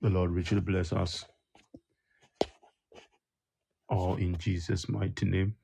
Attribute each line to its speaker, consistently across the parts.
Speaker 1: The Lord richly bless us all in Jesus' mighty name.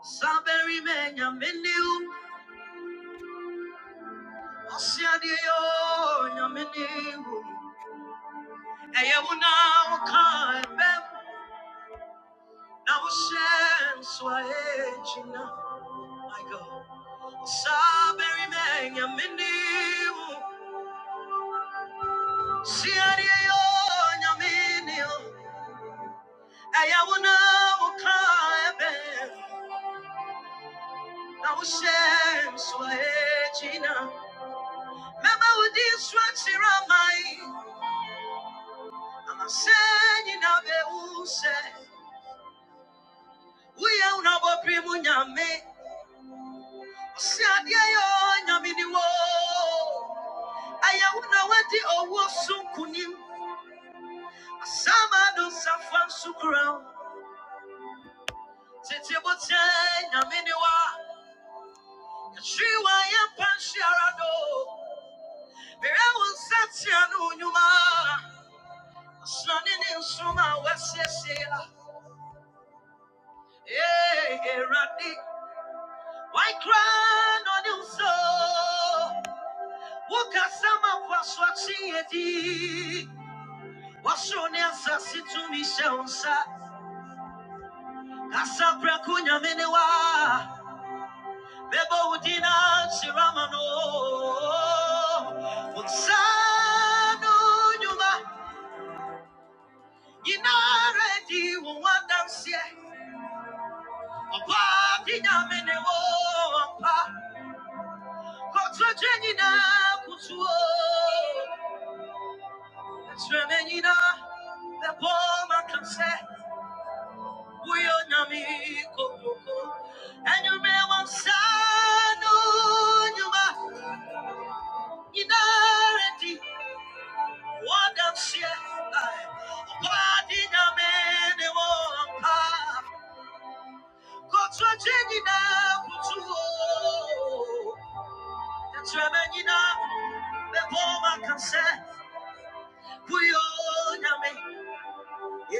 Speaker 1: Saberi me nyamini Mama send you now, be who say, we are now, but Shadia yo nyamini wo. Ayawuna wadi owo sunkunim. Asama do safwan sukram. Tete bote nyamini wa. Shiwa ya panshi arado. Mire won sati anu nyuma. Asani ni nsuma wesiesia. Eh, eh, Why cry on you so? Woka sama kwa swati yedi. Washone asasi tumishe unsa Kasabra kunyamene wa Bebo udina chiramano Unsano nyuma Inaredi uwandansie Opa kinyamene wo ampa Kotwa jenina kutuo Treme nina Bebo makamse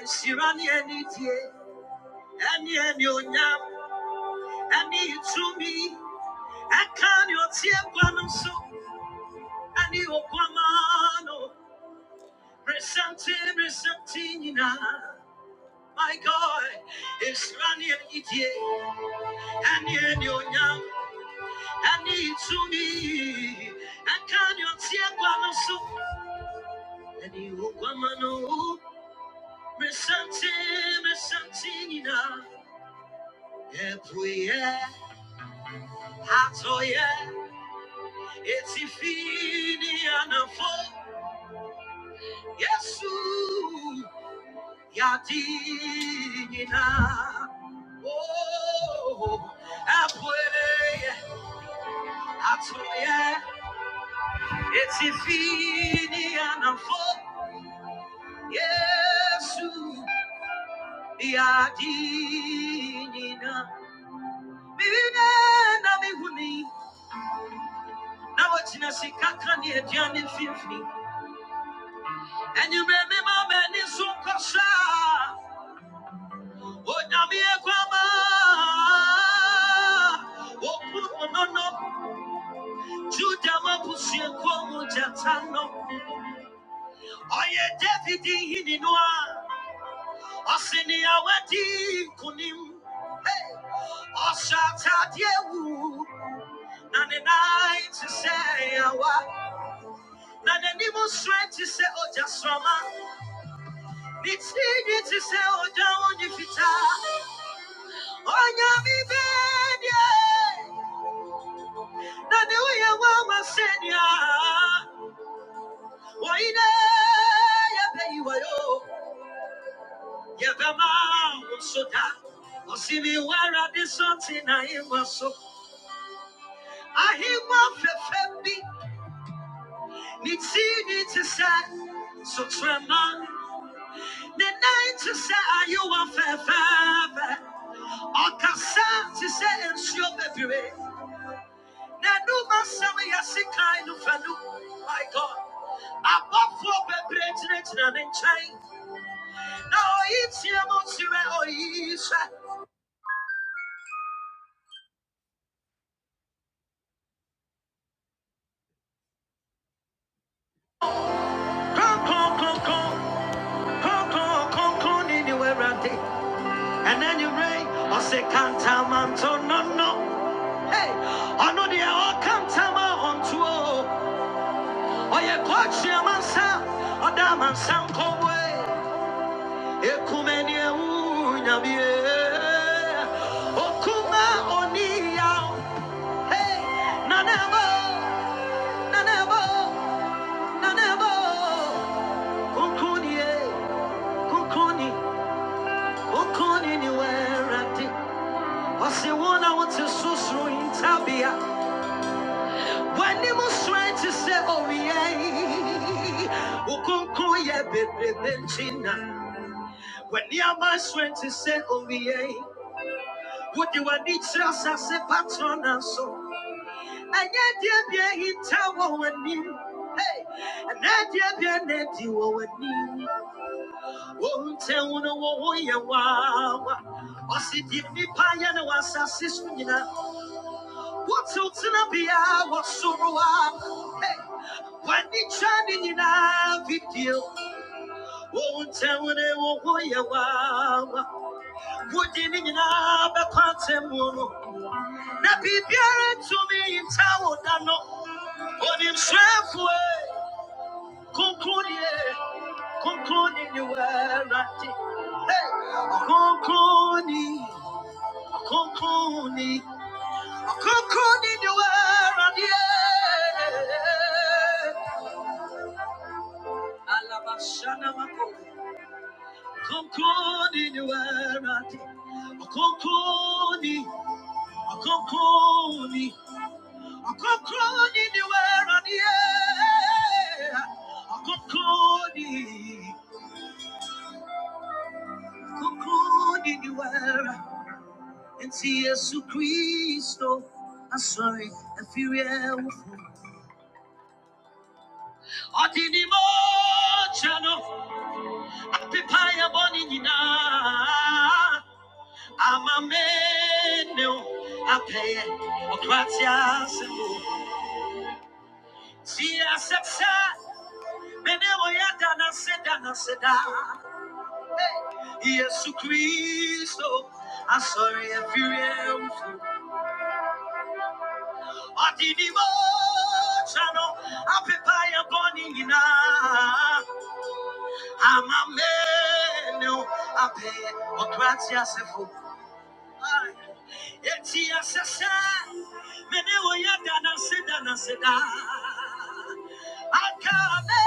Speaker 1: Sirani any tear, any any onyam, any to me. I can't your tear, so. ani okwamano resante resante nyina my god esrani etie ani eni onyam ani itumi akani otie kwano so ani okwamano resante resante nyina epuye atoye etifini anafo yesu yadi nyina Oh, halfway, halfway, it's infinity and I'm full. Yes, Yadina. Mina, Nami Huni, Nawatina Sikakani, Jani Fifty, and you remember many Sunkasa, what Nami Equama, what put on up, Judama Pusia Kumu Jatano. Ọyẹ Dẹ́fídì yìí nínú à, ọ̀sìn ni àwẹ̀ dì kùnì mú. Ọ̀sà tàdí ewu, ni ẹ̀. Nàní wíyẹn wá máa sẹ́ ni ti ni Wọ̀nyí mi bee nane yẹ bẹ́ẹ̀ a wonyi Yabama Osoda, Osimiwara de Sotina Iwaso, Ahiwa Fefebi, Nitini to say, so Tremon, Nenai to say, Ayuwa Fefebe, Okasa to say, and Shobebire, Nanuma Sami Yasikai no Fanu, my God. Above for Bebretin and in chain. Now it's your Monsieur Oisa. Come, come, come, come. Come, come, come, come, anywhere I did. And then you rain, or say, can't tell man, so no, no. Hey, I know they all come tell my on to oh. Or you coach your man, son, or that man, son, come away. You come in here, ooh, yeah, yeah. Oh, come on, oh, yeah. Hey, na, na, na, na, na, na, bo. Come, come, yeah. Come, come, yeah. anywhere I did. Ɔse wo na wote susuru ntabea w'anim sran te sɛ When wo kronkron yɛ bebrebe nti na w'aniama sran te sɛ owia wode w'ani kyerɛ asase patrɔna so ɛnyɛ deɛ bia hinta wɔ w'anim Hey, ɛnɛ deɛ bia na adi wɔ w'anim wontɛwo no wo ho yɛ waawa ɔse deɛ nnipa yɛ ne wɔ asase so What's watsotsina bia wasoroa Hey, when wani kyane nyinaa video wɔwo ntɛwone wɔho you waawa wodi ne nyinaa bɛkɔ atɛmmu no na biribiara ntumi nta wo da no onim serɛfoe konkroniɛ konkroni ne wɔawurade Hey, ɔkonkroni you ɔkonkroni ne wɔawuradeɛ Alabashanamako. Konkoni ni werati. Okonkoni, okonkoni, okonkoni ni werani, eh. Okonkoni, okonkoni ni wera. Nti Yesu Kristo, asori efiri ewufu. Ọdị n'ime oche chano, apịpa ya boni nina. Amameneu, ape, o gratia semu. Si asepsa, meneu yada na seda na seda. Yesu Kristo, asori efirem. Adini mo chano, ape pa ya boni nina. Amameneu, ape, o gratia sefu. Eti asese, mene oya dana se dana se da. Akabe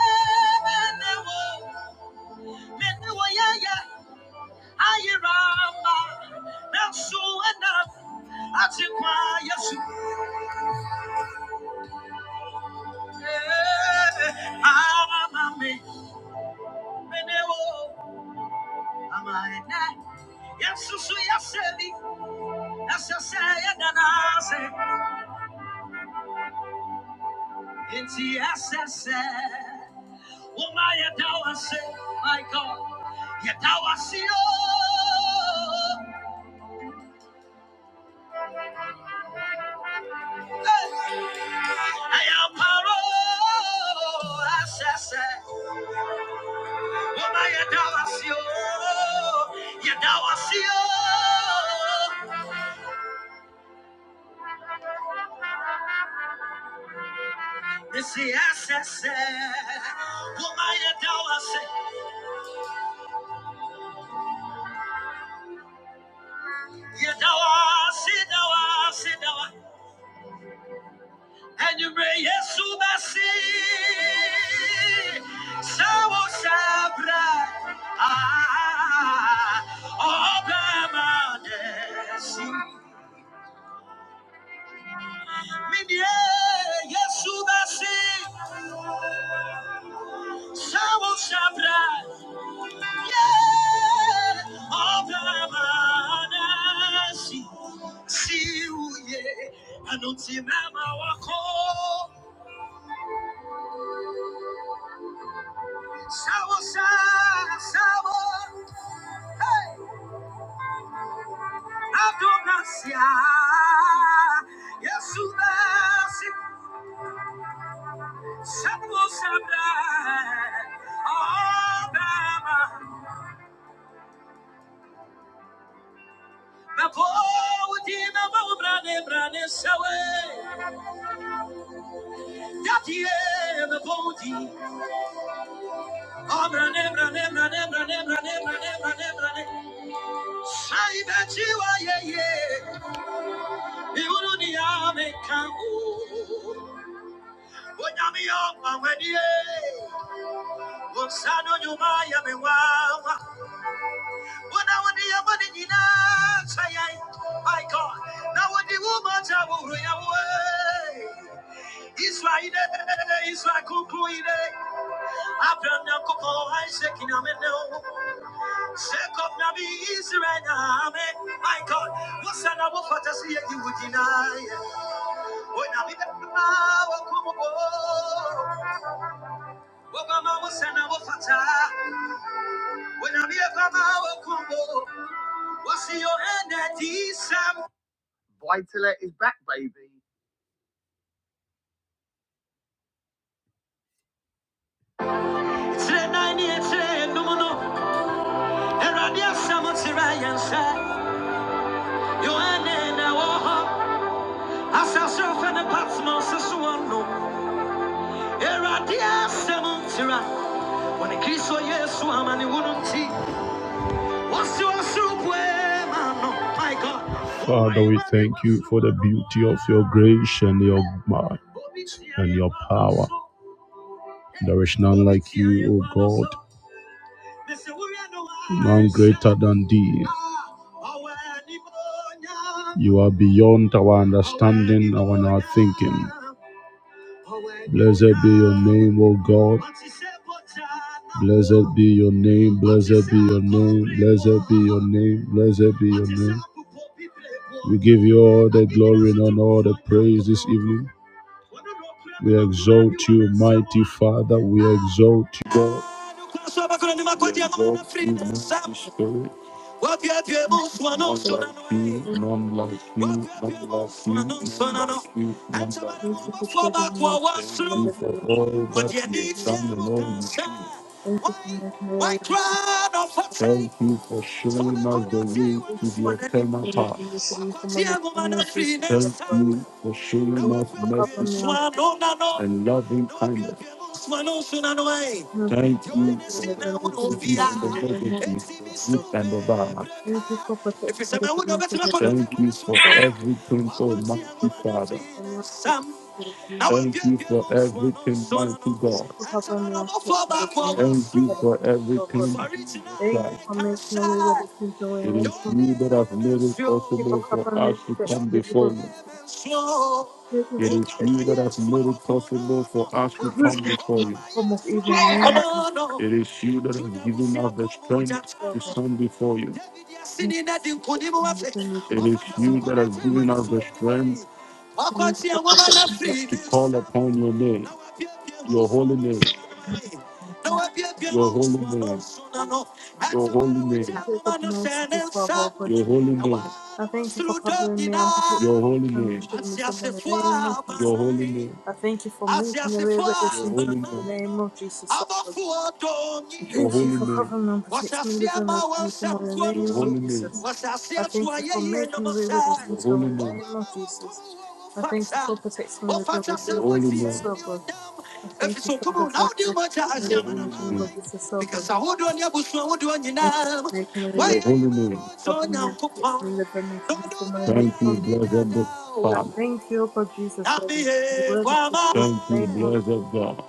Speaker 1: mene wo, mene oya ya ayirama. Nansu ena ati kwa Yesu. Eh, Arama me mene wo ama ene. Yesu su yaseli, asese ya dana se. Eti asese. Uma yadawase, my God. Yadawasi, oh, hey. Ayaparo, asese. Uma yadawasi, oh, yadawasi, oh. Nisi asese. Uma yadawase, yadawasi, dawasi, dawa. And you pray, yes, i Sawo Sabra, Ah, Obama, yes, Midye, yes, Subasi, Sawo Sabra, yeah, Obama, yes, see you, yeah, Anunti Mama Wako. Shower, shower, shower. Hey, Adonasia, Jesus, shower, shower. oh, Shabu Shabra, Obama, Nabo, Dina, Brane, Brane, Shawe, Daddy, Nabodi, Obrane, Brane, Brane, Brane, Brane, Brane, Brane, Brane, brane, Shai, Bajiwa, Ye, Ye, Iwurunia, Mekangu, My God, now what the woman will run away. Israel, Israel, conclude. Abraham, Jacob, Isaac, in Amen. Jacob, Nabi, Israel, Amen. My God, what's an above fantasy you would deny? When I be the power, When I'm here from our combo, what's your energy, Sam? It's the ninety-eight, no, no, and Radia Samotsirayan, sir. Your end, our home, as ourself and a path, no, so one, no, and Radia Samotsira. When a kiss for yes, woman, you wouldn't see. What's your soup? man? My God. Father, we thank you for the beauty of your grace and your might and your power. There is none like you, O God, none greater than thee. You are beyond our understanding and our thinking. Blessed be your name, O God. Blessed be your name, blessed be your name, blessed be your name, blessed be your name. We give you all the glory and all the praise this evening. We exalt you, mighty Father. We exalt Sasa kuna nima kwa dia mama na frida sam wapi wapi ebo swano
Speaker 2: Thank
Speaker 1: sona no e
Speaker 2: you
Speaker 1: wapi wapi ebo swano sona no anta bara
Speaker 2: for
Speaker 1: mo ba fo
Speaker 2: showing
Speaker 1: ba
Speaker 2: me
Speaker 1: kwa
Speaker 2: up to
Speaker 1: wasro
Speaker 2: the mission.
Speaker 1: but you need still
Speaker 2: Thank
Speaker 1: Why?
Speaker 2: you for making me a
Speaker 1: Why cry out for faith? Thank you for showing us the way
Speaker 2: Thank
Speaker 1: to
Speaker 2: you
Speaker 1: the
Speaker 2: for
Speaker 1: eternal
Speaker 2: protecting me
Speaker 1: path.
Speaker 2: from this and from my
Speaker 1: Thank
Speaker 2: enemy. Thank
Speaker 1: you for showing
Speaker 2: you
Speaker 1: us
Speaker 2: for covering me
Speaker 1: mercy
Speaker 2: on protection.
Speaker 1: and loving kindness.
Speaker 2: Thank you for
Speaker 1: Thank you
Speaker 2: protecting me from this
Speaker 1: for
Speaker 2: and
Speaker 1: the
Speaker 2: from my
Speaker 1: positive
Speaker 2: enemy.
Speaker 1: and the negative, the good and the bad.
Speaker 2: Thank you for protecting me from this and from my enemy. Thank you for protecting me from this and from my enemy.
Speaker 1: Thank you for everything, Almighty
Speaker 2: Thank you for covering me on
Speaker 1: Father.
Speaker 2: protection. Thank
Speaker 1: Thank you for everything, mighty God.
Speaker 2: you
Speaker 1: Thank you for everything, Jesus
Speaker 2: Thank you for making a way where
Speaker 1: Christ.
Speaker 2: there seems no way in
Speaker 1: It
Speaker 2: the
Speaker 1: is
Speaker 2: name of
Speaker 1: you that
Speaker 2: Jesus.
Speaker 1: have made it
Speaker 2: Thank you for
Speaker 1: possible for
Speaker 2: covering me
Speaker 1: us to
Speaker 2: with the
Speaker 1: come
Speaker 2: the people
Speaker 1: before
Speaker 2: of
Speaker 1: you.
Speaker 2: this week. Thank you
Speaker 1: It is you
Speaker 2: for
Speaker 1: that has made it possible for us to come
Speaker 2: protecting
Speaker 1: before
Speaker 2: me from the
Speaker 1: you.
Speaker 2: Form of evil in the name of
Speaker 1: It is you that has given us the strength
Speaker 2: Jesus. oh
Speaker 1: to
Speaker 2: God.
Speaker 1: stand before you.
Speaker 2: Thank you for being me, with me,
Speaker 1: It is
Speaker 2: in the name
Speaker 1: you that has
Speaker 2: of
Speaker 1: given
Speaker 2: Jesus.
Speaker 1: us the
Speaker 2: oh God.
Speaker 1: strength
Speaker 2: Thank you for being the King
Speaker 1: to call upon your name, your holy name. Your holy name. Your holy name.
Speaker 2: of Jesus.
Speaker 1: Your holy name.
Speaker 2: Thank
Speaker 1: Your
Speaker 2: you, God, merciful Father, oh God. I thank you for covering me and protecting
Speaker 1: holy
Speaker 2: me from me,
Speaker 1: name.
Speaker 2: shielding me from in the name of Jesus.
Speaker 1: Your holy name.
Speaker 2: I thank you for making a
Speaker 1: Asiasefo
Speaker 2: way where there
Speaker 1: a Your
Speaker 2: seems
Speaker 1: holy
Speaker 2: no
Speaker 1: name.
Speaker 2: way in the name of Jesus. oh
Speaker 1: abɔfoɔ dɔɔ nyinaa. Your
Speaker 2: Thank
Speaker 1: holy
Speaker 2: you for
Speaker 1: name.
Speaker 2: covering me and protecting me
Speaker 1: Wɔhyɛase
Speaker 2: with and
Speaker 1: ama
Speaker 2: making me from
Speaker 1: wɔnsɛm
Speaker 2: in the
Speaker 1: nkoa no Your so.
Speaker 2: name
Speaker 1: holy
Speaker 2: of
Speaker 1: name.
Speaker 2: Jesus.
Speaker 1: Wɔhyɛase
Speaker 2: I
Speaker 1: ato
Speaker 2: thank you for
Speaker 1: ayɛyie
Speaker 2: making the way
Speaker 1: nnwom
Speaker 2: where there
Speaker 1: sɛ. Your
Speaker 2: seems
Speaker 1: holy
Speaker 2: no way
Speaker 1: name.
Speaker 2: in the
Speaker 1: Wɔma
Speaker 2: name of
Speaker 1: wɔn kɔm
Speaker 2: Jesus.
Speaker 1: wɔ wo
Speaker 2: I thank you
Speaker 1: fata.
Speaker 2: for protecting me in the dream
Speaker 1: Wɔfata sɛ
Speaker 2: making
Speaker 1: Your
Speaker 2: me
Speaker 1: holy
Speaker 2: with
Speaker 1: wɔtie name.
Speaker 2: Jesus so good. I
Speaker 1: anuonyam.
Speaker 2: thank
Speaker 1: Ɛfiri
Speaker 2: you
Speaker 1: sɛ
Speaker 2: for
Speaker 1: ɔtom
Speaker 2: the
Speaker 1: wo na wode wo mogya ahyɛ
Speaker 2: dream
Speaker 1: Your amanaman
Speaker 2: making me
Speaker 1: holy name.
Speaker 2: with
Speaker 1: man.
Speaker 2: Jesus so good.
Speaker 1: Because I hold on your bush, I hold on your
Speaker 2: Thank you
Speaker 1: name.
Speaker 2: for making the way
Speaker 1: Why
Speaker 2: where
Speaker 1: Your do holy you name. want to
Speaker 2: covering me
Speaker 1: know?
Speaker 2: and protecting me in the dream making me from in the name
Speaker 1: Thank you,
Speaker 2: of Jesus.
Speaker 1: blessed
Speaker 2: I
Speaker 1: Father.
Speaker 2: thank you, O God Jesus,
Speaker 1: Thank
Speaker 2: for the
Speaker 1: you,
Speaker 2: word of the truth in the name of
Speaker 1: blessed God.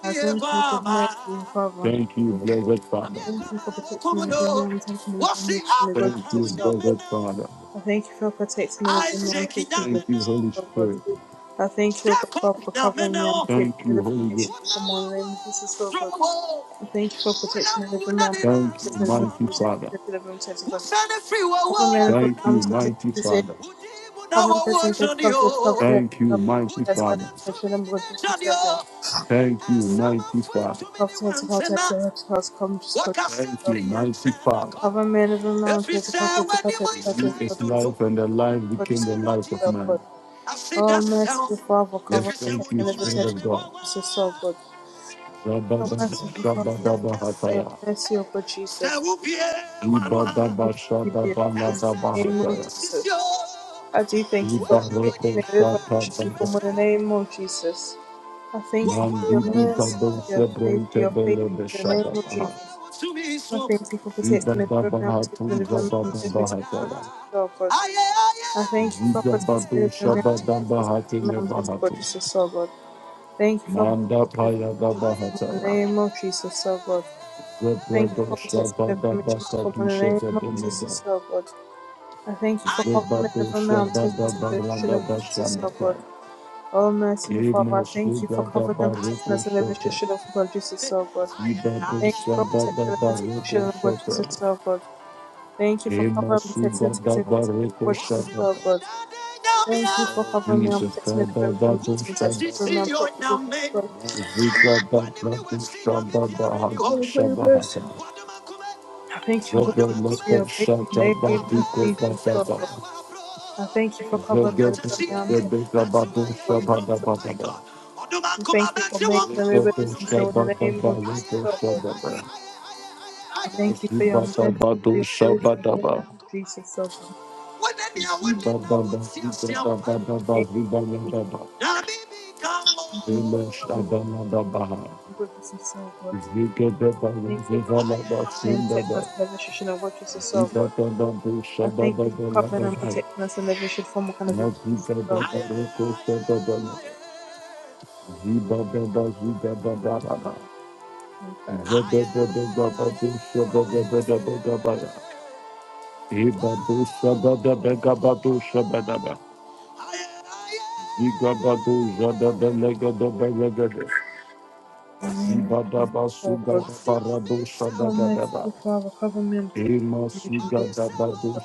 Speaker 2: I thank you for mercy and Father.
Speaker 1: Thank you, blessed Father. Thank you,
Speaker 2: Thank you for protecting me and defending me and protecting me and defending me from the greatest of self. God.
Speaker 1: blessed Father.
Speaker 2: I thank you for protecting me and delivering me. I'm taking the
Speaker 1: Thank you,
Speaker 2: provision
Speaker 1: Holy
Speaker 2: of God.
Speaker 1: Spirit.
Speaker 2: I thank you, O God, Father, for covering me. I'm protecting
Speaker 1: Thank
Speaker 2: me and
Speaker 1: you,
Speaker 2: delivering
Speaker 1: Holy
Speaker 2: me.
Speaker 1: Ghost.
Speaker 2: Should be someone in the name of Jesus, O God. I thank you for protecting me and delivering me. I'm protecting
Speaker 1: Thank
Speaker 2: me
Speaker 1: you,
Speaker 2: and delivering me.
Speaker 1: mighty
Speaker 2: I'm taking
Speaker 1: Father.
Speaker 2: the delivering me. I'm God. Cover me and deliver me.
Speaker 1: Thank
Speaker 2: I'm
Speaker 1: you,
Speaker 2: taking
Speaker 1: mighty
Speaker 2: the safe.
Speaker 1: Father.
Speaker 2: Cover me and safe. Cover me and safe. Cover me
Speaker 1: Thank you, mighty Father. Thank you,
Speaker 2: and safe.
Speaker 1: mighty
Speaker 2: That's covered.
Speaker 1: Father.
Speaker 2: I should have God. Jesus, O God.
Speaker 1: Thank you, mighty Father.
Speaker 2: Cover me and safe. Cover me and safe. Cover me and safe. Cover me and safe. O God. Cover me and deliver me. I'm protecting me and delivering me. I'm protecting me and delivering me. I'm
Speaker 1: You is life, and the life
Speaker 2: protecting me
Speaker 1: became the life of
Speaker 2: and
Speaker 1: man.
Speaker 2: delivering me. Oh, merciful Father,
Speaker 1: We
Speaker 2: cover, protect,
Speaker 1: thank you,
Speaker 2: and protect
Speaker 1: Spirit
Speaker 2: the
Speaker 1: of
Speaker 2: protection of Jesus, oh
Speaker 1: God.
Speaker 2: God.
Speaker 1: Ça
Speaker 2: Oh, merciful Father, thank you for your mercy, oh God, Jesus.
Speaker 1: vous pierre,
Speaker 2: We thank you for your grace in the name of Jesus. I do thank you for protecting me and delivering me from evil in the name of Jesus. I thank you for your mercy, for your grace, for your faith in the name of Jesus. I
Speaker 1: Soumission.
Speaker 2: thank you for protecting me from me, protecting me from me, protecting me from me, oh God.
Speaker 1: Aïe,
Speaker 2: I thank you for protecting me from me, protecting me from me,
Speaker 1: aïe,
Speaker 2: protecting me, oh God. Thank you for protecting
Speaker 1: Manda
Speaker 2: the
Speaker 1: paya da
Speaker 2: information from the
Speaker 1: bahataya.
Speaker 2: name of Jesus, oh God. Thank you for protecting
Speaker 1: Rebradosha
Speaker 2: the
Speaker 1: Baba
Speaker 2: information
Speaker 1: Basa
Speaker 2: from the
Speaker 1: Dusha
Speaker 2: name of
Speaker 1: Vedemeda.
Speaker 2: Jesus, oh God. I thank you for covering me from now.
Speaker 1: Rebadosha
Speaker 2: I'm my
Speaker 1: Baba
Speaker 2: taking situation
Speaker 1: Baranda
Speaker 2: of Jesus, oh
Speaker 1: Bashamata.
Speaker 2: God. Oh, merciful Father, I
Speaker 1: Emos
Speaker 2: thank you for
Speaker 1: Rugada
Speaker 2: covering and protecting
Speaker 1: Bariko
Speaker 2: us in the
Speaker 1: Shata.
Speaker 2: situation of God, Jesus, oh God. Thank you
Speaker 1: Ibadosha
Speaker 2: for protecting
Speaker 1: Baba
Speaker 2: the protection
Speaker 1: Bariko
Speaker 2: of God,
Speaker 1: Shata.
Speaker 2: Jesus, oh God. Thank you for covering and
Speaker 1: Emos
Speaker 2: protecting and
Speaker 1: Rugada
Speaker 2: taking protection of
Speaker 1: Bariko
Speaker 2: God, Jesus,
Speaker 1: Shata.
Speaker 2: oh God. Thank you for covering me and
Speaker 1: Jesus,
Speaker 2: protecting me from
Speaker 1: Baba
Speaker 2: my taking the
Speaker 1: Badosha.
Speaker 2: protection from my taking God, Jesus, oh God.
Speaker 1: Zika Baba Badosha Baba
Speaker 2: Thank you for
Speaker 1: Hadisha
Speaker 2: your mercy. I thank you, O God Jesus, for
Speaker 1: Zodomoko
Speaker 2: your grace in
Speaker 1: Shata
Speaker 2: the name of
Speaker 1: Babiko
Speaker 2: Jesus, oh
Speaker 1: Bababa.
Speaker 2: God. I thank you for covering me with my arms and
Speaker 1: Zodomoko Babu
Speaker 2: your word, Jesus,
Speaker 1: Shababa
Speaker 2: so
Speaker 1: Bababa.
Speaker 2: I thank you for making the river
Speaker 1: Zodomoko
Speaker 2: this so in the
Speaker 1: Shababa
Speaker 2: name of Jesus,
Speaker 1: Babiko
Speaker 2: oh God.
Speaker 1: Shababa.
Speaker 2: I thank you for your
Speaker 1: Zubata
Speaker 2: mercy, for
Speaker 1: Badu
Speaker 2: your grace in the name
Speaker 1: Shabadaba.
Speaker 2: of Jesus, oh God.
Speaker 1: Zubaba Zubaba Zubaba Zubaba
Speaker 2: In the name
Speaker 1: Zubaba
Speaker 2: of Jesus,
Speaker 1: Zubaba
Speaker 2: covenant,
Speaker 1: Zubaba Zubaba
Speaker 2: Lord Jesus, oh God. I
Speaker 1: Zibada
Speaker 2: thank you, O God, for covering and protecting us in every situation and watching us, oh God. I thank you for covering and protecting us in every shape, form, kind of evil, Jesus, oh God.
Speaker 1: basuga
Speaker 2: Okay.
Speaker 1: parado shada
Speaker 2: Oh,
Speaker 1: baba
Speaker 2: merciful Father, cover me and
Speaker 1: Thank
Speaker 2: protect me information about the Lord.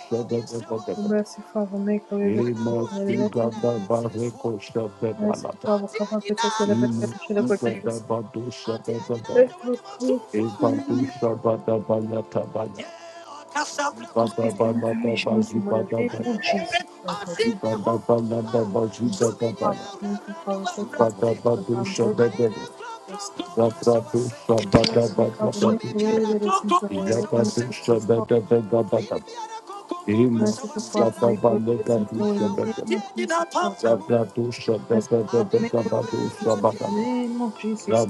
Speaker 2: Oh, merciful Father, make a way where there seems no way in the name of Jesus. Merciful Father, cover and protect me from the shadow of God, Jesus. Merciful Father, cover and protect me from the shadow of God in the name of Jesus. Oh, God. Merciful Father, merciful Father, protect me from the shadow of
Speaker 1: you.
Speaker 2: God, Jesus.
Speaker 1: Zabra
Speaker 2: Merciful Father, make a way where there seems no way in the name of Jesus. Oh, merciful Father, make a way where there seems no way in the name of Jesus. Oh, God. Merciful Father, make way where there's no way in the name of Jesus.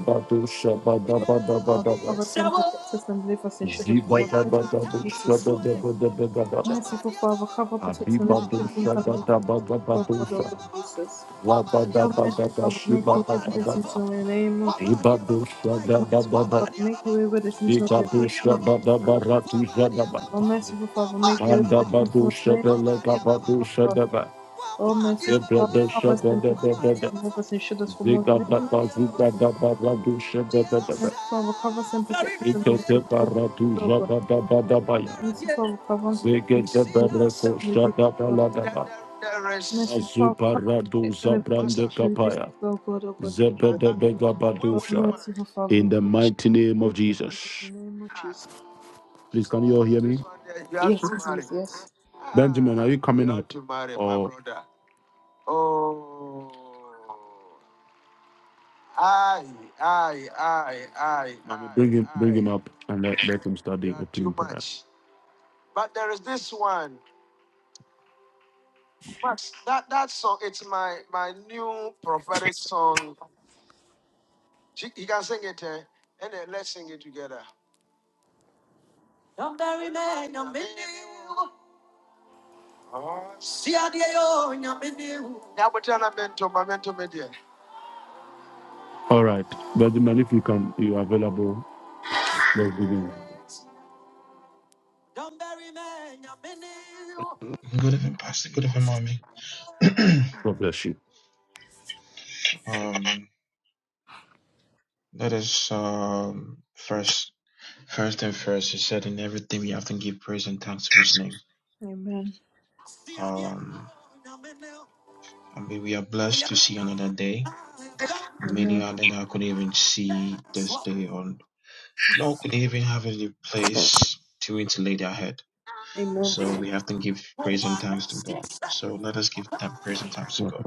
Speaker 2: Oh, Father, cover us and protect us and deliver us and shield us from all in the name of Jesus, oh God. Merciful Father, cover, protect, and deliver children from coming to Jesus, oh God, oh God, Jesus. Oh, merciful Father, make way where there's no way in the name of Jesus. Merciful Father, make a way where there's no way in the name
Speaker 1: Ikadusha
Speaker 2: of Jesus,
Speaker 1: baba
Speaker 2: oh
Speaker 1: baratu jadaba.
Speaker 2: God. Oh, merciful Father, make a way where
Speaker 1: Manda
Speaker 2: there's no
Speaker 1: badu
Speaker 2: way in the name of
Speaker 1: shadala
Speaker 2: Jesus,
Speaker 1: kabadu
Speaker 2: oh God.
Speaker 1: shadaba.
Speaker 2: Oh, merciful Father,
Speaker 1: Ibrada
Speaker 2: cover us and
Speaker 1: shadada
Speaker 2: protect
Speaker 1: dada.
Speaker 2: us
Speaker 1: dada.
Speaker 2: and deliver us and shield us from all in
Speaker 1: Ziga
Speaker 2: the name of
Speaker 1: baba
Speaker 2: Jesus, oh
Speaker 1: ziga
Speaker 2: God.
Speaker 1: daba radu shadada dada.
Speaker 2: Mercy Father, and protect us and
Speaker 1: Ikete
Speaker 2: liberty before Jesus,
Speaker 1: baratu
Speaker 2: O God.
Speaker 1: jadada dada baya.
Speaker 2: Mercy Father, cover and protect
Speaker 1: Zige
Speaker 2: and
Speaker 1: dada reso
Speaker 2: liberty
Speaker 1: shadada
Speaker 2: before
Speaker 1: ladaba.
Speaker 2: Mercy Father,
Speaker 1: Azuba
Speaker 2: cover and
Speaker 1: radu
Speaker 2: protect
Speaker 1: zabrandi
Speaker 2: us and liberty
Speaker 1: kapaya.
Speaker 2: before God, O God
Speaker 1: Zebaba.
Speaker 2: Jesus. Oh, merciful Father, we
Speaker 1: In the
Speaker 2: worship
Speaker 1: mighty
Speaker 2: and
Speaker 1: name of
Speaker 2: praise you
Speaker 1: Jesus.
Speaker 2: in the name of Jesus.
Speaker 1: Please, can you all hear me?
Speaker 2: Yes, please, yes.
Speaker 1: Are you coming up and let, let him start All right. But the man, if you can, you're available. Let's begin.
Speaker 3: Good evening, Pastor. Good evening, mommy.
Speaker 1: God bless you.
Speaker 3: um, let us um first first and first. He said, "In everything we have to give praise and thanks to His name."
Speaker 2: Amen.
Speaker 3: Um, I mean, we are blessed to see another day. Many
Speaker 2: Amen.
Speaker 3: are that I could even see this day or nor could even have any place to it to lay their head.
Speaker 2: Amen.
Speaker 3: So we have to give praise and thanks to God. So let us give that praise and thanks to God.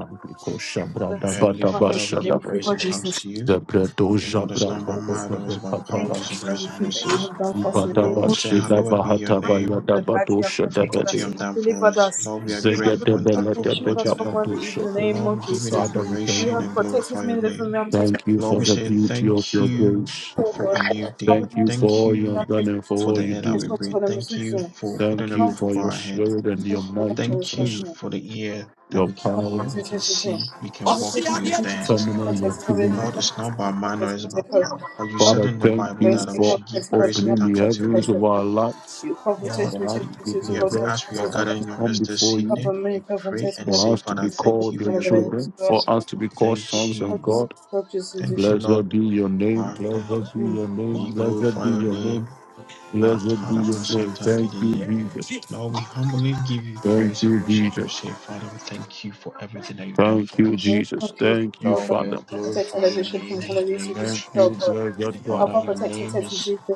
Speaker 2: Bless you,
Speaker 3: Heavenly
Speaker 2: Father.
Speaker 3: Father, we give
Speaker 2: Thank you
Speaker 3: praise
Speaker 2: for
Speaker 3: and
Speaker 2: Jesus.
Speaker 3: thanks to you.
Speaker 2: Thank
Speaker 1: Zebredo
Speaker 2: you for
Speaker 3: Lord, it's
Speaker 1: Jabra
Speaker 3: not
Speaker 2: your
Speaker 3: by
Speaker 2: service.
Speaker 3: might, nor is it
Speaker 1: Zebredo
Speaker 3: by
Speaker 2: We
Speaker 3: power,
Speaker 2: Thank
Speaker 3: it's the
Speaker 2: you
Speaker 1: Kapala
Speaker 2: for
Speaker 3: grace
Speaker 2: the
Speaker 3: and
Speaker 2: food that you
Speaker 3: mercies.
Speaker 2: have done for us in the name
Speaker 1: Ibadaba
Speaker 3: Lord, we
Speaker 2: of
Speaker 3: say,
Speaker 2: Jesus.
Speaker 3: Hallowed
Speaker 1: Shidaba
Speaker 3: be your
Speaker 2: Grant
Speaker 1: Hataba
Speaker 2: us
Speaker 3: name
Speaker 2: the
Speaker 3: th-
Speaker 1: Yadaba
Speaker 2: badge you have
Speaker 1: Dosha
Speaker 3: for
Speaker 2: protected
Speaker 3: what you
Speaker 2: us. You
Speaker 1: Debede
Speaker 3: have
Speaker 2: have
Speaker 3: done for
Speaker 2: delivered
Speaker 3: us.
Speaker 2: us.
Speaker 3: Lord, we are
Speaker 2: You have removed
Speaker 3: grateful and
Speaker 2: us
Speaker 1: Zegedebele
Speaker 3: thankful
Speaker 2: and
Speaker 3: for
Speaker 2: shielded
Speaker 3: what
Speaker 2: us
Speaker 3: you
Speaker 2: from
Speaker 3: did.
Speaker 1: Debegaba
Speaker 2: every evil
Speaker 1: Dosha
Speaker 2: in the name
Speaker 3: Lord,
Speaker 2: of
Speaker 3: we give you the
Speaker 2: Jesus.
Speaker 1: Father we
Speaker 2: You
Speaker 1: thank
Speaker 3: adoration
Speaker 1: you
Speaker 2: have
Speaker 3: and
Speaker 2: protected
Speaker 3: glorify
Speaker 2: me
Speaker 3: your
Speaker 2: in the from
Speaker 3: name.
Speaker 2: me. I'm taking
Speaker 1: Thank you
Speaker 3: Lord,
Speaker 1: for
Speaker 3: we
Speaker 1: the
Speaker 3: say,
Speaker 1: beauty
Speaker 2: the
Speaker 1: of
Speaker 3: Thank
Speaker 1: your
Speaker 3: you
Speaker 1: grace
Speaker 2: poor
Speaker 3: for a new
Speaker 2: God. Cover
Speaker 3: day.
Speaker 2: me
Speaker 1: Thank
Speaker 2: and
Speaker 1: you for
Speaker 2: take me.
Speaker 3: Thank
Speaker 1: all you
Speaker 2: I'm
Speaker 1: have
Speaker 3: you
Speaker 1: done
Speaker 2: taking
Speaker 1: and
Speaker 2: the
Speaker 1: for
Speaker 3: for
Speaker 1: all
Speaker 3: the
Speaker 1: you
Speaker 3: air that we
Speaker 1: do
Speaker 2: poor
Speaker 3: breathe.
Speaker 2: God. I'm
Speaker 3: Thank
Speaker 2: taking
Speaker 3: you
Speaker 2: the poor God.
Speaker 3: for putting
Speaker 1: Thank
Speaker 3: a
Speaker 1: you
Speaker 3: roof
Speaker 1: for
Speaker 3: over
Speaker 1: your
Speaker 3: our head.
Speaker 1: spirit and
Speaker 2: I'm
Speaker 1: your
Speaker 2: taking the
Speaker 3: Thank
Speaker 2: poor
Speaker 1: mightiness,
Speaker 3: you
Speaker 2: God.
Speaker 3: for the ear
Speaker 2: Mm. In
Speaker 3: that
Speaker 1: your
Speaker 3: we can hear,
Speaker 1: power,
Speaker 3: we can
Speaker 2: the
Speaker 3: see, we can walk, we can lift our hands.
Speaker 1: stamina, your human.
Speaker 3: Lord, it's not by might nor is it by power. But you said
Speaker 1: Father,
Speaker 3: in the
Speaker 1: thank
Speaker 3: Bible
Speaker 1: you
Speaker 3: that we
Speaker 1: for
Speaker 3: should give praise and
Speaker 1: opening
Speaker 3: thanks
Speaker 1: the
Speaker 3: unto your
Speaker 1: heavens
Speaker 3: name.
Speaker 1: of our lives
Speaker 3: Lord,
Speaker 1: for us to be
Speaker 3: we, we ask
Speaker 1: possessed,
Speaker 3: we are
Speaker 1: for us
Speaker 3: gathering
Speaker 1: to
Speaker 3: in your
Speaker 1: come
Speaker 3: midst this
Speaker 1: before you,
Speaker 3: evening. We pray and
Speaker 1: for
Speaker 3: say,
Speaker 1: us to
Speaker 3: Father,
Speaker 1: be
Speaker 3: thank
Speaker 1: called
Speaker 3: you for
Speaker 1: your
Speaker 3: your glory.
Speaker 1: children, for us to be called
Speaker 3: Thank
Speaker 1: sons of
Speaker 3: you.
Speaker 1: God.
Speaker 3: Thank you,
Speaker 1: Blessed
Speaker 3: Lord.
Speaker 1: be your name,
Speaker 3: Our name.
Speaker 1: blessed be your name,
Speaker 3: We
Speaker 1: blessed
Speaker 3: glorify
Speaker 1: be
Speaker 3: your
Speaker 1: your name,
Speaker 3: name. Our
Speaker 1: blessed be
Speaker 3: Tada
Speaker 1: your name.
Speaker 3: Masata
Speaker 1: Thank you,
Speaker 3: Kedede.
Speaker 1: Jesus.
Speaker 3: Lord, we humbly give you
Speaker 1: Thank
Speaker 3: praise and
Speaker 1: you,
Speaker 3: worship and
Speaker 1: Jesus.
Speaker 3: say, Father, we thank you for everything that you've done
Speaker 1: Thank
Speaker 3: for
Speaker 1: you,
Speaker 3: us.
Speaker 2: name
Speaker 1: Jesus.
Speaker 2: of Jesus,
Speaker 1: Thank you,
Speaker 2: Lord
Speaker 3: Lord, we
Speaker 1: Father.
Speaker 3: glorify your name in the name of
Speaker 1: Thank you,
Speaker 3: Jesus.
Speaker 2: God,
Speaker 1: blessed God.
Speaker 2: Cover,
Speaker 3: Father, your
Speaker 2: protect, and
Speaker 3: name
Speaker 2: test
Speaker 3: is
Speaker 2: disease, the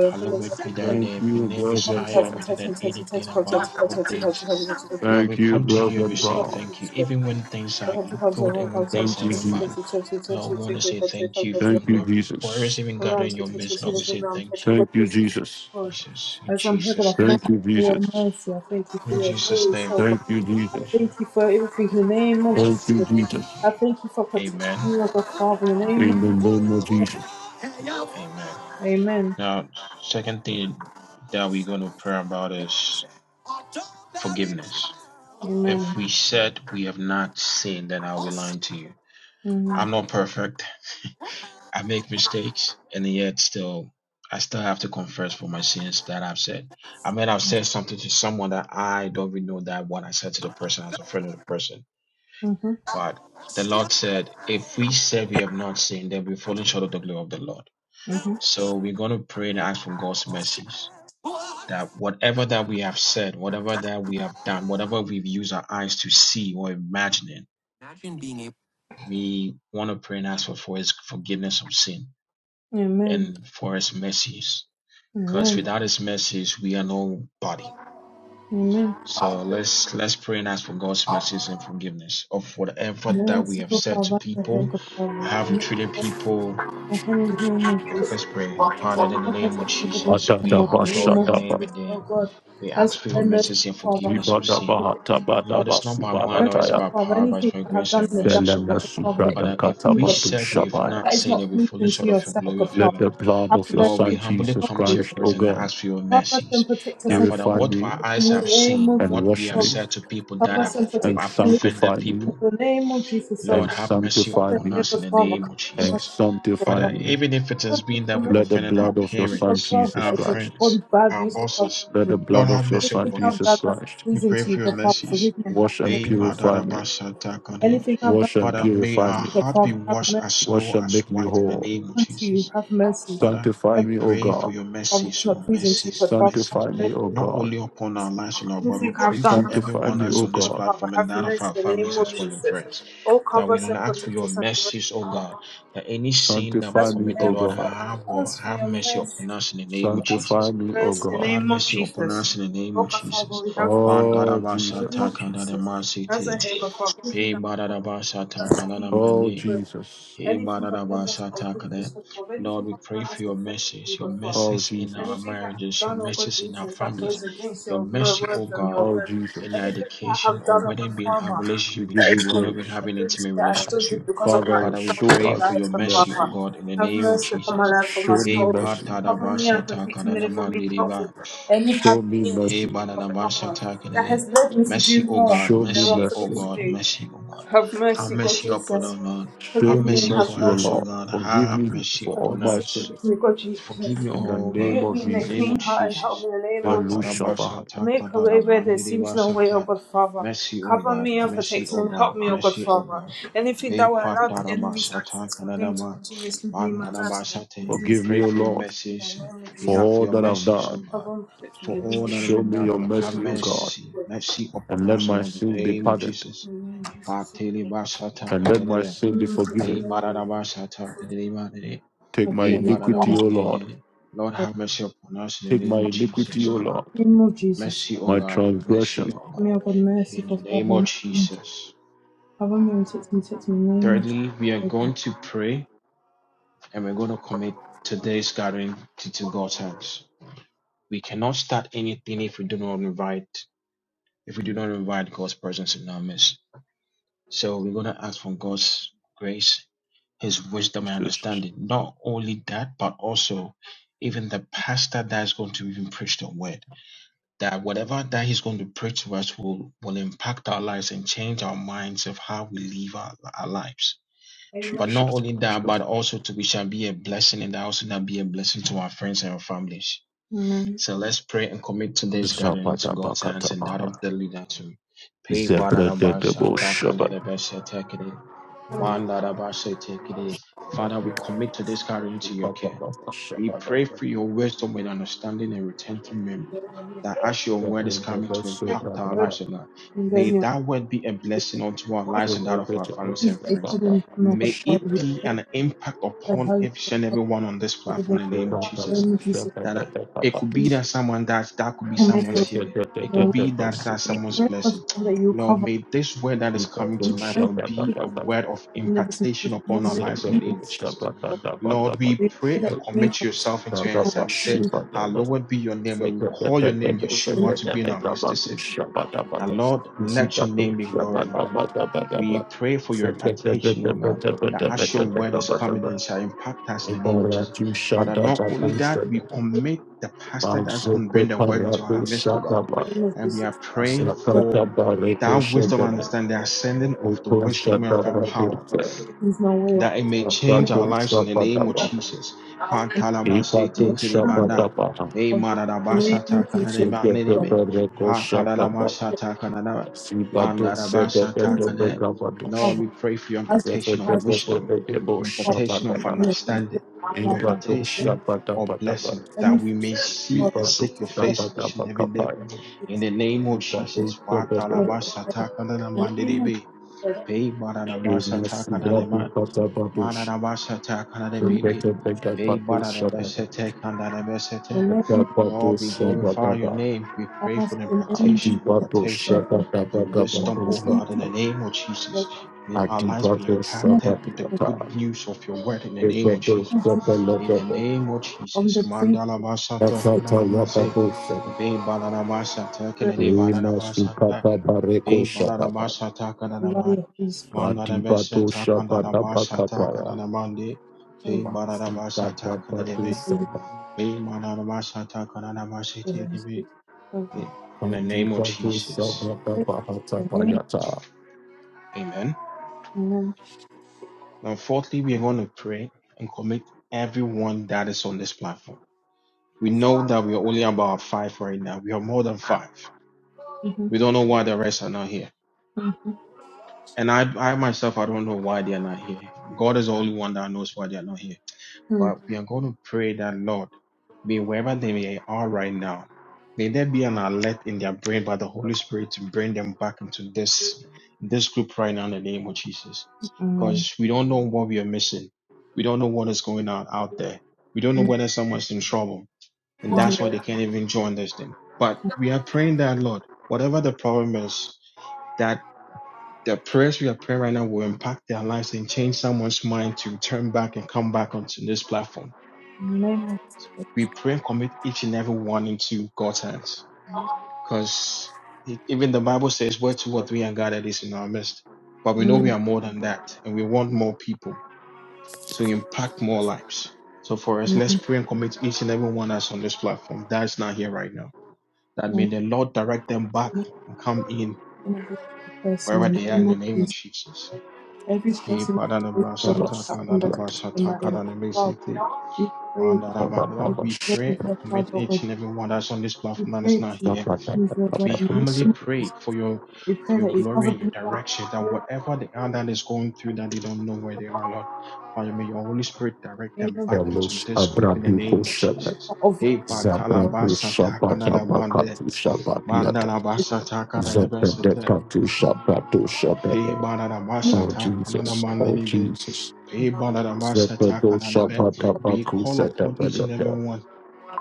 Speaker 3: Hallowed be thy
Speaker 1: Thank
Speaker 3: name. Your
Speaker 1: you,
Speaker 3: name is
Speaker 2: I'm
Speaker 1: blessed
Speaker 3: higher and
Speaker 2: testing,
Speaker 1: God.
Speaker 3: greater than
Speaker 2: testing, testing,
Speaker 3: anything
Speaker 2: testing,
Speaker 3: above
Speaker 2: testing, testing,
Speaker 3: all
Speaker 2: testing,
Speaker 3: things.
Speaker 2: testing, testing, testing,
Speaker 3: Lord,
Speaker 1: Thank
Speaker 3: we
Speaker 1: you,
Speaker 3: come to you and we
Speaker 1: blessed
Speaker 3: say
Speaker 1: God.
Speaker 3: thank you.
Speaker 2: testing.
Speaker 3: Even when things
Speaker 2: I
Speaker 3: are
Speaker 2: have to contact
Speaker 3: good
Speaker 2: all
Speaker 3: and when
Speaker 2: contact,
Speaker 3: things
Speaker 1: Thank
Speaker 3: are
Speaker 1: you,
Speaker 3: even
Speaker 2: testing,
Speaker 1: Jesus.
Speaker 3: bad,
Speaker 2: testing, testing,
Speaker 3: Lord,
Speaker 2: testing,
Speaker 3: we want to
Speaker 2: testing, testing,
Speaker 3: say
Speaker 2: testing.
Speaker 3: thank you for your
Speaker 1: Thank you,
Speaker 3: glory. For there is
Speaker 1: Jesus.
Speaker 3: even
Speaker 2: I'm
Speaker 3: God
Speaker 2: not
Speaker 3: in your
Speaker 2: testing,
Speaker 3: midst,
Speaker 2: testing,
Speaker 3: Lord, we
Speaker 2: testing,
Speaker 3: say thank
Speaker 2: testing.
Speaker 3: you,
Speaker 2: What
Speaker 1: Thank you,
Speaker 2: is
Speaker 1: Jesus.
Speaker 2: God?
Speaker 3: Jesus, in
Speaker 2: As I'm here, God,
Speaker 3: Jesus'
Speaker 2: I
Speaker 3: name.
Speaker 1: Thank you,
Speaker 2: thank you for your
Speaker 1: Jesus.
Speaker 2: mercy. I thank you for
Speaker 3: In
Speaker 2: your
Speaker 3: Jesus'
Speaker 2: grace,
Speaker 3: name.
Speaker 2: oh God.
Speaker 1: Thank you, Jesus.
Speaker 2: I thank you for everything in the name of
Speaker 3: And
Speaker 1: Thank you,
Speaker 2: Jesus.
Speaker 1: Jesus.
Speaker 2: I thank you for protecting
Speaker 3: amen.
Speaker 2: me, oh God, Father, in the name of
Speaker 1: In the
Speaker 2: Jesus.
Speaker 1: name of Jesus.
Speaker 3: Just amen.
Speaker 2: Amen.
Speaker 3: Now, second thing that we're going to pray about is forgiveness. If
Speaker 2: Amen.
Speaker 3: we said we have not sinned, then I'll be lying to you
Speaker 2: Amen.
Speaker 3: I'm not perfect. I make mistakes, and yet still, I still have to confess for my sins that I've said. I mean, I've said something to someone that I don't even know that what I said to the person as a friend of the person.
Speaker 2: Mm-hmm.
Speaker 3: But the Lord said, if we say we have not sinned, then we're falling short of the glory of the Lord.
Speaker 2: Mm-hmm.
Speaker 3: So we're going to pray and ask for God's mercies that whatever that we have said, whatever that we have done, whatever we've used our eyes to see or imagining, we want to pray and ask for, for his forgiveness of sin
Speaker 2: Amen.
Speaker 3: and for his mercies. Because
Speaker 2: Amen.
Speaker 3: without his mercies, we are nobody.
Speaker 2: Amen.
Speaker 3: So let's let's pray and ask for God's mercies and forgiveness of whatever that we
Speaker 2: Yes,
Speaker 3: have
Speaker 2: Lord,
Speaker 3: said to
Speaker 2: Father, the head
Speaker 3: people,
Speaker 2: of Father,
Speaker 3: how we
Speaker 2: in
Speaker 3: treated people.
Speaker 2: the name of Jesus.
Speaker 3: Let's pray. Father, in the
Speaker 2: Lord,
Speaker 3: name of
Speaker 2: protect me with this
Speaker 3: Jesus, we
Speaker 2: woman, in the
Speaker 3: adore
Speaker 2: name
Speaker 3: your
Speaker 2: of
Speaker 3: name
Speaker 1: Atadabashadaba.
Speaker 2: Jesus, oh
Speaker 3: again.
Speaker 2: God.
Speaker 3: We
Speaker 2: As
Speaker 3: ask
Speaker 2: for
Speaker 3: for your
Speaker 2: them,
Speaker 3: mercies
Speaker 2: merciful
Speaker 3: and
Speaker 2: Father,
Speaker 3: forgiveness of
Speaker 2: cover
Speaker 3: sin.
Speaker 2: and protect us, oh
Speaker 3: Lord,
Speaker 2: Father.
Speaker 3: it's not by mind or it's
Speaker 1: Zibadabahatabadabasubarataya.
Speaker 2: Merciful
Speaker 3: by
Speaker 2: Father,
Speaker 3: power, but it's
Speaker 2: anything
Speaker 3: by
Speaker 2: that I have
Speaker 3: grace
Speaker 2: done
Speaker 3: and
Speaker 2: in the
Speaker 3: mercy,
Speaker 2: dark,
Speaker 3: oh God.
Speaker 2: God Father, that is
Speaker 3: Father, if
Speaker 2: sin,
Speaker 3: we
Speaker 2: God
Speaker 3: said we
Speaker 2: Father,
Speaker 3: have
Speaker 1: Belemesubradakatabadushabaya.
Speaker 3: not
Speaker 2: that is
Speaker 3: sinned that
Speaker 2: not
Speaker 3: we've fallen
Speaker 2: pleasing to
Speaker 3: short
Speaker 2: your
Speaker 3: of your
Speaker 2: sight,
Speaker 3: glory
Speaker 2: God
Speaker 3: of your
Speaker 2: Father.
Speaker 1: Let
Speaker 3: love.
Speaker 1: the blood
Speaker 2: Have
Speaker 1: of your
Speaker 2: mercy
Speaker 3: Lord, we
Speaker 2: in
Speaker 1: Son
Speaker 2: the name
Speaker 3: humbly
Speaker 1: Jesus
Speaker 2: of
Speaker 3: come to your
Speaker 2: Jesus.
Speaker 1: Christ, O
Speaker 3: presence and
Speaker 1: God,
Speaker 3: ask for your
Speaker 2: Cover us and
Speaker 3: mercies.
Speaker 2: protect us
Speaker 3: That,
Speaker 2: and give
Speaker 3: Father,
Speaker 1: purify
Speaker 2: us
Speaker 3: what
Speaker 1: me
Speaker 3: our eyes
Speaker 2: in the
Speaker 3: have
Speaker 2: name of
Speaker 3: seen,
Speaker 2: Jesus,
Speaker 1: and
Speaker 3: what we
Speaker 1: wash
Speaker 3: have
Speaker 2: oh
Speaker 1: me
Speaker 2: God.
Speaker 3: said to people that
Speaker 2: Cover us
Speaker 3: have,
Speaker 2: and protect
Speaker 1: and
Speaker 2: us
Speaker 3: have
Speaker 2: and lead us
Speaker 1: sanctify
Speaker 3: offended
Speaker 2: in
Speaker 1: me,
Speaker 3: people,
Speaker 2: the name of Jesus, so
Speaker 3: Lord,
Speaker 1: and
Speaker 2: God.
Speaker 3: have mercy
Speaker 2: As
Speaker 1: sanctify
Speaker 2: the
Speaker 3: upon
Speaker 1: me,
Speaker 2: head
Speaker 3: us in
Speaker 2: of
Speaker 3: the
Speaker 2: Father.
Speaker 3: name
Speaker 2: Cover
Speaker 3: of
Speaker 1: and
Speaker 2: us and
Speaker 3: Jesus.
Speaker 2: protect us, oh
Speaker 1: sanctify
Speaker 2: God.
Speaker 3: Father,
Speaker 1: me.
Speaker 3: even if it has
Speaker 2: Help me
Speaker 3: been
Speaker 2: to
Speaker 3: that
Speaker 2: make sure
Speaker 3: we've
Speaker 1: Let the
Speaker 3: offended our
Speaker 2: that I
Speaker 1: blood of your
Speaker 2: see, oh
Speaker 1: Son
Speaker 3: parents,
Speaker 2: Father,
Speaker 1: Jesus
Speaker 2: that
Speaker 3: our
Speaker 2: is of
Speaker 1: Christ,
Speaker 2: all
Speaker 3: friends,
Speaker 2: bad
Speaker 3: our
Speaker 2: use, oh Father,
Speaker 3: bosses,
Speaker 1: let the
Speaker 2: forgive me.
Speaker 3: Lord,
Speaker 1: blood
Speaker 3: have
Speaker 1: of your
Speaker 3: mercy
Speaker 1: Son
Speaker 2: Anything
Speaker 3: upon
Speaker 2: I've
Speaker 1: Jesus
Speaker 2: done
Speaker 3: us.
Speaker 2: that's not
Speaker 1: Christ
Speaker 3: We
Speaker 2: pleasing
Speaker 3: pray
Speaker 2: to you,
Speaker 3: for your
Speaker 2: God, Father,
Speaker 3: mercies.
Speaker 2: forgive me and have
Speaker 1: wash and
Speaker 2: mercy.
Speaker 3: Eh,
Speaker 1: purify me,
Speaker 2: Anything I've done
Speaker 1: wash and
Speaker 2: that's
Speaker 3: Father,
Speaker 2: not
Speaker 3: may
Speaker 1: purify
Speaker 3: our
Speaker 2: pleasing to
Speaker 1: me,
Speaker 2: you, God,
Speaker 3: heart be
Speaker 2: Father, have
Speaker 3: washed
Speaker 2: mercy.
Speaker 3: as
Speaker 1: wash
Speaker 3: snow,
Speaker 1: and
Speaker 3: as
Speaker 1: make me
Speaker 3: white in the
Speaker 1: whole.
Speaker 3: name of
Speaker 2: Unto
Speaker 3: Jesus.
Speaker 2: you, have mercy.
Speaker 3: Father,
Speaker 1: Sanctify
Speaker 3: we
Speaker 2: Everything,
Speaker 1: me, O
Speaker 3: pray for
Speaker 1: God,
Speaker 3: your
Speaker 2: Father,
Speaker 3: mercies,
Speaker 2: that's
Speaker 3: oh
Speaker 2: not pleasing to you,
Speaker 3: mercies,
Speaker 2: God, Father, have
Speaker 3: mercies,
Speaker 1: sanctify me, O
Speaker 2: mercy.
Speaker 3: not
Speaker 1: God,
Speaker 3: only upon our lives, O Lord, but we
Speaker 2: Anything
Speaker 3: pray
Speaker 2: I've done
Speaker 3: for
Speaker 2: that's not
Speaker 1: sanctify
Speaker 3: everyone
Speaker 2: pleasing
Speaker 1: me,
Speaker 3: that's
Speaker 2: to
Speaker 1: O
Speaker 3: on this
Speaker 2: you,
Speaker 1: God,
Speaker 2: Father,
Speaker 3: platform and
Speaker 2: have
Speaker 3: that of
Speaker 2: mercy
Speaker 3: our
Speaker 2: in the name
Speaker 3: families
Speaker 2: of
Speaker 3: as well and
Speaker 2: Jesus.
Speaker 3: friends.
Speaker 2: Oh,
Speaker 3: That
Speaker 2: cover
Speaker 3: we
Speaker 2: us and
Speaker 3: ask for
Speaker 2: protect
Speaker 3: your
Speaker 2: us and deliver
Speaker 3: mercies, oh
Speaker 2: us from
Speaker 3: God,
Speaker 2: evil.
Speaker 3: that any sin that we've
Speaker 1: sanctify
Speaker 2: As
Speaker 1: me,
Speaker 2: we
Speaker 3: committed,
Speaker 2: hear
Speaker 1: O
Speaker 3: Lord,
Speaker 2: before,
Speaker 1: God,
Speaker 3: have
Speaker 2: we
Speaker 3: or
Speaker 2: ask for
Speaker 3: have
Speaker 2: your
Speaker 3: mercy
Speaker 2: mercy.
Speaker 3: upon us in the name
Speaker 2: We
Speaker 3: of
Speaker 2: ask for
Speaker 1: sanctify
Speaker 3: Jesus.
Speaker 2: your
Speaker 1: me, O
Speaker 2: mercy in the
Speaker 1: God.
Speaker 3: Have
Speaker 2: name of
Speaker 3: mercy upon
Speaker 2: Jesus.
Speaker 3: us in the name
Speaker 2: Oh,
Speaker 3: of
Speaker 2: God, Father,
Speaker 3: Jesus.
Speaker 2: we have for your mercy
Speaker 1: Oh,
Speaker 2: in the name of
Speaker 1: Jesus,
Speaker 2: Jesus. As I
Speaker 3: Padarabasatakanadamasiti.
Speaker 2: hear before,
Speaker 1: oh,
Speaker 3: Pebarabasatakanadamande.
Speaker 1: Jesus,
Speaker 2: Anything I've done that's of good use,
Speaker 3: Imadadabashatakade.
Speaker 2: God, for
Speaker 3: Lord,
Speaker 2: anything
Speaker 3: we
Speaker 2: I've
Speaker 3: pray
Speaker 2: done that's
Speaker 3: for your
Speaker 2: offensive to
Speaker 3: mercies,
Speaker 2: you,
Speaker 3: your
Speaker 2: God, Father.
Speaker 1: oh,
Speaker 3: mercies in our
Speaker 1: Jesus.
Speaker 2: Anything that I've
Speaker 3: marriages, your
Speaker 2: done, or God,
Speaker 3: mercies in our
Speaker 2: Jesus, that
Speaker 3: families,
Speaker 2: goes against
Speaker 3: your
Speaker 2: your my
Speaker 3: mercy,
Speaker 2: words
Speaker 3: O
Speaker 2: and your
Speaker 3: God,
Speaker 1: Oh,
Speaker 2: word.
Speaker 3: in our
Speaker 2: Anything
Speaker 1: Jesus,
Speaker 2: that I
Speaker 3: education
Speaker 2: have
Speaker 3: or
Speaker 2: done, oh
Speaker 3: whether it
Speaker 2: God,
Speaker 3: be in our
Speaker 2: Father,
Speaker 1: we
Speaker 3: relationship
Speaker 1: give
Speaker 3: with
Speaker 2: that
Speaker 1: you
Speaker 2: is
Speaker 3: you or not even
Speaker 2: completely
Speaker 1: grace.
Speaker 3: having an
Speaker 2: against
Speaker 3: intimate
Speaker 2: that I
Speaker 3: relationship
Speaker 2: still
Speaker 3: with
Speaker 2: did
Speaker 3: you.
Speaker 2: because of my
Speaker 1: Father,
Speaker 3: Father, we
Speaker 2: own
Speaker 1: show
Speaker 3: pray for
Speaker 1: us
Speaker 3: your
Speaker 2: desires, God,
Speaker 3: mercy, O
Speaker 1: mercy.
Speaker 2: Father.
Speaker 3: God, in the
Speaker 2: Have
Speaker 3: name of
Speaker 2: mercy for my
Speaker 3: Jesus.
Speaker 2: life, for my
Speaker 1: Show me
Speaker 2: soul.
Speaker 1: mercy.
Speaker 2: Cover me and protect me, deliver me, help me.
Speaker 3: Ipadadabashatakadadamandiriba.
Speaker 2: Any
Speaker 1: Show
Speaker 2: habit,
Speaker 1: me
Speaker 2: any addiction,
Speaker 3: Hey,
Speaker 1: mercy.
Speaker 2: God, Father, that
Speaker 3: Bananabashatakere.
Speaker 2: has led me to
Speaker 3: Mercy,
Speaker 2: do
Speaker 3: O
Speaker 2: more
Speaker 3: God,
Speaker 1: Show me
Speaker 2: than what
Speaker 3: mercy,
Speaker 2: I'm
Speaker 3: O
Speaker 2: supposed
Speaker 1: mercy.
Speaker 2: to
Speaker 3: God,
Speaker 2: do.
Speaker 3: mercy, O God.
Speaker 2: Have
Speaker 3: Have
Speaker 2: mercy, God
Speaker 3: mercy upon
Speaker 2: Jesus.
Speaker 3: us, Lord. Have
Speaker 1: Show
Speaker 2: Forgive
Speaker 1: me
Speaker 2: me and
Speaker 3: mercy
Speaker 2: have
Speaker 1: mercy,
Speaker 3: upon
Speaker 1: O
Speaker 2: mercy.
Speaker 3: us, O
Speaker 1: Lord.
Speaker 3: God.
Speaker 1: Forgive
Speaker 3: Have
Speaker 1: me
Speaker 3: mercy
Speaker 1: for
Speaker 2: Have
Speaker 1: all
Speaker 3: upon
Speaker 1: my
Speaker 2: mercy,
Speaker 3: us.
Speaker 2: forgive
Speaker 1: sins.
Speaker 2: me, God
Speaker 3: Forgive
Speaker 2: Jesus.
Speaker 3: me,
Speaker 1: In the
Speaker 3: O God.
Speaker 1: name
Speaker 2: Create
Speaker 1: of
Speaker 2: me in a
Speaker 3: In the name
Speaker 2: clean
Speaker 1: Jesus.
Speaker 3: of
Speaker 2: heart and help me
Speaker 3: Jesus.
Speaker 2: in the name of Jesus.
Speaker 1: Velushabahadaba.
Speaker 2: Make a way where there seems no way, oh
Speaker 3: Batarabashatakadadabandidibashata.
Speaker 2: God Father.
Speaker 3: Mercy, O
Speaker 2: Cover
Speaker 3: God.
Speaker 2: me and
Speaker 3: Mercy,
Speaker 2: protect me
Speaker 3: O
Speaker 2: and
Speaker 3: God.
Speaker 2: help me, oh God
Speaker 3: Mercy, O
Speaker 2: Father.
Speaker 3: God.
Speaker 2: Anything that
Speaker 3: Hey,
Speaker 2: will allow the enemies
Speaker 3: Patarabashata,
Speaker 2: access for them to
Speaker 3: Kanadama,
Speaker 2: continuously be in my life so they
Speaker 3: Patarabashate.
Speaker 2: can
Speaker 3: We
Speaker 1: Forgive
Speaker 2: continuously
Speaker 3: pray
Speaker 1: me, O
Speaker 2: attack
Speaker 3: for your
Speaker 1: Lord,
Speaker 2: me
Speaker 3: message.
Speaker 2: in the name of
Speaker 3: We
Speaker 1: for
Speaker 2: Jesus.
Speaker 3: ask for
Speaker 1: all
Speaker 3: your
Speaker 1: that I've
Speaker 3: message,
Speaker 1: done.
Speaker 3: O God.
Speaker 2: Cover and protect
Speaker 3: For
Speaker 2: me in the name
Speaker 3: all
Speaker 2: of
Speaker 3: that have
Speaker 2: Jesus.
Speaker 1: Show
Speaker 3: been
Speaker 1: me
Speaker 3: done, O
Speaker 1: your
Speaker 3: Lord, have
Speaker 1: mercy, O God,
Speaker 3: mercy.
Speaker 2: In
Speaker 3: Mercy upon
Speaker 1: and let
Speaker 3: us, O
Speaker 1: my
Speaker 3: Lord, in the
Speaker 1: sins be
Speaker 3: name of
Speaker 1: pardoned,
Speaker 2: the name of Jesus.
Speaker 3: Jesus.
Speaker 2: In the name of Jesus.
Speaker 3: Patarabashata,
Speaker 1: and let my
Speaker 3: Kanadama.
Speaker 1: sin
Speaker 2: In the
Speaker 1: be
Speaker 2: name of Jesus.
Speaker 1: forgiven.
Speaker 3: Hey, Patarabashata, Kanadama.
Speaker 1: Take
Speaker 2: In the
Speaker 1: my
Speaker 3: Hey,
Speaker 2: name of
Speaker 1: iniquity, O
Speaker 2: Jesus.
Speaker 1: Lord.
Speaker 3: Patarabashata. Lord, have mercy upon us in
Speaker 1: Take
Speaker 3: the
Speaker 1: my
Speaker 3: name of
Speaker 1: iniquity,
Speaker 3: Jesus,
Speaker 1: O
Speaker 2: In
Speaker 3: O Lord.
Speaker 1: Lord.
Speaker 2: the name of Jesus.
Speaker 3: Mercy, O
Speaker 1: my
Speaker 3: God.
Speaker 1: transgression.
Speaker 3: Mercy, O God.
Speaker 2: May O God mercy
Speaker 3: In the
Speaker 2: for
Speaker 3: name
Speaker 2: Father.
Speaker 3: of Jesus.
Speaker 2: Cover me and take me, take me in the name of Jesus.
Speaker 3: Thirdly, we are
Speaker 2: O God.
Speaker 3: going to pray and we're going to commit today's gathering into God's hands. We cannot start anything if we do not invite, if we do not invite God's presence in our midst. So we're going to ask for God's grace, His wisdom and
Speaker 1: Jesus,
Speaker 3: understanding. Not only that, but also even the pastor that is going to even preach the word. That whatever that he's going to preach to us will, will impact our lives and change our minds of how we live our, our lives. But
Speaker 2: Amen.
Speaker 3: not
Speaker 1: Jesus
Speaker 3: only that, but
Speaker 1: Christ.
Speaker 3: also to we shall be a blessing and that also not be a blessing to our friends and our families. So let's pray and commit today's gathering to God's hands and that
Speaker 1: Zapatapakatapa.
Speaker 3: of the leader too. Pay
Speaker 1: Zebra de
Speaker 3: baradabash
Speaker 1: debo
Speaker 3: attack and
Speaker 1: shabbat.
Speaker 3: the best attack. Mandarabashetekere. Father, we commit to this carrying into your care. We pray for your wisdom and understanding and retentive
Speaker 2: It's
Speaker 3: memory that as your word is coming to impact our lives, O Lord, may that word be a blessing unto our lives and that of our families and friends.
Speaker 2: said and done, O God
Speaker 3: May it
Speaker 2: Father. We
Speaker 3: be
Speaker 2: pray
Speaker 3: an impact
Speaker 2: that the
Speaker 3: upon
Speaker 2: Holy
Speaker 3: each
Speaker 2: Spirit
Speaker 3: and
Speaker 2: of
Speaker 3: everyone on this
Speaker 2: the
Speaker 3: platform
Speaker 2: living
Speaker 3: in the
Speaker 2: God,
Speaker 3: name of
Speaker 2: in the
Speaker 3: Jesus.
Speaker 2: name of Jesus
Speaker 3: That uh, it could be that someone dies, that could be
Speaker 2: will make a
Speaker 3: someone's
Speaker 2: way.
Speaker 3: healing. It could be that that's
Speaker 2: We
Speaker 3: someone's
Speaker 2: pray for
Speaker 3: blessing
Speaker 2: Father that you
Speaker 3: Lord,
Speaker 2: cover. us.
Speaker 3: may this word that is coming
Speaker 2: We
Speaker 3: tonight,
Speaker 2: pray that
Speaker 3: Lord,
Speaker 2: you
Speaker 3: be
Speaker 2: give
Speaker 3: a
Speaker 2: us
Speaker 1: Shabbat.
Speaker 3: word of
Speaker 2: and deliver us into the
Speaker 3: impartation
Speaker 2: form of
Speaker 3: upon our
Speaker 1: Shut
Speaker 3: lives in the
Speaker 2: name of
Speaker 3: name of Jesus.
Speaker 2: God.
Speaker 3: Lord, we
Speaker 2: We
Speaker 3: pray
Speaker 2: pray that
Speaker 3: and
Speaker 2: you make a
Speaker 3: commit
Speaker 2: way.
Speaker 3: yourself into your hands. And we
Speaker 2: We pray
Speaker 3: said,
Speaker 1: up,
Speaker 3: Hallowed be your name. When we call your name, Yeshua, to be in our midst this evening. Now, Lord, let your name be glorified. We pray for your impartation, oh God, that as your word is coming, it shall impact us in the name of Jesus. Father, not only that, we commit the pastor that's going to bring the word into our midst, oh God.
Speaker 2: in the name of
Speaker 3: And we
Speaker 2: Jesus.
Speaker 3: are praying for that wisdom and understanding, the ascending of the wisdom of your power
Speaker 2: There's no way.
Speaker 3: that it may change
Speaker 2: Many
Speaker 3: our
Speaker 2: people
Speaker 3: lives in the name of
Speaker 2: have
Speaker 3: Jesus. Pantalabase
Speaker 2: the
Speaker 1: Ipado
Speaker 2: time
Speaker 3: tekiribada.
Speaker 1: Shabatabaha,
Speaker 3: Ne
Speaker 2: of the
Speaker 3: maradabasa
Speaker 2: name Jesus.
Speaker 3: takanadeba
Speaker 2: But
Speaker 3: neneme.
Speaker 1: Zegebreko
Speaker 2: the
Speaker 1: Shababa,
Speaker 3: Hakadalabasa takanadaba.
Speaker 1: Zibado
Speaker 3: Mandadabasa
Speaker 2: things
Speaker 3: takane. Lord,
Speaker 1: Sebegabadosh,
Speaker 2: cover,
Speaker 3: we pray for your
Speaker 2: as
Speaker 3: impartation
Speaker 2: the
Speaker 3: of
Speaker 2: light
Speaker 3: wisdom,
Speaker 1: Zebegabo
Speaker 3: your
Speaker 2: cover,
Speaker 3: impartation of
Speaker 1: Shabataba,
Speaker 2: the things
Speaker 3: understanding,
Speaker 2: that
Speaker 3: your
Speaker 1: Ipado
Speaker 2: cover,
Speaker 3: impartation of
Speaker 1: Shabatabadaba,
Speaker 3: blessing
Speaker 2: any
Speaker 3: that we may see
Speaker 2: of
Speaker 3: and
Speaker 1: Ipado
Speaker 3: seek your face each and every day.
Speaker 1: Shabatabakapaya,
Speaker 3: In the name of
Speaker 1: Ipado
Speaker 3: Jesus.
Speaker 2: the
Speaker 1: Sebegabo,
Speaker 3: Watalabasa takanadaba
Speaker 2: the name
Speaker 3: nenebe.
Speaker 2: of Jesus,
Speaker 3: Pe maradabasa
Speaker 1: Inasubrabu
Speaker 3: takanadeba.
Speaker 1: Patabadosh,
Speaker 3: Madarabashata
Speaker 2: the
Speaker 3: kanadebini. Be
Speaker 1: Zebegabadosh Shababa,
Speaker 3: badarabashete kandarabashete.
Speaker 2: name
Speaker 1: Adabado
Speaker 3: Lord, we glorify your
Speaker 1: Shabataba,
Speaker 3: name. We
Speaker 2: of
Speaker 3: pray for
Speaker 2: us,
Speaker 3: the
Speaker 2: the name of
Speaker 3: impartation,
Speaker 2: Jesus,
Speaker 1: Adibado
Speaker 2: the
Speaker 3: impartation, the wisdom, O
Speaker 2: name
Speaker 3: God, in
Speaker 1: Shabatabagabadosh
Speaker 3: the name of Jesus.
Speaker 2: of
Speaker 3: May our lives
Speaker 1: Zabra
Speaker 3: be
Speaker 2: the name
Speaker 3: impacted
Speaker 1: Shabbat
Speaker 3: with
Speaker 1: Abakatu
Speaker 3: the good news of your word in the name of Jesus.
Speaker 2: of the
Speaker 3: In the name of
Speaker 2: of
Speaker 3: Jesus.
Speaker 2: the preacher,
Speaker 3: Mandalabashata
Speaker 2: the
Speaker 3: kanadabase. Be badarabashata
Speaker 2: spirit of
Speaker 3: kanadabashata. Be badarabashata
Speaker 2: the
Speaker 3: kanadabashata.
Speaker 2: liar, Holy Spirit,
Speaker 3: Mandara Besha Takandana Basha Takandana Mandi,
Speaker 2: the
Speaker 3: P.
Speaker 2: cover,
Speaker 3: Barada Basha
Speaker 2: the
Speaker 3: Takandebe,
Speaker 2: Holy Spirit,
Speaker 3: P. Mandara Basha Takandana Bashi
Speaker 2: the Holy
Speaker 3: Tikibi.
Speaker 2: Spirit, the cover.
Speaker 3: In the name of Jesus.
Speaker 2: Thank you, the name,
Speaker 3: Amen.
Speaker 2: the name,
Speaker 3: Now, fourthly, we are going to pray and commit everyone that is on this platform. We know that we are only about five right now. We are more than five.
Speaker 2: mhm,
Speaker 3: We don't know why the rest are not here.
Speaker 2: mhm.
Speaker 3: And I, I myself, I don't know why they are not here. God is the only one that knows why they are not here.
Speaker 2: Mm,
Speaker 3: But we are going to pray that, Lord, may wherever they are right now, may there be an alert in their brain by the Holy Spirit to bring them back into this this group right now in the name of Jesus.
Speaker 2: Amen.
Speaker 3: Because we don't know what we are missing. We don't know what is going on out there. We don't know
Speaker 2: Mm,
Speaker 3: whether someone's in trouble. And that's
Speaker 2: mhm.
Speaker 3: why they can't even join this thing. But we are praying that, Lord, whatever the problem is, that the prayers we are praying right now will impact their lives and change someone's mind to turn back and come back onto this platform
Speaker 2: In the name of
Speaker 3: we pray and commit each and every one into God's hands.
Speaker 2: Jesus.
Speaker 3: Because even the Bible says, where two or three are gathered is in our midst. But we know we
Speaker 2: Amen.
Speaker 3: are more than that, and we want more people to impact more lives. So for us, let's
Speaker 2: Amen.
Speaker 3: pray and commit each and every one that's on this platform that's not here right now. That
Speaker 2: Amen. Amen.
Speaker 3: may the Lord direct them back and come in
Speaker 2: Every single person,
Speaker 3: wherever
Speaker 2: in the
Speaker 3: they are in
Speaker 2: name
Speaker 3: the
Speaker 2: of
Speaker 3: name of
Speaker 2: Jesus.
Speaker 3: Jesus.
Speaker 2: every
Speaker 3: Hey,
Speaker 2: person
Speaker 3: Padana
Speaker 2: in this body
Speaker 3: Basata,
Speaker 2: platform
Speaker 3: Kadana
Speaker 2: that's in
Speaker 3: Basata,
Speaker 2: my name,
Speaker 3: Kadana
Speaker 2: Father,
Speaker 3: Mesiti,
Speaker 2: we pray for
Speaker 3: Mandana Ba-
Speaker 2: you
Speaker 3: Lord, we
Speaker 2: cover them
Speaker 3: pray
Speaker 2: with
Speaker 3: and
Speaker 2: your
Speaker 3: commit
Speaker 2: blood, oh God.
Speaker 3: each and every one that's on this
Speaker 2: We
Speaker 3: platform that is
Speaker 2: pray that
Speaker 3: not
Speaker 2: you
Speaker 3: here
Speaker 2: cover them with your blood
Speaker 3: We
Speaker 2: in the name
Speaker 3: humbly
Speaker 2: of Jesus.
Speaker 3: pray for your
Speaker 2: We pray
Speaker 3: for your
Speaker 2: that you
Speaker 3: glory
Speaker 2: cover
Speaker 3: and
Speaker 2: them
Speaker 3: your
Speaker 2: with
Speaker 3: direction that
Speaker 2: your blood
Speaker 3: whatever they are that is going through that they don't know where they are, Lord. Father, may your Holy Spirit direct
Speaker 2: in the
Speaker 3: them
Speaker 2: name of
Speaker 3: back into this group in the name of
Speaker 2: Jesus,
Speaker 3: Jesus.
Speaker 2: of you,
Speaker 3: Eh, ba, ta, la, ba, sa, ta, ka, na, ba, de.
Speaker 1: Shabbat
Speaker 3: Ba, na,
Speaker 1: Yata
Speaker 3: la, ba,
Speaker 2: this
Speaker 3: Eh,
Speaker 1: Zepedepatushapatushabebe.
Speaker 3: ba, na, na, ba, sa,
Speaker 1: Oh Jesus, oh Jesus.
Speaker 3: Eh, ba, na, na, call upon each and every
Speaker 1: Zepedoshapatabakuzadabelebe.
Speaker 3: one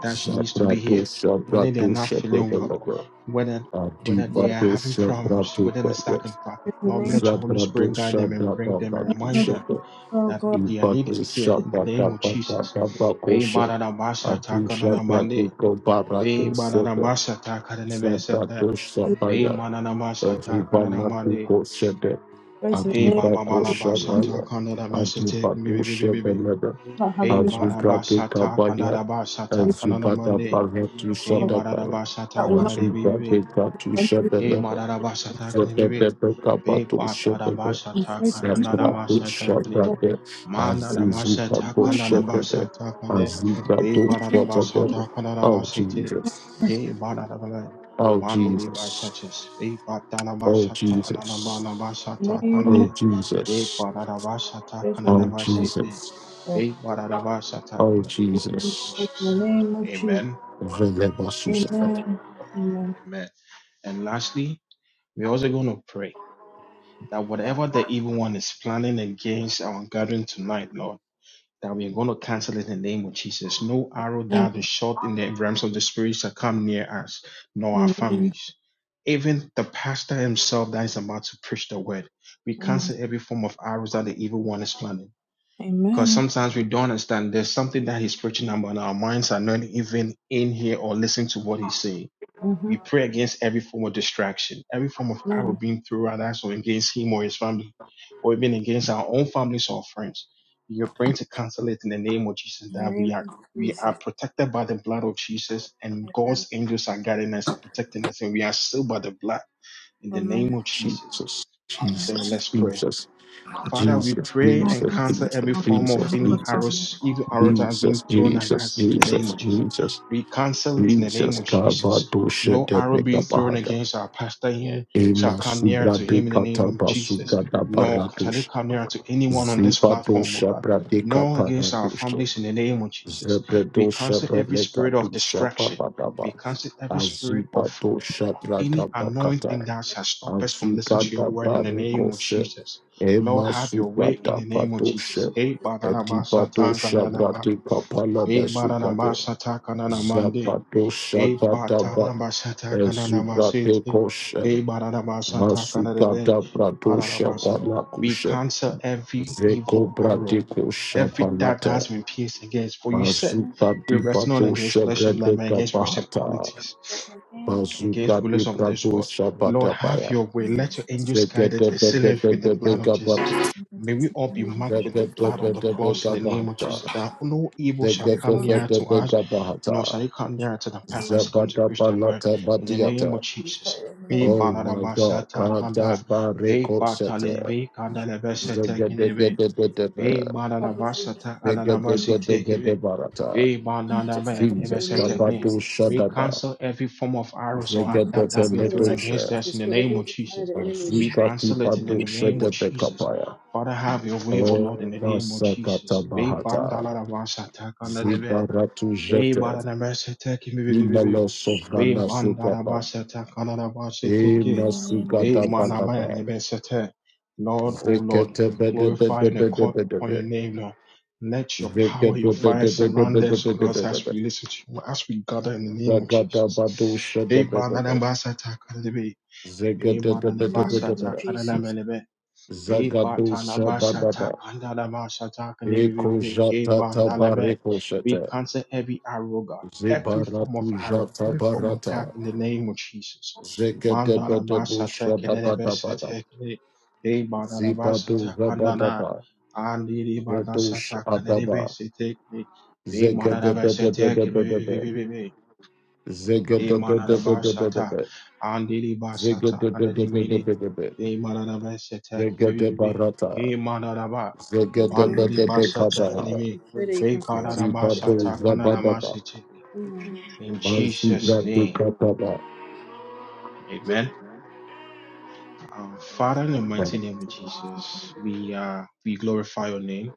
Speaker 3: that needs to be here, whether they are not feeling well?
Speaker 1: Zabradoshabratushabebelebe.
Speaker 3: whether whether they are having problems, whether they're
Speaker 1: Adibadoshabradibelebe.
Speaker 3: stuck in traffic.
Speaker 2: is your
Speaker 3: Lord,
Speaker 2: name,
Speaker 3: let your Holy Spirit guide them and bring them and
Speaker 2: in the name
Speaker 3: remind
Speaker 2: of
Speaker 3: them
Speaker 2: Jesus,
Speaker 1: Zabradoshabradabakushebe.
Speaker 2: oh
Speaker 3: that
Speaker 2: God.
Speaker 3: they are needed here
Speaker 2: We
Speaker 3: in the
Speaker 2: pray
Speaker 3: name of Jesus. Be
Speaker 1: Ibadoshabradabadabakushebe.
Speaker 3: baradabasa
Speaker 2: for us
Speaker 3: takanadamande. Be
Speaker 1: Adushabradikobaradosebe.
Speaker 3: baradabasa takananemesete.
Speaker 2: to
Speaker 3: Be
Speaker 1: Zabradoshabaya.
Speaker 3: mananamasa takanadamande.
Speaker 1: Ribalapiko Shede,
Speaker 2: grace in the
Speaker 3: Hey
Speaker 2: name of
Speaker 1: Adibako
Speaker 2: Jesus. We
Speaker 3: babamalabasa
Speaker 2: do
Speaker 1: Shabaya,
Speaker 3: takanadamesete. Be
Speaker 1: Adibako
Speaker 3: be be be be
Speaker 1: Shebelebe,
Speaker 2: not have
Speaker 3: be.
Speaker 2: any
Speaker 1: Azubade
Speaker 3: baranabasa
Speaker 1: Kabaya,
Speaker 3: takananabasa
Speaker 2: place
Speaker 1: Azubada
Speaker 3: takananamande.
Speaker 1: Baratu
Speaker 3: Hey
Speaker 1: Shadabaya,
Speaker 3: baranabasa
Speaker 2: that will not
Speaker 3: takanade Be baradabasa takanadabasa takanadamande. Be baradabasa takanadabe.
Speaker 1: Azubade Katu
Speaker 3: Hey,
Speaker 1: Shebelebe,
Speaker 3: Madarabasata,
Speaker 1: Zebebebe
Speaker 3: Be be Be
Speaker 1: Kabato
Speaker 3: Be Be Be
Speaker 1: Shebebe,
Speaker 3: basha
Speaker 2: be faithful
Speaker 3: taka anada
Speaker 2: name
Speaker 1: Zebrado
Speaker 3: basha takli.
Speaker 2: of
Speaker 1: Shabade,
Speaker 3: Mana da basha
Speaker 2: the
Speaker 3: taka
Speaker 1: Azizubado
Speaker 2: name
Speaker 3: anada basha
Speaker 1: Shebebe,
Speaker 3: takande. Be
Speaker 1: Azizubado
Speaker 3: bada da basha
Speaker 1: Shebebe.
Speaker 3: taka anada
Speaker 1: Oh
Speaker 3: basha te.
Speaker 1: Jesus,
Speaker 3: Be bada da bala.
Speaker 1: oh
Speaker 3: Mandi li basha
Speaker 1: Jesus,
Speaker 3: ches. Be bapta da
Speaker 1: oh
Speaker 3: basha taka anada
Speaker 1: Jesus.
Speaker 3: bala basha
Speaker 1: Oh
Speaker 2: of
Speaker 3: takande. Be
Speaker 1: Jesus.
Speaker 3: bada da basha taka anada
Speaker 1: Oh
Speaker 2: faithful name
Speaker 3: basha te.
Speaker 1: Jesus.
Speaker 2: of
Speaker 3: Be bada da basha
Speaker 1: Oh
Speaker 3: takne.
Speaker 1: Jesus.
Speaker 2: faithful
Speaker 3: Jesus.
Speaker 2: name of Jesus.
Speaker 3: Amen.
Speaker 1: Velebasusa.
Speaker 2: Amen. Amen.
Speaker 3: Amen. And lastly, we're also going to pray that whatever the evil one is planning against our gathering tonight, Lord. that we are going to cancel it in the name of Jesus. No arrow
Speaker 2: Amen.
Speaker 3: that is shot in the realms of the spirit shall come near us, nor our
Speaker 2: Amen.
Speaker 3: families. Even the pastor himself that is about to preach the word. We
Speaker 2: Mm.
Speaker 3: cancel every form of arrows that the evil one is planning. Because
Speaker 2: Amen.
Speaker 3: sometimes we don't understand there's something that he's preaching about, and our minds are not even in here or listening to what he's saying.
Speaker 2: Mm-hmm.
Speaker 3: We pray against every form of distraction, every form of power
Speaker 2: Amen.
Speaker 3: being through our eyes or against him or his family, or even against our own families or friends. We are praying to cancel it in the name of Jesus
Speaker 2: In the
Speaker 3: that we are
Speaker 2: name of
Speaker 3: we are
Speaker 2: Jesus.
Speaker 3: protected by the blood of Jesus and
Speaker 2: Amen.
Speaker 3: God's angels are guiding us and protecting us and we are sealed by the blood in the name
Speaker 2: Amen.
Speaker 3: of Jesus.
Speaker 1: Jesus.
Speaker 3: So
Speaker 1: Jesus.
Speaker 3: let's pray.
Speaker 1: Jesus.
Speaker 3: Father, we
Speaker 1: Jesus. Jesus.
Speaker 3: pray
Speaker 2: Lord,
Speaker 3: and cancel
Speaker 1: Jesus.
Speaker 3: every form of
Speaker 1: Jesus. Jesus.
Speaker 2: help
Speaker 3: any
Speaker 2: us,
Speaker 1: Jesus.
Speaker 2: Father.
Speaker 3: arrows, evil arrows that have been
Speaker 1: Jesus.
Speaker 3: thrown at us in the name
Speaker 1: Jesus.
Speaker 3: of Jesus.
Speaker 1: Jesus.
Speaker 3: We cancel it in the name
Speaker 1: Jesus.
Speaker 3: of Jesus.
Speaker 1: Kavadoshe
Speaker 3: No
Speaker 1: de
Speaker 3: arrow being thrown
Speaker 1: Begabahada.
Speaker 3: against our pastor here shall
Speaker 1: Ema
Speaker 3: come near
Speaker 1: subra
Speaker 3: to
Speaker 1: de
Speaker 3: him in the name of Jesus.
Speaker 1: katabasuga da
Speaker 3: Nor shall it
Speaker 1: baradush.
Speaker 3: come near to anyone on this platform, oh
Speaker 1: Zibadosha
Speaker 3: God.
Speaker 1: bradeka
Speaker 3: Nor against our
Speaker 1: paradush.
Speaker 3: families in the name of Jesus. We
Speaker 1: Zebedo
Speaker 3: cancel every
Speaker 1: Shabaleka
Speaker 3: spirit
Speaker 1: to
Speaker 3: of distraction.
Speaker 1: Shapabadaba.
Speaker 3: We cancel every spirit of
Speaker 1: Azibato
Speaker 3: any
Speaker 1: Shabradaba
Speaker 3: anointing
Speaker 1: Kata.
Speaker 3: that shall stop us from listening to your
Speaker 1: Azugada
Speaker 3: word in the name of
Speaker 1: Barikoshe.
Speaker 3: Jesus. Lord,
Speaker 1: Emma
Speaker 3: have your way in the
Speaker 1: Sugada
Speaker 3: name of Jesus.
Speaker 1: Patoshe.
Speaker 3: Hey, Badanama
Speaker 1: Edibato
Speaker 3: Satangandanama.
Speaker 1: Shabrati Kapala
Speaker 3: Hey, Badanama
Speaker 1: Besugade.
Speaker 3: Satakananamande.
Speaker 1: Zabato
Speaker 3: Hey,
Speaker 1: Shabadaba.
Speaker 3: Batanama Satakananama
Speaker 1: Ezugade
Speaker 3: Sete.
Speaker 1: Koshe.
Speaker 3: Hey, Badanama Satakananame.
Speaker 1: Masugada Brato
Speaker 3: Badanama We
Speaker 1: Shabalakushe.
Speaker 3: cancel every evil
Speaker 1: Zeko
Speaker 3: arrow,
Speaker 1: Bradiko
Speaker 3: every dart that has
Speaker 1: Shabalata.
Speaker 3: been pierced against. For you said,
Speaker 1: Mazuka
Speaker 3: we
Speaker 1: di
Speaker 3: wrestle not
Speaker 1: Bato
Speaker 3: against flesh and blood, but
Speaker 1: Shabrebeka
Speaker 3: against
Speaker 1: Bahata.
Speaker 3: principalities
Speaker 2: Praise the name
Speaker 1: Mazuka
Speaker 3: against
Speaker 1: di
Speaker 3: rulers of this
Speaker 1: Brado
Speaker 3: world. Lord, have
Speaker 1: Shabatabaya.
Speaker 3: your way.
Speaker 2: of the
Speaker 3: Let your angels guide us and
Speaker 2: Lord.
Speaker 3: seal us with the blood of
Speaker 1: Zegedebedebedebeka
Speaker 2: Father,
Speaker 3: Jesus.
Speaker 1: Bahata.
Speaker 2: we
Speaker 3: May
Speaker 2: protect
Speaker 3: we
Speaker 2: us
Speaker 3: all
Speaker 2: from
Speaker 3: be
Speaker 2: evil. We
Speaker 3: marked
Speaker 2: shall
Speaker 3: with
Speaker 2: not
Speaker 3: the blood on
Speaker 2: harm.
Speaker 3: the cross
Speaker 1: Zegedebedebeka
Speaker 3: in the name of
Speaker 1: Bahata.
Speaker 3: Jesus, that no evil shall
Speaker 2: Every
Speaker 3: come
Speaker 2: form of
Speaker 3: near to us,
Speaker 1: Zegedebedebeka
Speaker 3: nor shall
Speaker 1: Bahata.
Speaker 3: it come near to the pastors
Speaker 2: evil,
Speaker 3: come to preach the word.
Speaker 1: Zabadabalata
Speaker 3: In the
Speaker 2: Lord,
Speaker 3: name of
Speaker 1: Badiata.
Speaker 2: we pray
Speaker 3: Jesus.
Speaker 2: in the
Speaker 3: Be
Speaker 2: name
Speaker 1: Oh
Speaker 3: banana
Speaker 1: my God. Kada
Speaker 3: kanda, be
Speaker 1: Bareko
Speaker 3: batale,
Speaker 1: Sete.
Speaker 3: be kanda lebe
Speaker 2: of Jesus.
Speaker 3: kinebe,
Speaker 1: Zegedegedebedebe.
Speaker 3: be banana
Speaker 2: Help us to protect
Speaker 3: masata
Speaker 2: us
Speaker 3: alana
Speaker 2: from evil.
Speaker 1: Zegedegedegede Barata.
Speaker 3: Ibanadabe,
Speaker 2: in
Speaker 1: Jesus
Speaker 2: the name of
Speaker 3: Ebesetekne.
Speaker 1: Kabado
Speaker 2: Jesus.
Speaker 3: We
Speaker 1: Shadaba.
Speaker 3: cancel every form of arrows or attack
Speaker 2: Lord,
Speaker 3: that
Speaker 2: Touch his
Speaker 3: have
Speaker 2: head
Speaker 3: been
Speaker 1: Zegedebele
Speaker 2: and never
Speaker 3: thrown
Speaker 2: touch him
Speaker 3: against
Speaker 1: Dosha.
Speaker 3: us in
Speaker 2: Jesus.
Speaker 3: the
Speaker 2: But
Speaker 3: name
Speaker 2: every
Speaker 3: of
Speaker 2: kind of
Speaker 3: Jesus.
Speaker 2: the enemy will
Speaker 3: We
Speaker 2: destroy it in
Speaker 1: Azukati
Speaker 2: the
Speaker 3: cancel it
Speaker 2: name
Speaker 3: in
Speaker 2: of
Speaker 3: the
Speaker 1: Padu
Speaker 3: name
Speaker 2: Jesus.
Speaker 3: of Jesus.
Speaker 1: Shedebekapaya.
Speaker 3: Father, have your way, O Lord, in the name of
Speaker 1: Obasakata
Speaker 3: Jesus.
Speaker 1: Bahata.
Speaker 3: Ibatalaravasatakanadebe.
Speaker 1: Zibaratu
Speaker 3: Ey
Speaker 1: Jete.
Speaker 3: barana mesete ki bi bi bi bi bi.
Speaker 1: Imelo
Speaker 3: Ey
Speaker 1: Sovrana
Speaker 3: mandara
Speaker 1: Sugapa.
Speaker 3: basete kanara basete
Speaker 2: In
Speaker 3: ki.
Speaker 1: Ema
Speaker 2: the name of
Speaker 3: Ey
Speaker 1: Sugada
Speaker 2: Jesus.
Speaker 3: manama ne
Speaker 1: Badaba.
Speaker 3: mesete. Lord, O Lord,
Speaker 1: Zekete
Speaker 3: we glorify and accord upon your
Speaker 1: Bedebedebedebedebe.
Speaker 3: name, Lord. Let your power, your fire surround us, O God, as
Speaker 1: Zegedebedebedebedebedebe.
Speaker 3: we listen to you, as we gather in the name of
Speaker 1: Zagada Badu
Speaker 3: Jesus. Ey barana
Speaker 1: Shedebedebe.
Speaker 3: basete kanara bi. Ey
Speaker 2: In
Speaker 3: barana
Speaker 2: the name of
Speaker 3: basete
Speaker 1: Zegedebedebedebe.
Speaker 3: kanara
Speaker 2: Jesus.
Speaker 3: melebe. Be
Speaker 1: Zagadu
Speaker 3: batala basha ta
Speaker 1: Shabadaba.
Speaker 3: kanda la basha ta kandi be be be
Speaker 1: Eko
Speaker 3: be. He
Speaker 1: Jata
Speaker 3: banda be.
Speaker 1: Tabareko
Speaker 3: We
Speaker 1: Shete.
Speaker 3: cancel every arrow, God, every form of
Speaker 1: Zibaratu
Speaker 3: arrow,
Speaker 1: jata
Speaker 3: every form of doubt
Speaker 1: barata.
Speaker 3: in the name of Jesus. Manda la
Speaker 1: Zegedebedebo
Speaker 3: basha ta kende la basha
Speaker 1: shadabadabada.
Speaker 3: ta kende. He banda la basha
Speaker 1: Zibadu
Speaker 3: ta kanda na.
Speaker 1: zabadaba.
Speaker 3: Andi di banda sha
Speaker 1: Vedosh
Speaker 3: ta be de be
Speaker 1: adaba.
Speaker 3: se Be manda la basha ta kende be be
Speaker 1: Zegedebedebedebedebe.
Speaker 3: be be be. Emanadabashata,
Speaker 1: Zegedebedebedebedebe.
Speaker 3: Andilibashata, Andadimede,
Speaker 1: Zegedebedebedebedebe.
Speaker 3: Emanadabashata, Kibibibi,
Speaker 1: Zegedebarata.
Speaker 3: Emanadaba,
Speaker 2: In the name of Jesus.
Speaker 3: Mandilibashata,
Speaker 2: Lord,
Speaker 1: Zegedebedebekabaha.
Speaker 3: Kilimi,
Speaker 2: We pray that you can cover us and protect us.
Speaker 1: Zibadu
Speaker 3: Bepadadabashata,
Speaker 1: zabadaba.
Speaker 3: Kanadamashite.
Speaker 2: Mm.
Speaker 3: In Jesus'
Speaker 1: Mazibradu
Speaker 3: name,
Speaker 1: kataba.
Speaker 3: amen. Uh, Father, in the mighty name of Jesus, we, uh, we glorify your name.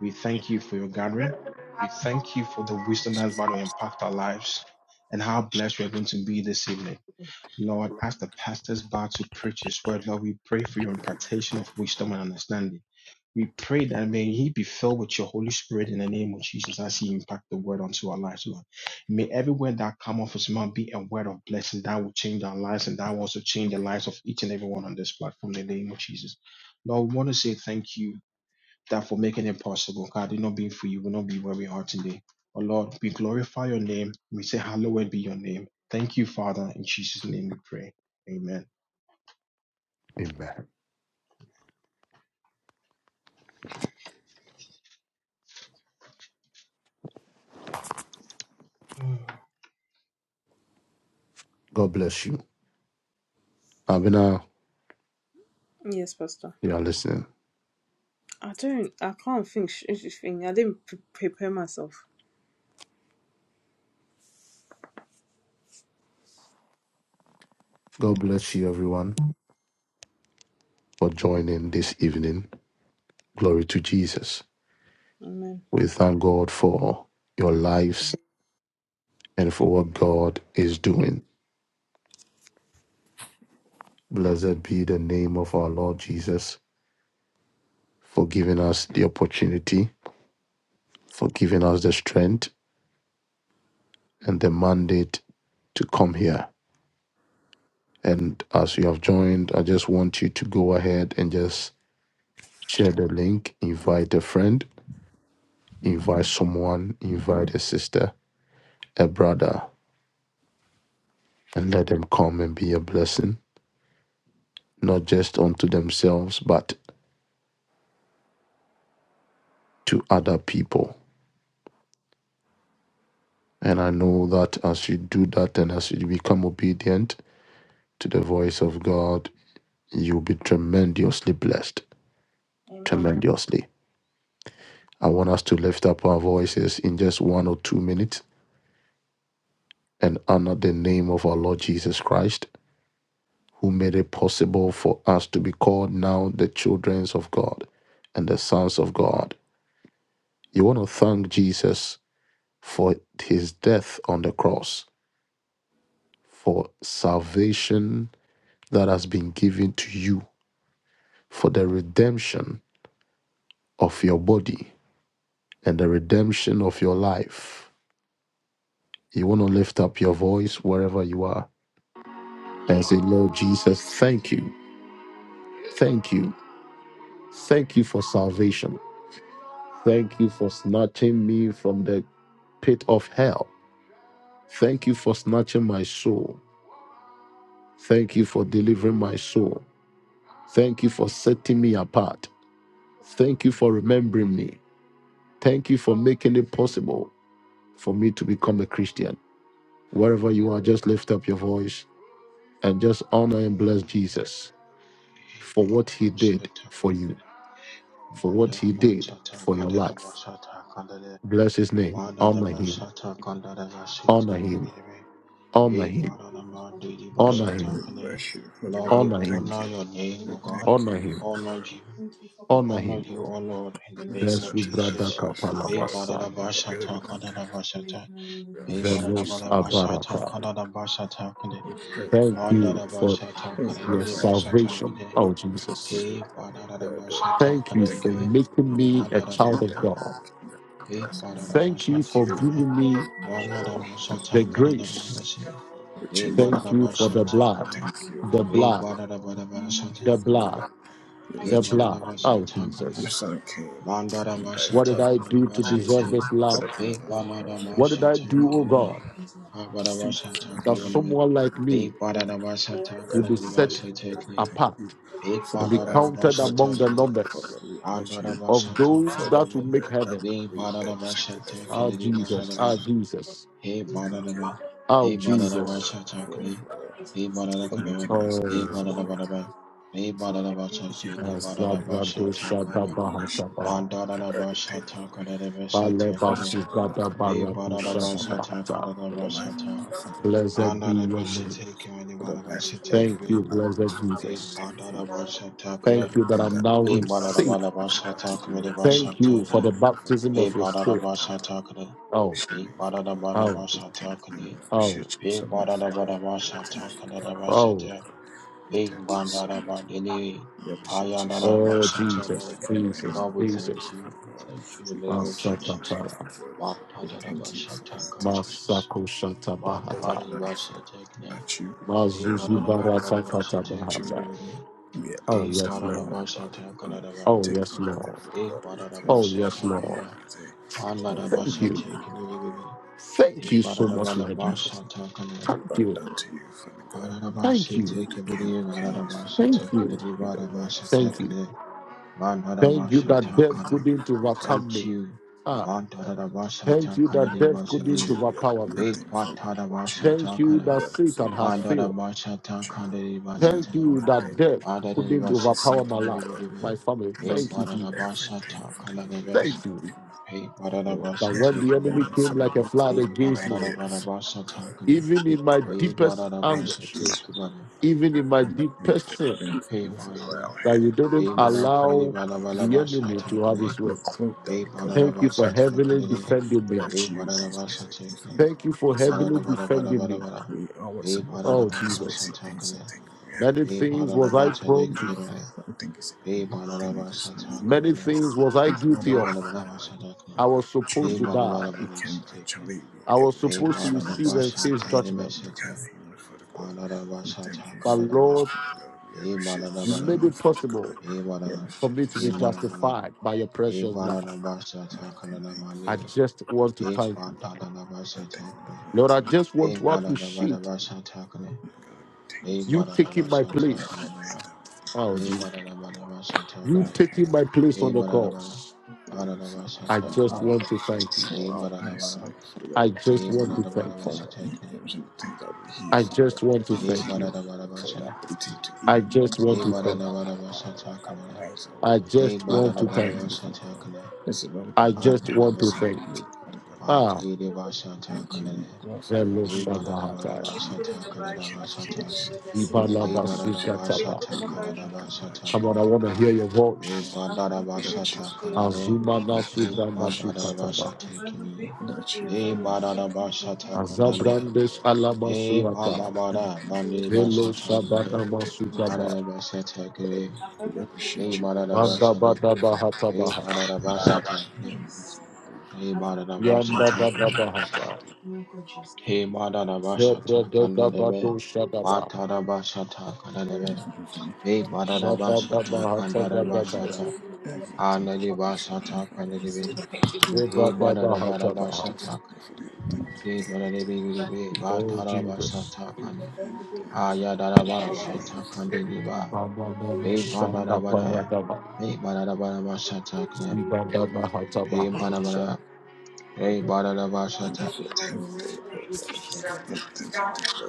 Speaker 3: We thank you for your gathering. We thank you for the wisdom that is about to impact our lives and how blessed we are going to be this evening. Lord, as the pastors bow to preach His word, Lord, we pray for your impartation of wisdom and understanding. We pray that may He be filled with your Holy Spirit in the name of Jesus as He impact the word onto our lives, Lord. May every word that come off His mouth be a word of blessing that will change our lives and that will also change the lives of each and every one on this platform in the name of Jesus. Lord, we want to say thank you that for making it possible. God, it not being for you, will not be where we are today. Oh Lord, we glorify your name. We say, Hallowed be your name. Thank you, Father. In Jesus' name we pray. Amen.
Speaker 1: Amen.
Speaker 3: Oh,
Speaker 1: God bless you. Avina,
Speaker 2: Yes, Pastor.
Speaker 1: you are listening.
Speaker 2: I don't. I can't think. sh- sh- Thing. I didn't pre- prepare myself.
Speaker 1: God bless you, everyone, for joining this evening. Glory to Jesus.
Speaker 2: Amen.
Speaker 1: We thank God for your lives and for what God is doing. Blessed be the name of our Lord Jesus for giving us the opportunity, for giving us the strength and the mandate to come here. And as you have joined, I just want you to go ahead and just share the link, invite a friend, invite someone, invite a sister, a brother, and let them come and be a blessing, not just unto themselves, but to other people. And I know that as you do that and as you become obedient to the voice of God, you'll be tremendously blessed.
Speaker 2: Amen.
Speaker 1: Tremendously. I want us to lift up our voices in just one or two minutes and honor the name of our Lord Jesus Christ, who made it possible for us to be called now the children of God and the sons of God. You want to thank Jesus for his death on the cross, for salvation that has been given to you, for the redemption of your body and the redemption of your life. You want to lift up your voice wherever you are and say, Lord Jesus, thank you, thank you, thank you for salvation. Thank you for snatching me from the pit of hell. Thank you for snatching my soul. Thank you for delivering my soul. Thank you for setting me apart. Thank you for remembering me. Thank you for making it possible for me to become a Christian. Wherever you are, just lift up your voice and just honor and bless Jesus
Speaker 3: hey,
Speaker 1: for what he did for you, for what
Speaker 3: Manda
Speaker 1: he did
Speaker 3: Bachata
Speaker 1: for your
Speaker 3: Kandada
Speaker 1: life.
Speaker 3: Bashata Kandada
Speaker 1: Bless his name.
Speaker 3: Manda da
Speaker 1: Honor him.
Speaker 3: Kandada
Speaker 1: Honor
Speaker 3: Bashiti
Speaker 1: him.
Speaker 3: Kimiri
Speaker 2: Lord,
Speaker 1: Honor
Speaker 3: Hey
Speaker 1: him.
Speaker 2: we
Speaker 3: Barada
Speaker 2: just want
Speaker 3: Mandidi
Speaker 4: Father
Speaker 1: Honor
Speaker 4: God,
Speaker 3: Bashata
Speaker 4: we
Speaker 1: him.
Speaker 3: Kandada
Speaker 4: bless you.
Speaker 2: to
Speaker 4: Father
Speaker 2: thank
Speaker 3: Lord,
Speaker 4: God,
Speaker 2: you
Speaker 3: we
Speaker 4: we
Speaker 1: Honor him.
Speaker 4: thank
Speaker 3: honor
Speaker 4: you.
Speaker 3: your
Speaker 2: in
Speaker 3: name,
Speaker 2: the
Speaker 4: We
Speaker 3: O
Speaker 2: name of
Speaker 3: God.
Speaker 2: Jesus.
Speaker 4: thank
Speaker 1: Honor
Speaker 4: you
Speaker 3: We
Speaker 1: him.
Speaker 3: honor
Speaker 4: for,
Speaker 3: you.
Speaker 2: Thank you for
Speaker 3: We
Speaker 1: Honor
Speaker 3: honor
Speaker 1: him.
Speaker 3: you, O
Speaker 4: for
Speaker 3: Lord, in the
Speaker 4: your
Speaker 2: confirmation.
Speaker 3: name of
Speaker 4: son
Speaker 1: Vesu
Speaker 4: to die
Speaker 1: brada
Speaker 3: Jesus.
Speaker 4: for us, Father
Speaker 1: kapala
Speaker 3: Hey,
Speaker 4: God.
Speaker 1: basanda.
Speaker 4: Father God, we
Speaker 3: Badarabashata,
Speaker 4: don't thank you, Father God.
Speaker 3: Kadadabashata.
Speaker 2: Making
Speaker 4: We
Speaker 2: our
Speaker 3: Hey,
Speaker 2: way
Speaker 4: appreciate you,
Speaker 1: Velos
Speaker 4: Father God.
Speaker 3: Badarabashata,
Speaker 1: abarata.
Speaker 3: Kadadabashata, Kade.
Speaker 4: We praise
Speaker 1: Thank
Speaker 4: your
Speaker 1: you for
Speaker 4: name.
Speaker 3: Mandarabashata,
Speaker 4: We
Speaker 3: Kade,
Speaker 1: your
Speaker 4: glorify your name,
Speaker 3: Vidibashata,
Speaker 4: Father
Speaker 1: salvation.
Speaker 3: Kade.
Speaker 4: God.
Speaker 1: Oh,
Speaker 4: Thank
Speaker 1: Jesus.
Speaker 4: you,
Speaker 3: Hey,
Speaker 2: with
Speaker 4: God. Uh,
Speaker 3: Badarabashata,
Speaker 1: Thank
Speaker 3: Kade,
Speaker 4: we
Speaker 1: you
Speaker 4: thank
Speaker 1: for
Speaker 4: you
Speaker 3: Vibi.
Speaker 4: that
Speaker 1: making
Speaker 4: you
Speaker 1: me a
Speaker 4: came
Speaker 1: child of
Speaker 3: Mandarabashata,
Speaker 4: down,
Speaker 1: God.
Speaker 4: came down for
Speaker 3: Hey,
Speaker 4: us.
Speaker 2: us.
Speaker 1: Thank you
Speaker 4: Thank
Speaker 1: for
Speaker 3: Badarabashata,
Speaker 4: you
Speaker 3: Kade.
Speaker 1: giving me
Speaker 2: name
Speaker 4: for
Speaker 1: the
Speaker 3: Mandarabashata,
Speaker 1: grace.
Speaker 3: Kadadabashata. Hey,
Speaker 4: changing our
Speaker 1: Thank you
Speaker 4: life,
Speaker 1: for
Speaker 3: Badarabashata,
Speaker 1: the
Speaker 4: Father God.
Speaker 1: blood,
Speaker 4: We
Speaker 3: Kade.
Speaker 4: thank you.
Speaker 1: the
Speaker 3: Hey,
Speaker 1: blood,
Speaker 2: of
Speaker 1: the
Speaker 3: Badarabashata,
Speaker 2: Jesus,
Speaker 4: God.
Speaker 1: blood,
Speaker 3: Kade.
Speaker 2: as
Speaker 3: Hey,
Speaker 1: the
Speaker 2: a
Speaker 4: that your,
Speaker 1: blood.
Speaker 2: we
Speaker 4: uh,
Speaker 2: get
Speaker 1: Oh,
Speaker 3: Badarabashata,
Speaker 2: into
Speaker 3: Kade.
Speaker 4: your
Speaker 1: Jesus.
Speaker 4: son came
Speaker 3: Mandara
Speaker 4: and died
Speaker 1: What
Speaker 4: for
Speaker 1: did
Speaker 4: us.
Speaker 3: Mashata
Speaker 1: I do to
Speaker 4: Thank
Speaker 1: deserve
Speaker 4: you
Speaker 3: Kanadamashake,
Speaker 1: this
Speaker 4: for the
Speaker 1: love?
Speaker 4: blood on the
Speaker 3: Papanada
Speaker 4: cross,
Speaker 2: the
Speaker 4: Father
Speaker 1: What did
Speaker 4: God.
Speaker 1: I
Speaker 3: Mashata
Speaker 1: do,
Speaker 4: Thank
Speaker 1: oh
Speaker 4: you.
Speaker 3: Kanade,
Speaker 1: God,
Speaker 2: into my life.
Speaker 4: Thank you so
Speaker 2: So
Speaker 3: Habadabashata
Speaker 4: much
Speaker 1: that
Speaker 2: thank
Speaker 4: for
Speaker 3: Kanabaname,
Speaker 1: someone like me
Speaker 2: you, thank
Speaker 3: Papada
Speaker 2: you,
Speaker 3: Bashata
Speaker 2: guys.
Speaker 1: will be
Speaker 4: every
Speaker 1: set
Speaker 4: day
Speaker 3: Kanadivashe
Speaker 2: I
Speaker 4: together. We
Speaker 2: feel
Speaker 3: Tekne,
Speaker 4: thank
Speaker 1: apart,
Speaker 4: you
Speaker 2: the grace
Speaker 4: for
Speaker 1: will
Speaker 4: the
Speaker 1: be
Speaker 3: Papada
Speaker 2: of
Speaker 4: life
Speaker 1: counted among
Speaker 4: of
Speaker 3: Bashata
Speaker 4: your
Speaker 1: the
Speaker 3: Kane,
Speaker 4: body,
Speaker 1: numbers
Speaker 4: God. We
Speaker 2: your
Speaker 4: bless
Speaker 3: Andara
Speaker 4: you
Speaker 1: of
Speaker 3: Bashata
Speaker 4: for
Speaker 1: those
Speaker 4: the
Speaker 1: that will
Speaker 3: Kanadame,
Speaker 1: make
Speaker 4: air that
Speaker 1: heaven?
Speaker 4: we breathe
Speaker 3: Papada
Speaker 4: every single day,
Speaker 3: Bashata
Speaker 2: faithful.
Speaker 4: for
Speaker 1: Ah,
Speaker 4: God. We
Speaker 3: Kanadiva
Speaker 2: I
Speaker 1: Jesus.
Speaker 4: don't thank
Speaker 1: Ah,
Speaker 4: you.
Speaker 3: Dadaba,
Speaker 2: thank you, God,
Speaker 1: Jesus.
Speaker 3: He
Speaker 2: for your mercy.
Speaker 4: Thank you
Speaker 3: Badadaba,
Speaker 1: Oh,
Speaker 3: He Badada
Speaker 1: Jesus.
Speaker 4: for,
Speaker 2: I
Speaker 3: Bashata
Speaker 4: for,
Speaker 2: thank you
Speaker 3: Kane,
Speaker 4: for,
Speaker 2: for
Speaker 3: He
Speaker 2: protecting
Speaker 3: Badada
Speaker 4: for
Speaker 2: me.
Speaker 3: Kanabam,
Speaker 4: making us
Speaker 3: He
Speaker 4: leave, for
Speaker 3: Badada
Speaker 1: Oh,
Speaker 4: making us,
Speaker 3: Badaba, He
Speaker 4: for,
Speaker 3: Badada
Speaker 2: I thank you
Speaker 3: Bashata,
Speaker 4: for
Speaker 2: for
Speaker 4: giving
Speaker 3: He
Speaker 2: protecting me.
Speaker 4: us our
Speaker 3: Badada
Speaker 4: life, for the
Speaker 1: Azabrado
Speaker 4: God.
Speaker 2: I
Speaker 3: Bashata
Speaker 2: thank
Speaker 4: We bless
Speaker 1: Shadabahata Baha.
Speaker 2: you
Speaker 4: you for everything that
Speaker 3: Bandarabashata
Speaker 4: we Holy
Speaker 3: Kadarebeshetekine,
Speaker 1: Balebasu
Speaker 2: for
Speaker 4: Spirit, Lord, for
Speaker 3: Be
Speaker 1: Gadabaraku
Speaker 4: the bless you
Speaker 3: Badarabashata
Speaker 1: Shadabahata.
Speaker 4: for
Speaker 2: the
Speaker 4: the life of
Speaker 3: Kadarabashata,
Speaker 2: name
Speaker 4: our
Speaker 2: of
Speaker 4: family,
Speaker 2: Jesus.
Speaker 1: Blessed be your name.
Speaker 3: Bandarebesheteke and
Speaker 4: for the life
Speaker 2: Thank
Speaker 4: of all
Speaker 2: you.
Speaker 1: Thank
Speaker 3: Barabeshetekine,
Speaker 1: you,
Speaker 4: family members.
Speaker 1: blessed
Speaker 4: Father,
Speaker 2: Thank
Speaker 4: we
Speaker 3: Be
Speaker 2: you.
Speaker 1: Jesus.
Speaker 4: thank you for
Speaker 1: Thank
Speaker 3: Badarabashatakane,
Speaker 1: you that
Speaker 4: everything
Speaker 1: I'm
Speaker 4: that you
Speaker 1: now
Speaker 4: do
Speaker 3: Be
Speaker 4: for us.
Speaker 1: received.
Speaker 4: and thank you that you
Speaker 3: Badarabalabashata
Speaker 4: do everything
Speaker 1: Thank
Speaker 4: that you
Speaker 1: you
Speaker 4: do.
Speaker 1: for
Speaker 3: Kamedebashatede,
Speaker 1: the
Speaker 4: Father,
Speaker 1: baptism
Speaker 3: Be
Speaker 4: we
Speaker 1: of your
Speaker 4: don't take it for
Speaker 1: spirit.
Speaker 4: granted.
Speaker 3: Badarabashatakane,
Speaker 4: We
Speaker 1: Oh,
Speaker 4: should know
Speaker 3: Be
Speaker 4: you, Father God.
Speaker 1: oh,
Speaker 4: We thank you and
Speaker 3: Badarabashatakane,
Speaker 4: we
Speaker 1: oh,
Speaker 4: appreciate you
Speaker 3: Be
Speaker 4: so much, Father, for everything
Speaker 3: Badarabashata
Speaker 4: that you do for us.
Speaker 1: oh,
Speaker 3: Kadarabashate,
Speaker 4: We
Speaker 3: Be
Speaker 4: thank you so much.
Speaker 3: Bandarabadini,
Speaker 4: We appreciate you so much,
Speaker 1: oh,
Speaker 4: Father God.
Speaker 3: Ayandarabashatele.
Speaker 1: Jesus,
Speaker 4: Let your
Speaker 1: Jesus,
Speaker 4: name
Speaker 3: Lord, we
Speaker 4: be
Speaker 3: thank
Speaker 1: Jesus.
Speaker 4: lifted,
Speaker 3: you.
Speaker 4: Father
Speaker 3: We
Speaker 4: God.
Speaker 3: thank you in
Speaker 4: We
Speaker 3: the name of
Speaker 4: glorify
Speaker 3: Jesus.
Speaker 4: your name, Father
Speaker 1: Masakatara.
Speaker 4: God. We thank you for
Speaker 3: Matadabashata
Speaker 4: everything that
Speaker 3: consciousness.
Speaker 1: Masako
Speaker 4: They
Speaker 1: Shatabahata.
Speaker 4: would not forget
Speaker 3: Matadabashatekne.
Speaker 4: about you. You
Speaker 3: Pay
Speaker 4: know,
Speaker 1: Mazuzu
Speaker 4: nobody for
Speaker 1: Barata
Speaker 4: the God about you.
Speaker 1: Katabahata.
Speaker 3: Badabadabashatekne.
Speaker 4: Yeah,
Speaker 1: Oh,
Speaker 3: Pay
Speaker 1: yes,
Speaker 4: absolutely
Speaker 1: Lord.
Speaker 4: nobody.
Speaker 3: Badabashata
Speaker 4: You don't
Speaker 1: Oh,
Speaker 4: take
Speaker 3: Kanadabadabare.
Speaker 4: a
Speaker 1: yes,
Speaker 4: look at that
Speaker 1: Lord.
Speaker 4: for the
Speaker 3: Pay
Speaker 4: God of your comfort.
Speaker 1: Oh,
Speaker 4: You know,
Speaker 1: yes,
Speaker 3: Badabashata
Speaker 4: not
Speaker 1: Lord.
Speaker 4: am
Speaker 3: Kana.
Speaker 4: anything. so I
Speaker 1: Thank
Speaker 4: am I am
Speaker 1: you.
Speaker 4: really good about me.
Speaker 3: Anadabashatekne.
Speaker 1: Thank
Speaker 3: Pay
Speaker 1: you so
Speaker 4: Much
Speaker 1: much, Lord Jesus.
Speaker 3: Badabadabashata Kana.
Speaker 1: Thank
Speaker 4: bow
Speaker 1: you.
Speaker 4: down to you, from the God.
Speaker 1: Thank you.
Speaker 4: You are the King
Speaker 3: Hadabashatekne.
Speaker 4: of Kings,
Speaker 1: Thank
Speaker 4: Father God.
Speaker 1: you.
Speaker 3: Badabashatakne.
Speaker 4: You the Lord of
Speaker 1: Thank
Speaker 4: Lords.
Speaker 1: you.
Speaker 3: Badabashatekne.
Speaker 1: Thank you
Speaker 4: We can Thank
Speaker 1: that
Speaker 4: you
Speaker 1: death
Speaker 3: Manadabashatakana.
Speaker 1: couldn't
Speaker 4: for being to
Speaker 1: overcome
Speaker 3: Thank
Speaker 1: me.
Speaker 3: you.
Speaker 4: me.
Speaker 1: Ah, thank you that death
Speaker 4: Without
Speaker 3: Bantarabashatakana
Speaker 1: couldn't
Speaker 4: you, we are
Speaker 1: overpower me.
Speaker 4: nothing, Father.
Speaker 3: Vipatada
Speaker 4: Without you,
Speaker 1: Thank you
Speaker 3: Bashatakara,
Speaker 4: we
Speaker 1: that
Speaker 4: are
Speaker 1: Satan
Speaker 4: zero.
Speaker 1: has
Speaker 4: Without
Speaker 3: Padada
Speaker 1: failed.
Speaker 4: you,
Speaker 3: Bashatakandari
Speaker 4: we are
Speaker 1: Thank
Speaker 3: Basate,
Speaker 1: you that
Speaker 4: nothing.
Speaker 1: death
Speaker 3: Padada di
Speaker 1: couldn't
Speaker 4: Under the sun,
Speaker 1: overpower
Speaker 3: Basite,
Speaker 1: my
Speaker 4: Father
Speaker 1: life,
Speaker 4: God.
Speaker 3: Vivivivi,
Speaker 1: my family.
Speaker 4: Thank you
Speaker 1: Thank you,
Speaker 4: for
Speaker 3: Vipada
Speaker 1: Jesus.
Speaker 4: everything, for the
Speaker 3: Bashatakandari
Speaker 4: God.
Speaker 3: Bas,
Speaker 4: Thank
Speaker 1: Thank you
Speaker 4: you
Speaker 3: Vipada
Speaker 4: for
Speaker 1: that when the
Speaker 3: Basite,
Speaker 1: enemy
Speaker 4: everything, for
Speaker 1: came
Speaker 4: the
Speaker 1: like a
Speaker 4: roof
Speaker 1: flood
Speaker 4: over our
Speaker 1: against
Speaker 4: head, Father God.
Speaker 1: me,
Speaker 3: Vipada
Speaker 4: Oh,
Speaker 3: Bashatakane,
Speaker 1: even
Speaker 4: Thank
Speaker 1: in my
Speaker 4: you.
Speaker 1: deepest
Speaker 3: Vipada
Speaker 1: anguish,
Speaker 3: Bashatikabane,
Speaker 1: even in my
Speaker 4: Thank you
Speaker 1: deepest
Speaker 4: for
Speaker 1: sin,
Speaker 4: putting the roof over
Speaker 3: Vipada
Speaker 4: our
Speaker 1: that
Speaker 4: head.
Speaker 1: you
Speaker 4: And
Speaker 1: didn't
Speaker 4: the
Speaker 3: Vipada Kibidi
Speaker 1: allow
Speaker 3: Bada
Speaker 4: food,
Speaker 3: Bada
Speaker 1: the enemy to have
Speaker 3: Bashatakane,
Speaker 1: his way.
Speaker 4: The cloak that we put on
Speaker 3: Vipada
Speaker 1: Thank
Speaker 4: our
Speaker 1: you for
Speaker 4: back.
Speaker 1: heavenly
Speaker 3: Bashatakane,
Speaker 1: defending me.
Speaker 4: Without you,
Speaker 3: Vipada
Speaker 4: these basic things we
Speaker 3: Bashatakane,
Speaker 4: would be
Speaker 1: Thank you for
Speaker 4: possible,
Speaker 3: Bada
Speaker 1: heavenly
Speaker 3: Bada
Speaker 4: Father
Speaker 3: Bada
Speaker 1: defending
Speaker 3: Bada
Speaker 1: me.
Speaker 4: God.
Speaker 3: Bada,
Speaker 4: We always
Speaker 3: Vipada
Speaker 4: overlook
Speaker 1: Oh
Speaker 3: Bada
Speaker 4: these
Speaker 1: Jesus.
Speaker 4: basic things and
Speaker 3: Bashatakane,
Speaker 4: things we have.
Speaker 1: Many
Speaker 4: We,
Speaker 3: Be
Speaker 1: things was
Speaker 3: Madalaba
Speaker 1: I
Speaker 4: like,
Speaker 1: prone to.
Speaker 3: Tadekimene,
Speaker 4: I think it's
Speaker 3: Be
Speaker 4: everything we
Speaker 3: Madalaba
Speaker 4: just know, God.
Speaker 1: Many
Speaker 3: Satakane,
Speaker 1: things was I
Speaker 4: Because I don't
Speaker 1: guilty
Speaker 3: Be
Speaker 1: of.
Speaker 4: have it
Speaker 3: Madalaba
Speaker 4: like that.
Speaker 3: Satakane,
Speaker 1: I
Speaker 4: Like
Speaker 1: was
Speaker 4: a
Speaker 1: supposed
Speaker 3: Be
Speaker 4: two,
Speaker 1: to die.
Speaker 4: you
Speaker 3: Madalaba
Speaker 4: can
Speaker 3: Sitake,
Speaker 4: actually
Speaker 1: I
Speaker 4: be
Speaker 1: was
Speaker 4: able to
Speaker 3: Be
Speaker 1: supposed to
Speaker 4: experience
Speaker 1: receive
Speaker 3: Madalaba
Speaker 1: and
Speaker 4: this
Speaker 1: face
Speaker 4: thing. We
Speaker 1: judgment.
Speaker 4: have
Speaker 3: Satadimesete,
Speaker 4: human for the God.
Speaker 3: Madalaba
Speaker 4: We thank you
Speaker 1: But
Speaker 4: so much
Speaker 3: Satakadaba,
Speaker 1: Lord,
Speaker 4: for the God. We
Speaker 3: Be
Speaker 4: appreciate you
Speaker 1: you
Speaker 4: so
Speaker 1: made
Speaker 3: Madalaba,
Speaker 4: much
Speaker 1: it
Speaker 4: for the God.
Speaker 1: possible
Speaker 3: Be
Speaker 4: We
Speaker 3: Madalaba,
Speaker 1: for
Speaker 4: appreciate
Speaker 1: me
Speaker 4: you
Speaker 1: to
Speaker 3: Be
Speaker 1: be
Speaker 4: so much for
Speaker 3: Madalaba,
Speaker 1: justified by your
Speaker 3: Be
Speaker 1: precious blood.
Speaker 3: Madalaba
Speaker 4: the God. We Thank you
Speaker 1: I
Speaker 3: Satakanabali,
Speaker 4: for
Speaker 1: just want to
Speaker 3: Be
Speaker 1: thank you.
Speaker 3: Padadaba
Speaker 4: the thing in
Speaker 3: Satake,
Speaker 4: the
Speaker 1: Lord,
Speaker 4: words
Speaker 1: I
Speaker 4: and the God.
Speaker 1: just
Speaker 3: Be
Speaker 1: want to appreciate
Speaker 3: Madalaba Satakane,
Speaker 4: We thank
Speaker 3: Be
Speaker 1: You
Speaker 4: you.
Speaker 1: taking
Speaker 3: Madalaba
Speaker 1: my place.
Speaker 4: Everything
Speaker 3: Satakanaba,
Speaker 4: that we
Speaker 1: Oh,
Speaker 3: Be
Speaker 1: gee.
Speaker 3: Madalaba
Speaker 1: You
Speaker 4: found
Speaker 3: Satakane,
Speaker 4: here.
Speaker 1: taking my place
Speaker 3: Hey,
Speaker 1: on the
Speaker 3: Marabara,
Speaker 1: cross.
Speaker 4: Father,
Speaker 3: Arabara
Speaker 4: my
Speaker 1: I
Speaker 4: from
Speaker 1: just
Speaker 3: Shatakne,
Speaker 4: um
Speaker 1: want to thank you.
Speaker 4: for
Speaker 3: Hey,
Speaker 4: our
Speaker 3: Marabara,
Speaker 4: eyesight, Father God,
Speaker 1: I
Speaker 4: we
Speaker 1: just
Speaker 3: Hey,
Speaker 4: thank
Speaker 1: want to
Speaker 4: you
Speaker 1: thank
Speaker 3: Marabara
Speaker 4: for
Speaker 1: you.
Speaker 4: our
Speaker 3: Shatakne,
Speaker 4: ears and the things that we hear,
Speaker 1: I
Speaker 4: Father God,
Speaker 1: just want
Speaker 4: we
Speaker 1: to
Speaker 3: Hey,
Speaker 4: thank
Speaker 1: thank
Speaker 4: you
Speaker 1: you.
Speaker 3: Marabara
Speaker 4: for the
Speaker 3: Shane,
Speaker 4: ability to
Speaker 1: I
Speaker 4: even
Speaker 1: just
Speaker 4: move
Speaker 1: want
Speaker 3: Hey,
Speaker 1: to
Speaker 4: for
Speaker 1: thank you.
Speaker 4: our, our,
Speaker 3: Marabara
Speaker 4: like our
Speaker 3: Shatakne,
Speaker 4: legs,
Speaker 1: I
Speaker 3: Hey,
Speaker 1: just
Speaker 4: our
Speaker 1: want
Speaker 4: our
Speaker 1: to
Speaker 4: our
Speaker 1: thank
Speaker 3: Marabara
Speaker 4: hands,
Speaker 1: you.
Speaker 4: Father God.
Speaker 3: Shatakne,
Speaker 4: There's a lot of
Speaker 1: I
Speaker 4: people who
Speaker 1: just
Speaker 4: have
Speaker 1: want to
Speaker 4: this
Speaker 3: Adanabara,
Speaker 1: thank
Speaker 4: ability,
Speaker 1: you.
Speaker 4: Father God, we
Speaker 1: Ah,
Speaker 4: just
Speaker 3: Pati
Speaker 2: Thank
Speaker 3: Deva
Speaker 2: you. Thank
Speaker 4: thank
Speaker 2: you. Thank
Speaker 4: you,
Speaker 2: you.
Speaker 4: we
Speaker 3: Shatakne,
Speaker 4: glorify
Speaker 1: Velo
Speaker 4: your
Speaker 3: Hey,
Speaker 4: name, we bow
Speaker 3: Marabara
Speaker 4: down
Speaker 1: Shabahataya.
Speaker 4: to
Speaker 2: Thank
Speaker 4: you
Speaker 2: you. Thank
Speaker 4: for
Speaker 3: Shatakne,
Speaker 4: the
Speaker 2: you.
Speaker 4: King of
Speaker 2: Thank
Speaker 4: Kings,
Speaker 3: Shatakne,
Speaker 2: you. Thank you.
Speaker 4: Lord
Speaker 3: Hey,
Speaker 1: Ibalaba
Speaker 4: of Lords.
Speaker 3: Marabara
Speaker 2: We are
Speaker 1: Sukataba.
Speaker 2: good
Speaker 4: We
Speaker 3: Shatakne,
Speaker 4: are
Speaker 2: and virgin.
Speaker 4: nothing without
Speaker 1: Come
Speaker 4: you.
Speaker 1: on, I
Speaker 3: Shatakne,
Speaker 1: want
Speaker 4: We are
Speaker 1: to hear your
Speaker 3: Hey,
Speaker 4: nothing
Speaker 1: voice.
Speaker 2: I'm forever
Speaker 3: Marabara
Speaker 4: without you,
Speaker 2: grateful for your
Speaker 4: Father
Speaker 2: holy
Speaker 3: Shatakne,
Speaker 4: God. We are
Speaker 2: name.
Speaker 1: Azumana
Speaker 3: Hey,
Speaker 4: nothing
Speaker 1: Subrana
Speaker 4: without you.
Speaker 3: Marabara
Speaker 4: We are
Speaker 1: Sukataba.
Speaker 2: I'm
Speaker 4: nothing
Speaker 2: forever
Speaker 3: Shatakne,
Speaker 2: grateful for
Speaker 4: without you,
Speaker 2: your
Speaker 3: Hey,
Speaker 2: holy
Speaker 4: Father God. We are
Speaker 2: name.
Speaker 4: you,
Speaker 2: In
Speaker 4: Father God.
Speaker 3: Marabara
Speaker 2: the name of
Speaker 3: Shatakne,
Speaker 1: Azabrandesh
Speaker 4: We're thankful
Speaker 1: Alama
Speaker 3: Hey, ba
Speaker 1: Suata.
Speaker 3: ba
Speaker 4: for
Speaker 3: ba da,
Speaker 4: everything you
Speaker 2: the
Speaker 3: bandi
Speaker 4: do
Speaker 2: living
Speaker 3: ba
Speaker 4: for
Speaker 1: Velo
Speaker 3: sa
Speaker 4: us.
Speaker 3: ta
Speaker 4: We
Speaker 3: kne,
Speaker 1: Shabada
Speaker 4: never take,
Speaker 2: God,
Speaker 3: ba
Speaker 4: take
Speaker 3: da
Speaker 4: it for
Speaker 1: Masukaba,
Speaker 3: da ba sa ta kne,
Speaker 2: I'm
Speaker 4: granted. We
Speaker 2: forever
Speaker 3: hey
Speaker 2: grateful
Speaker 4: appreciate you
Speaker 3: ba
Speaker 2: for
Speaker 3: da
Speaker 2: your
Speaker 3: da
Speaker 4: every
Speaker 3: ba
Speaker 1: Manda
Speaker 3: sa da,
Speaker 1: Bada Bahata
Speaker 3: hey
Speaker 1: Baha,
Speaker 3: ba da da ba sa ta kne,
Speaker 2: grace.
Speaker 3: hey
Speaker 2: I'm
Speaker 3: ba da da
Speaker 2: forever
Speaker 3: ba
Speaker 2: grateful
Speaker 3: sa
Speaker 1: Yanda
Speaker 3: ta
Speaker 1: Bada Bahata,
Speaker 2: for your God, Jesus.
Speaker 3: hey ba da da ba sa
Speaker 1: Zebra
Speaker 3: ta
Speaker 1: de
Speaker 3: kanda
Speaker 1: Gabado
Speaker 2: I'm
Speaker 3: ba
Speaker 1: Shadaba,
Speaker 3: ta da ba sa ta kanda
Speaker 4: single thing,
Speaker 3: hey ba da da ba sa
Speaker 1: Zabada
Speaker 4: Father God.
Speaker 1: Bahata
Speaker 3: da
Speaker 4: We are
Speaker 3: ba
Speaker 4: thankful
Speaker 1: Gadabaya,
Speaker 3: ta,
Speaker 4: for everything
Speaker 3: anda
Speaker 4: that
Speaker 3: di
Speaker 4: you do
Speaker 3: ba sa
Speaker 4: for me,
Speaker 3: ta
Speaker 4: Father
Speaker 3: kanda
Speaker 4: God.
Speaker 3: di
Speaker 4: We
Speaker 2: so
Speaker 3: be,
Speaker 4: thank you
Speaker 2: protected.
Speaker 4: for
Speaker 2: I'm forever grateful
Speaker 4: everything that you do
Speaker 2: to you.
Speaker 4: for me,
Speaker 3: hey ba
Speaker 1: Zebada
Speaker 3: da da ba da
Speaker 4: Father God.
Speaker 1: Bahata
Speaker 4: We
Speaker 3: ba
Speaker 4: thank
Speaker 3: sa
Speaker 1: Baha.
Speaker 3: ta
Speaker 4: you
Speaker 3: kne, hey
Speaker 4: for
Speaker 3: ba
Speaker 4: everything.
Speaker 3: da di
Speaker 4: that
Speaker 2: Father.
Speaker 4: you do
Speaker 3: ba
Speaker 4: for
Speaker 1: Oh
Speaker 3: ta da ba sa
Speaker 1: Jesus,
Speaker 2: I'm forever
Speaker 4: everything.
Speaker 2: grateful
Speaker 3: ha
Speaker 2: to
Speaker 3: ya da da ba sa ta
Speaker 1: Pamama
Speaker 2: you,
Speaker 3: Hey,
Speaker 2: Holy
Speaker 3: bada
Speaker 2: Father.
Speaker 3: da
Speaker 1: Shanda
Speaker 3: bada.
Speaker 1: Paradaba,
Speaker 3: Hey, bada da bada
Speaker 2: I'm
Speaker 3: bashata.
Speaker 2: forever grateful to
Speaker 3: kne.
Speaker 2: you, Holy
Speaker 1: Zibada Bahata
Speaker 2: Father.
Speaker 3: Hey,
Speaker 1: Baha,
Speaker 3: bada bada.
Speaker 2: I'm
Speaker 3: Hey,
Speaker 2: forever
Speaker 3: bada da bashata.
Speaker 4: Just
Speaker 2: grateful for the name of Jesus, Lord.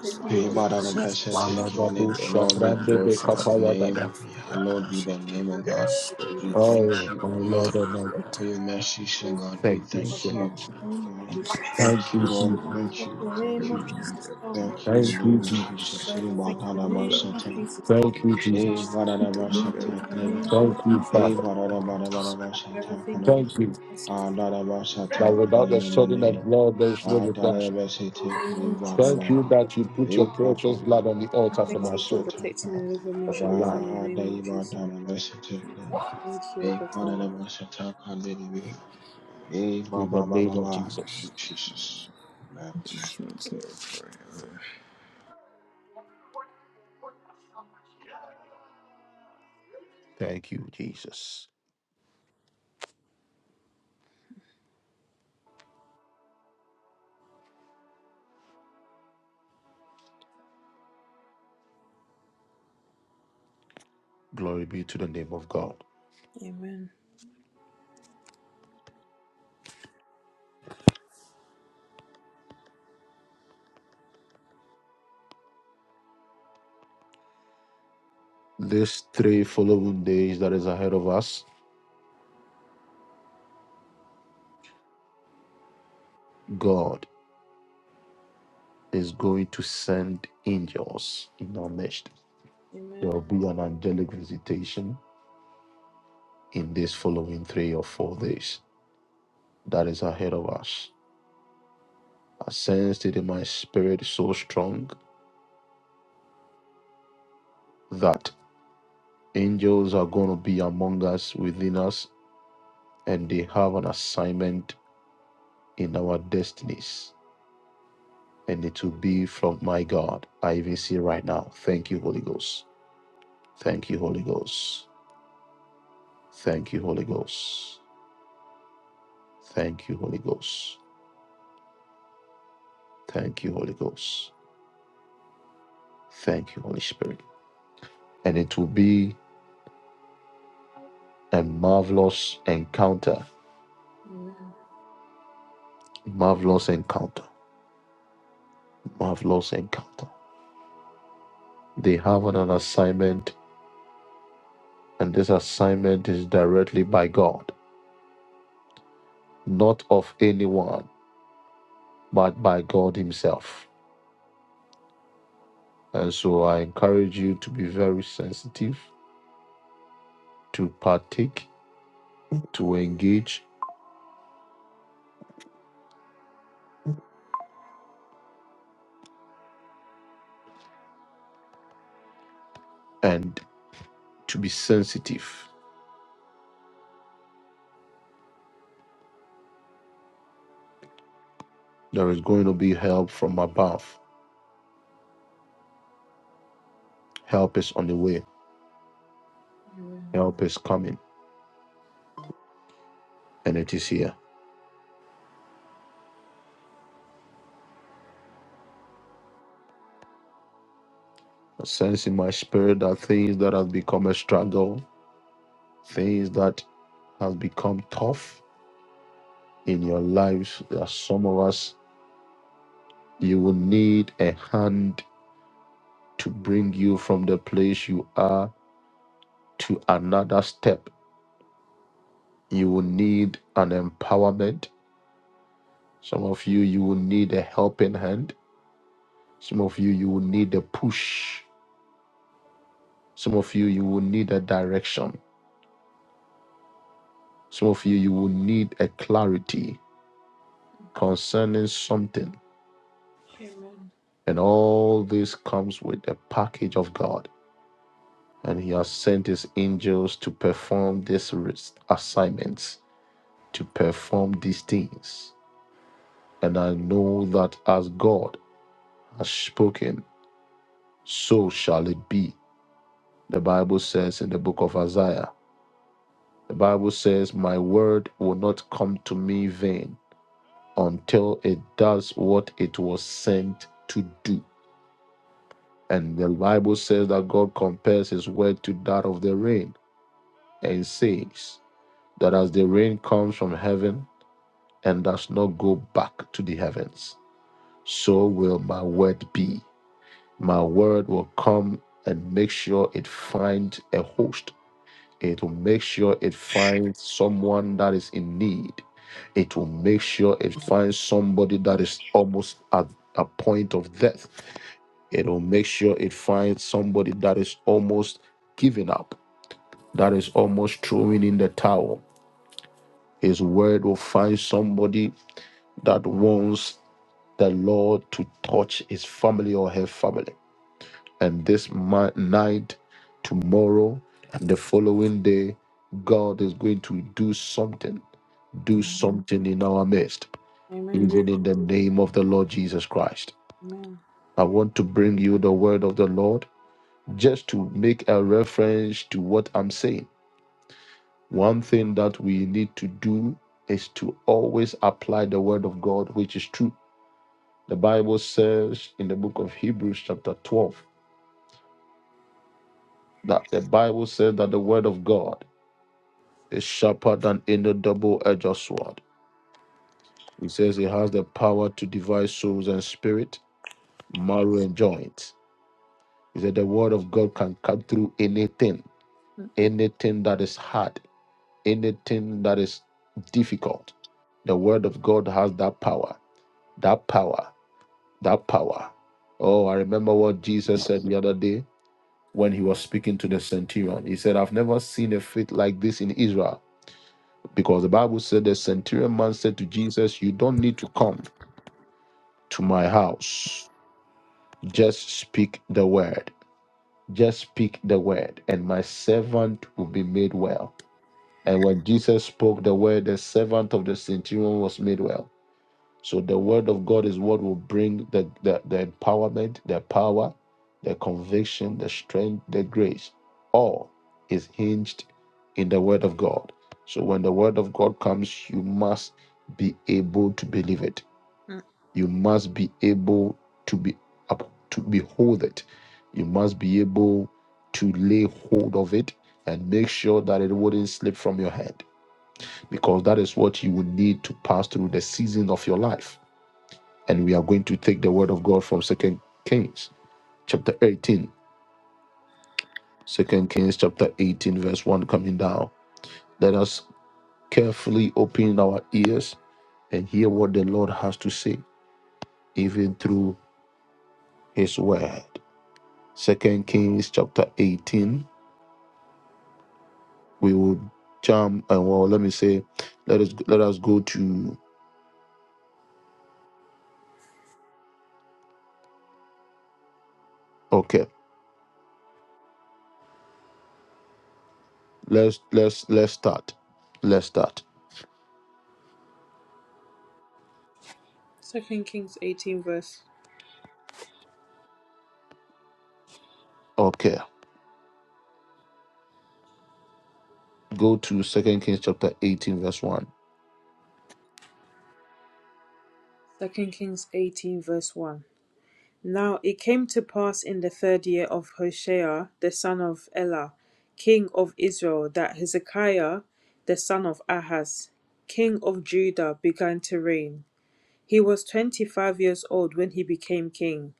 Speaker 2: Thank you
Speaker 3: Hey,
Speaker 2: that you're
Speaker 3: bada da bashata. shata. Give me it.
Speaker 1: Balabado
Speaker 2: protected.
Speaker 3: Lord, we
Speaker 1: Shabrande
Speaker 3: glorify your name.
Speaker 1: Bekapayadaba.
Speaker 3: We hallowed be the
Speaker 2: And
Speaker 3: name, O
Speaker 2: Father, we
Speaker 3: God.
Speaker 2: pray that you
Speaker 3: We
Speaker 2: protect
Speaker 1: Oh,
Speaker 3: thank you,
Speaker 1: my
Speaker 2: the Eucharistic
Speaker 3: O
Speaker 2: name of
Speaker 1: Lord
Speaker 3: Lord,
Speaker 1: and
Speaker 2: Jesus.
Speaker 1: my God,
Speaker 3: for your mercy, O
Speaker 2: Father,
Speaker 3: God.
Speaker 2: thank
Speaker 3: We
Speaker 1: thank you
Speaker 2: you, God,
Speaker 3: thank
Speaker 1: so
Speaker 3: you
Speaker 1: much.
Speaker 2: the name of
Speaker 3: for.
Speaker 2: Jesus.
Speaker 1: Thank
Speaker 3: Thank you,
Speaker 1: you,
Speaker 3: Lord.
Speaker 2: Father,
Speaker 1: Jesus.
Speaker 3: Thank
Speaker 2: thank you,
Speaker 3: you.
Speaker 2: in the
Speaker 3: Thank
Speaker 2: name of
Speaker 3: you.
Speaker 2: Jesus, oh God.
Speaker 3: Thank you in the
Speaker 1: Thank you,
Speaker 3: name of
Speaker 1: Jesus.
Speaker 3: Jesus. Hey,
Speaker 2: Father, thank
Speaker 3: bada da
Speaker 2: the name
Speaker 3: bashata.
Speaker 2: of Jesus, oh
Speaker 1: Thank you,
Speaker 2: God.
Speaker 3: Hey,
Speaker 1: Jesus.
Speaker 3: bada da bashata.
Speaker 2: Thank you, the
Speaker 3: kne.
Speaker 2: name of
Speaker 1: Thank you,
Speaker 3: Hey,
Speaker 1: Father.
Speaker 3: bada
Speaker 2: God.
Speaker 3: da bada bada
Speaker 2: I forever
Speaker 3: bashata.
Speaker 2: thank
Speaker 3: shata
Speaker 2: you,
Speaker 1: Thank you
Speaker 3: Ah, Dadaba Shata,
Speaker 1: that without the shedding of
Speaker 3: Kadanamane,
Speaker 1: blood, there is no
Speaker 3: Ah,
Speaker 1: redemption.
Speaker 3: Dadaba
Speaker 2: in the
Speaker 3: Shate,
Speaker 2: name of Jesus.
Speaker 1: Thank
Speaker 3: Kiribadaba,
Speaker 1: you
Speaker 2: oh
Speaker 1: that you put
Speaker 3: E
Speaker 1: your precious
Speaker 3: Papa
Speaker 1: blood on the
Speaker 3: Papa
Speaker 1: altar for
Speaker 2: Thank
Speaker 3: Padaba
Speaker 1: my
Speaker 2: you for
Speaker 1: soul,
Speaker 2: protecting me and delivering me
Speaker 1: for my
Speaker 2: should be from
Speaker 1: life,
Speaker 2: the
Speaker 3: Ah,
Speaker 2: name of
Speaker 3: Daiba
Speaker 2: Jesus.
Speaker 3: Dadaba Shate,
Speaker 2: Thank you,
Speaker 3: E
Speaker 2: God, Father.
Speaker 3: Padaba Lady, E
Speaker 1: in the
Speaker 3: Baba
Speaker 1: name of
Speaker 3: Mama,
Speaker 1: Jesus.
Speaker 3: Jesus. Amen.
Speaker 4: want to
Speaker 1: Glory be to the name of God.
Speaker 2: Amen.
Speaker 1: These three following days that is ahead of us, God is going to send angels in our midst. There
Speaker 2: Amen.
Speaker 1: will be an angelic visitation in these following three or four days that is ahead of us. I sensed it in my spirit so strong that angels are going to be among us, within us, and they have an assignment in our destinies. And it will be from my God. I even see right now. Thank you, Holy Ghost. Thank you, Holy Ghost. Thank you, Holy Ghost. Thank you, Holy Ghost. Thank you, Holy Ghost. Thank you, Holy Spirit. And it will be a marvelous encounter.
Speaker 2: Amen.
Speaker 1: Marvelous encounter marvelous encounter. They have an assignment, and this assignment is directly by God, not of anyone, but by God Himself. And so I encourage you to be very sensitive, to partake, to engage, and to be sensitive. There is going to be help from above. Help is on the way, help is coming, and it is here. I sense in my spirit that things that have become a struggle, things that have become tough, in your lives. There are some of us, you will need a hand to bring you from the place you are to another step. You will need an empowerment. Some of you, you will need a helping hand. Some of you, you will need a push. Some of you, you will need a direction. Some of you, you will need a clarity concerning something.
Speaker 2: Amen.
Speaker 1: And all this comes with a package of God. and he has sent his angels to perform these assignments, to perform these things. And I know that as God has spoken, so shall it be. The Bible says in the book of Isaiah, the Bible says, My word will not come to me vain until it does what it was sent to do. And the Bible says that God compares his word to that of the rain and says that as the rain comes from heaven and does not go back to the heavens, so will my word be. My word will come and make sure it finds a host. It will make sure it finds someone that is in need. It will make sure it finds somebody that is almost at a point of death. It will make sure it finds somebody that is almost giving up, that is almost throwing in the towel. His word will find somebody that wants the Lord to touch his family or her family. And this mi- night, tomorrow, and the following day, God is going to do something, do
Speaker 2: Amen.
Speaker 1: something in our midst,
Speaker 2: Amen.
Speaker 1: even in the name of the Lord Jesus Christ.
Speaker 2: Amen.
Speaker 1: I want to bring you the word of the Lord just to make a reference to what I'm saying. One thing that we need to do is to always apply the word of God, which is true. The Bible says in the book of Hebrews, chapter 12, that the Bible says that the word of God is sharper than any double-edged sword. He says it has the power to divide souls and spirit, marrow and joints. He said the word of God can cut through anything, anything that is hard, anything that is difficult. The word of God has that power, that power, that power. Oh, I remember what Jesus said the other day when he was speaking to the centurion. He said, I've never seen a faith like this in Israel Because the Bible said the centurion man said to Jesus, You don't need to come to my house. Just speak the word. Just speak the word, and my servant will be made well. And when Jesus spoke the word, the servant of the centurion was made well. So the word of God is what will bring the, the, the empowerment, the power, the conviction, the strength, the grace. All is hinged in the word of God. So when the word of God comes, you must be able to believe it. You must be able to be up to behold it. You must be able to lay hold of it and make sure that it wouldn't slip from your hand. Because that is what you will need to pass through the season of your life and we are going to take the word of God from Second Kings chapter 18, Second Kings chapter 18, verse 1 coming down. Let us carefully open our ears and hear what the Lord has to say, even through his word. Second Kings chapter 18. We will jump and well, let me say, let us let us go to okay. Let's let's let's start. Let's start.
Speaker 2: Second Kings 18 verse
Speaker 1: Okay. Go to Second Kings chapter 18, verse 1.
Speaker 2: Second Kings 18 verse 1. Now it came to pass in the third year of Hoshea the son of Elah, king of Israel, that Hezekiah the son of Ahaz, king of Judah, began to reign. He was 25 years old when he became king,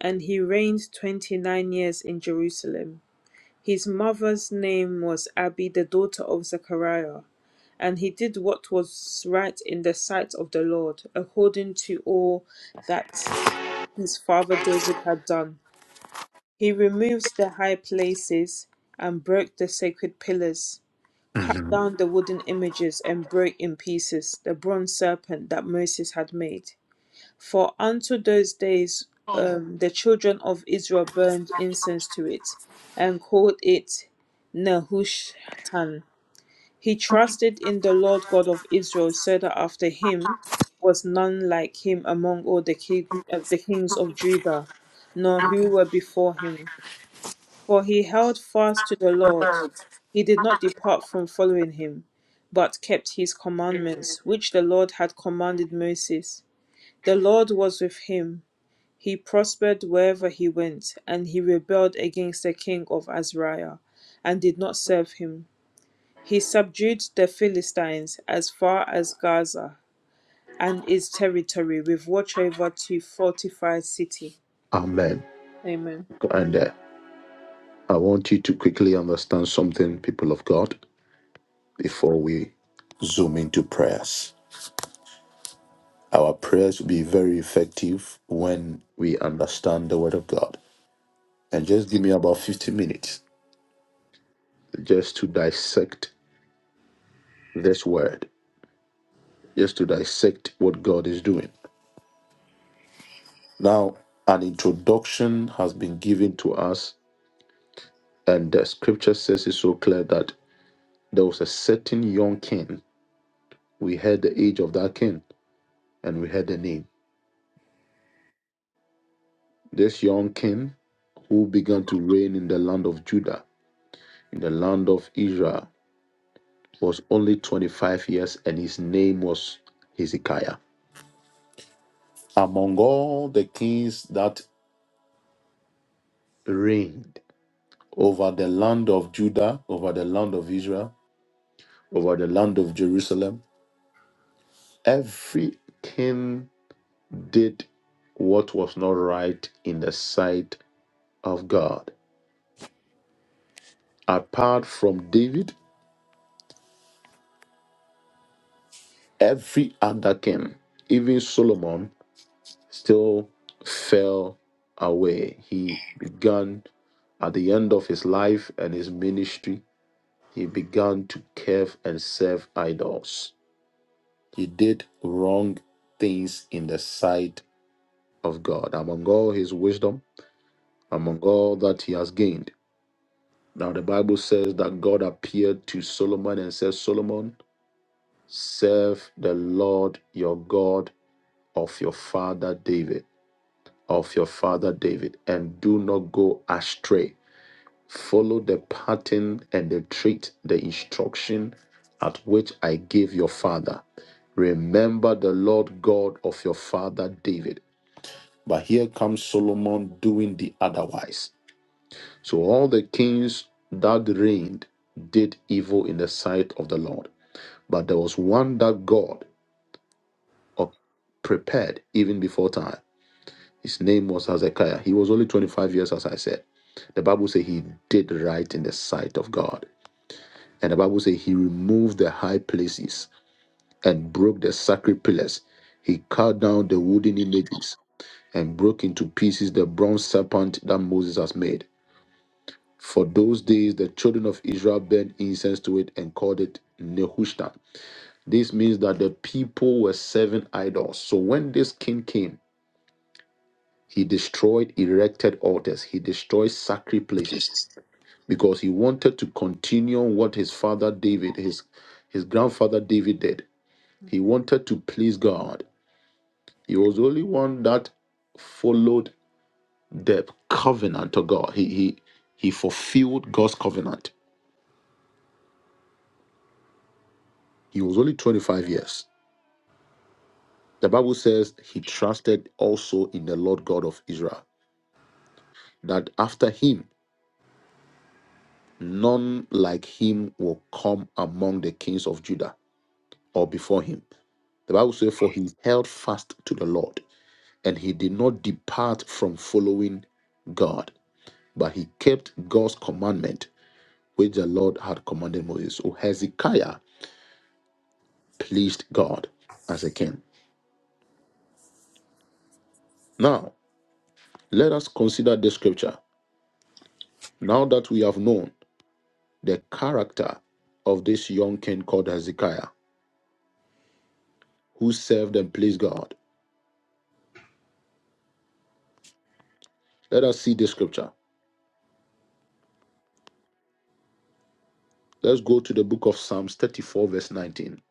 Speaker 2: and he reigned 29 years in Jerusalem. His mother's name was Abi, the daughter of Zechariah, and he did what was right in the sight of the Lord, according to all that his father David had done. He removed the high places and broke the sacred pillars, cut down the wooden images and broke in pieces the bronze serpent that Moses had made. For unto those days um, the children of Israel burned incense to it and called it Nehushtan. He trusted in the Lord God of Israel, so that after him was none like him among all the, king, uh, the kings of Judah, nor who were before him. For he held fast to the Lord, he did not depart from following him, but kept his commandments, which the Lord had commanded Moses. The Lord was with him, he prospered wherever he went, and he rebelled against the king of Azariah, and did not serve him. He subdued the Philistines as far as Gaza and its territory, with watch over to fortify city.
Speaker 1: Amen.
Speaker 2: Amen.
Speaker 1: And there. I want you to quickly understand something, people of God, before we zoom into prayers. Our prayers will be very effective when we understand the Word of God. And just give me about 15 minutes just to dissect this Word, just to dissect what God is doing. Now, an introduction has been given to us, and the scripture says it so clear that there was a certain young king. We heard the age of that king, and we heard the name This young king, who began to reign in the land of Judah, in the land of Israel, was only 25 years and his name was Hezekiah. Among all the kings that reigned over the land of Judah, over the land of Israel, over the land of Jerusalem, every king did what was not right in the sight of God. Apart from David, every other king, even Solomon, still fell away. He began at the end of his life and his ministry, he began to curve and serve idols. He did wrong things in the sight of God. Among all his wisdom, among all that he has gained. Now, the Bible says that God appeared to Solomon and said, Solomon, serve the Lord your God of your father David. of your father David and do not go astray. Follow the pattern and the treat, the instruction at which I gave your father. Remember the Lord God of your father David. But here comes Solomon doing the otherwise. So all the kings that reigned did evil in the sight of the Lord. But there was one that God uh, prepared even before time. His name was Hezekiah. He was only 25 years, as I said. The Bible says he did right in the sight of God. And the Bible says he removed the high places and broke the sacred pillars. He cut down the wooden images and broke into pieces the bronze serpent that Moses has made. For those days, the children of Israel burnt incense to it and called it Nehushtan. This means that the people were serving idols. So when this king came, He destroyed erected altars. He destroyed sacred places because he wanted to continue what his father David, his, his grandfather David did. He wanted to please God. He was the only one that followed the covenant of God. He, he, he fulfilled God's covenant. He was only 25 years. The Bible says he trusted also in the Lord God of Israel, that after him, none like him will come among the kings of Judah. or before him. The Bible says, For he held fast to the Lord, and he did not depart from following God, but he kept God's commandment, which the Lord had commanded Moses. So Hezekiah pleased God as a king. Now, let us consider this scripture. Now that we have known the character of this young king called Hezekiah, who served and pleased God, let us see this scripture. Let's go to the book of Psalms 34, verse 19.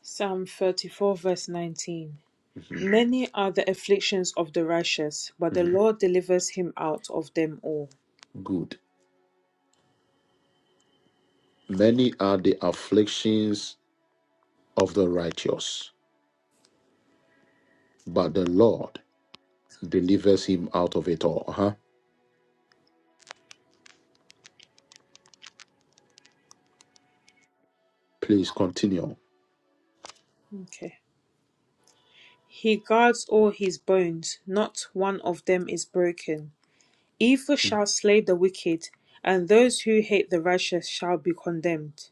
Speaker 2: Psalm 34, verse 19.
Speaker 1: Mhm,
Speaker 2: Many are the afflictions of the righteous, but the
Speaker 1: mhm.
Speaker 2: Lord delivers him out of them all.
Speaker 1: Good. Many are the afflictions of the righteous, but the Lord delivers him out of it all. Uh-huh. Please continue.
Speaker 2: Okay. He guards all his bones, not one of them is broken. Evil shall slay the wicked, and those who hate the righteous shall be condemned.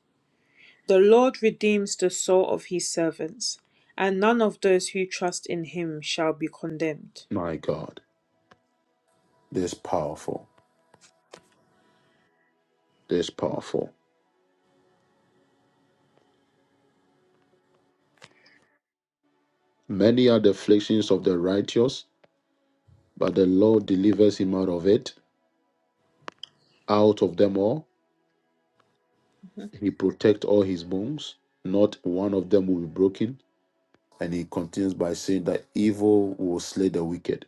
Speaker 2: The Lord redeems the soul of his servants, and none of those who trust in him shall be condemned.
Speaker 1: My God, this is powerful. This is powerful. Many are the afflictions of the righteous, but the Lord delivers him out of it. Out of them all,
Speaker 2: Mhm.
Speaker 1: he protects all his bones. Not one of them will be broken. And he continues by saying that evil will slay the wicked.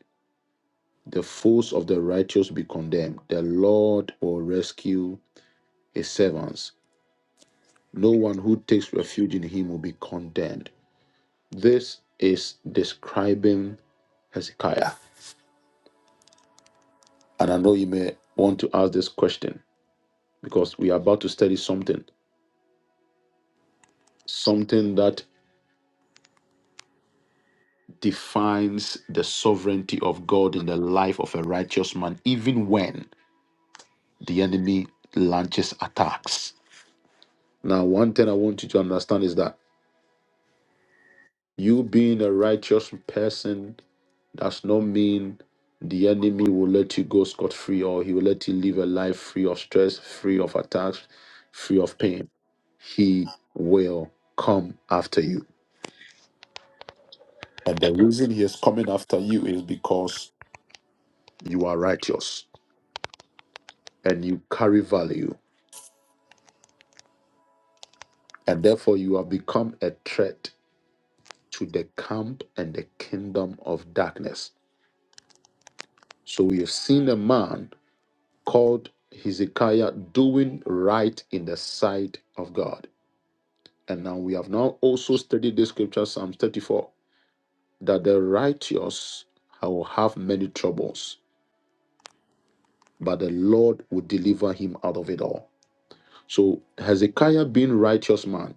Speaker 1: The foes of the righteous be condemned. The Lord will rescue his servants. No one who takes refuge in him will be condemned. This is describing Hezekiah. And I know you may want to ask this question because we are about to study something, something that defines the sovereignty of God in the life of a righteous man, even when the enemy launches attacks. Now, one thing I want you to understand is that you being a righteous person does not mean the enemy will let you go scot free or he will let you live a life free of stress, free of attacks, free of pain. He will come after you. And the reason he is coming after you is because you are righteous and you carry value. And therefore, you have become a threat to the camp and the kingdom of darkness. So we have seen a man called Hezekiah doing right in the sight of God And now we have now also studied this scripture, Psalm 34, that the righteous will have many troubles, but the Lord will deliver him out of it all. So Hezekiah being righteous man,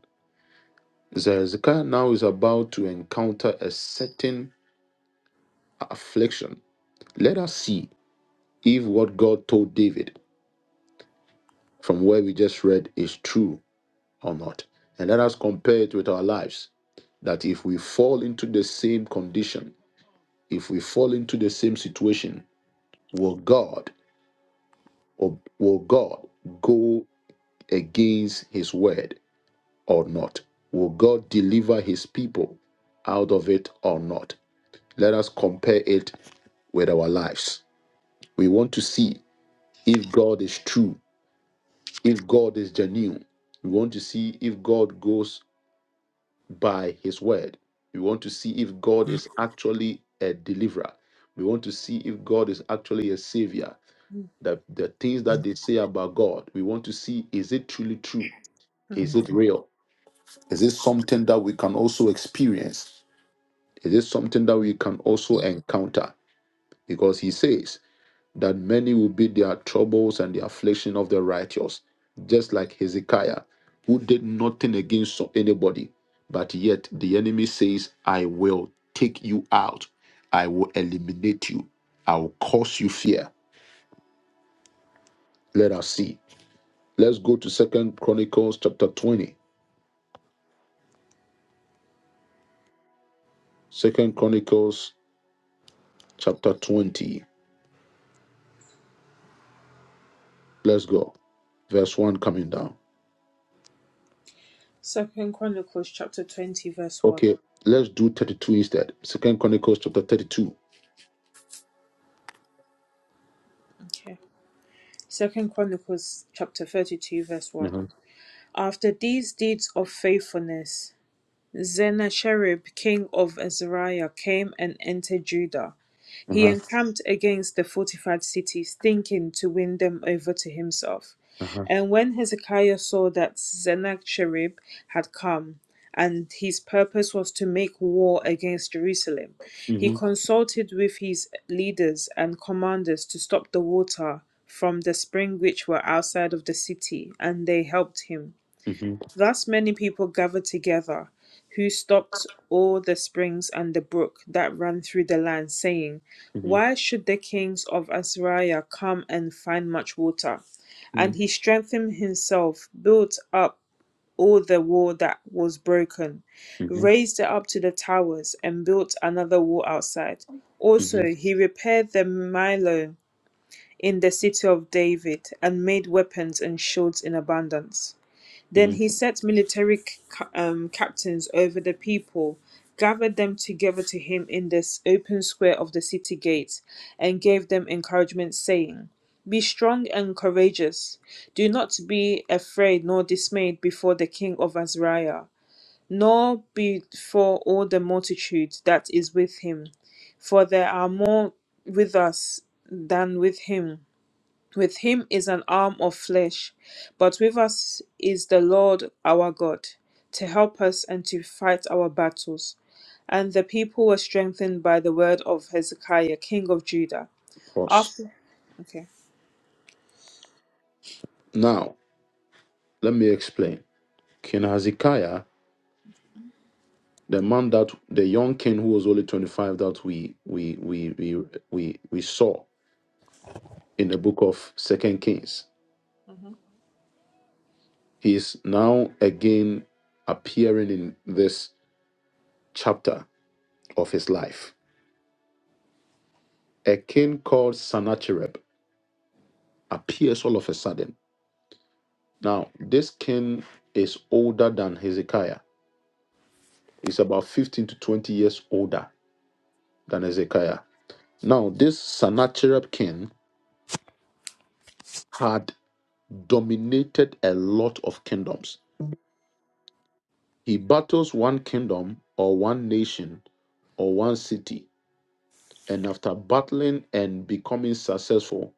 Speaker 1: so Hezekiah now is about to encounter a certain affliction. Let us see if what God told David from where we just read is true or not. And let us compare it with our lives that if we fall into the same condition, if we fall into the same situation, Will God or will God go against his word or not? Will God deliver his people out of it or not? Let us compare it with our lives. We want to see if God is true, if God is genuine. We want to see if God goes by his word. We want to see if God is actually a deliverer. We want to see if God is actually a savior. The, the things that they say about God, we want to see is it truly true? Is it real? Is it something that we can also experience? Is it something that we can also encounter? Because he says, that many will be their troubles and the affliction of the righteous, just like Hezekiah, who did nothing against so- anybody, but yet the enemy says, I will take you out, I will eliminate you, I will cause you fear. Let us see. Let's go to Second Chronicles chapter 20. Second Chronicles chapter 20. Let's go. Verse 1 coming down.
Speaker 2: Second Chronicles chapter 20 verse 1.
Speaker 1: Okay, let's do 32 instead. Second Chronicles chapter 32.
Speaker 2: Okay. Second Chronicles chapter 32 verse 1.
Speaker 1: Uh-huh.
Speaker 2: After these deeds of faithfulness Sennacherib, king of Assyria, came and entered Judah. He encamped against the fortified cities, thinking to win them over to himself.
Speaker 1: Uh-huh.
Speaker 2: And when Hezekiah saw that Sennacherib had come, and his purpose was to make war against Jerusalem, he
Speaker 1: Mhm,
Speaker 2: consulted with his leaders and commanders to stop the water from the spring which were outside of the city, and they helped him.
Speaker 1: mhm,
Speaker 2: Thus many people gathered together, who stopped all the springs and the brook that ran through the land, saying,
Speaker 1: mhm,
Speaker 2: Why should the kings of Assyria come and find much water? And
Speaker 1: mhm,
Speaker 2: he strengthened himself, built up all the wall that was broken,
Speaker 1: mhm,
Speaker 2: raised it up to the towers, and built another wall outside.
Speaker 1: mhm,
Speaker 2: Also, he repaired the Millo in the city of David, and made weapons and shields in abundance. Then he
Speaker 1: mhm.
Speaker 2: set military c- um, captains over the people, gathered them together to him in this open square of the city gate, and gave them encouragement, saying, Be strong and courageous. Do not be afraid nor dismayed before the king of Azariah, nor before all the multitude that is with him, for there are more with us than with him. With him is an arm of flesh, but with us is the Lord our God to help us and to fight our battles. And the people were strengthened by the word of Hezekiah, king of Judah.
Speaker 1: Pause.
Speaker 2: After, okay,
Speaker 1: Now, let me explain. King Hezekiah, the man that the young king who was only 25 that we we we we we, we saw in the book of Second Kings, he is now again appearing in this chapter of his life. A king called Sennacherib appears all of a sudden. Now, this king is older than Hezekiah He's about 15 to 20 years older than Hezekiah. Now, this Sennacherib king had dominated a lot of kingdoms. He battles one kingdom or one nation or one city, and after battling and becoming successful,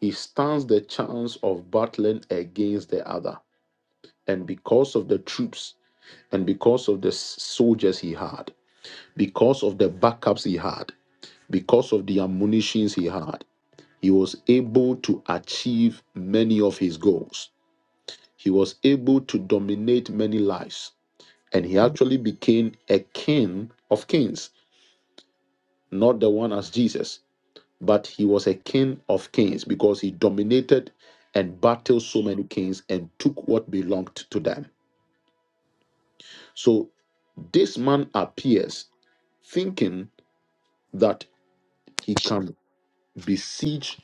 Speaker 1: he stands the chance of battling against the other. And because of the troops and because of the s- soldiers he had, because of the backups he had, because of the ammunitions he had, He was able to achieve many of his goals. He was able to dominate many lives. And he actually became a king of kings, not the one as Jesus, but he was a king of kings because he dominated and battled so many kings and took what belonged to them. So this man appears thinking that he can besiege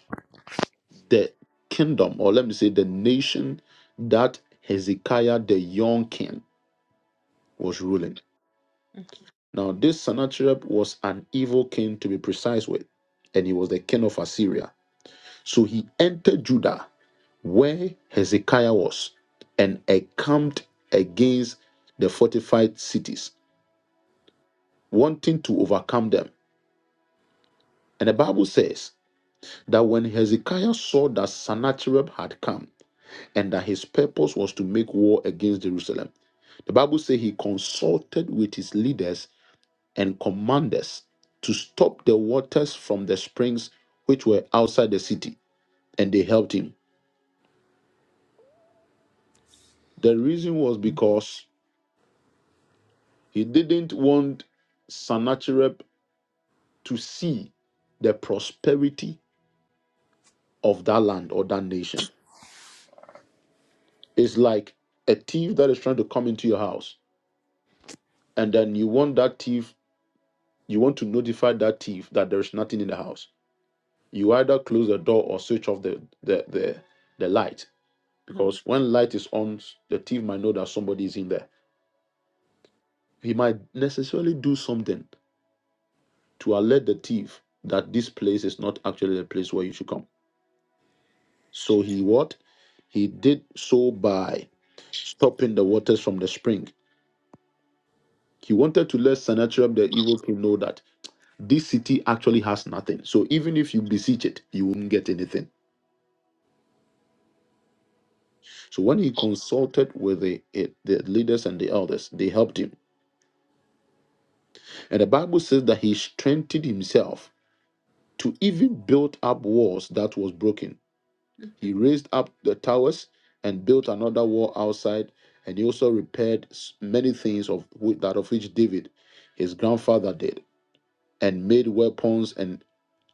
Speaker 1: the kingdom, or let me say the nation that Hezekiah the young king was ruling. Now, this Sennacherib was an evil king to be precise with, and he was the king of Assyria. So he entered Judah where Hezekiah was and encamped against the fortified cities, wanting to overcome them. And the Bible says that when Hezekiah saw that Sennacherib had come, and that his purpose was to make war against Jerusalem. The Bible says he consulted with his leaders and commanders to stop the waters from the springs which were outside the city, and they helped him. The reason was because he didn't want Sennacherib to see the prosperity of that land or that nation. It's like a thief that is trying to come into your house, and then you want that thief, you want to notify that thief that there is nothing in the house you either close the door or switch off the the the, the light
Speaker 2: Mhm.
Speaker 1: because when light is on the thief might know that somebody is in there he might necessarily do something to alert the thief that this place is not actually the place where you should come so he what he did so by stopping the waters from the spring he wanted to let sennacherib the evil king know that this city actually has nothing so even if you besiege it you won't get anything so when he consulted with the, eh, the leaders and the elders they helped him And the Bible says that he strengthened himself to even build up walls that was broken. He raised up the towers and built another wall outside, and he also repaired s- many things of whi- that of which David, his grandfather, did, and made weapons and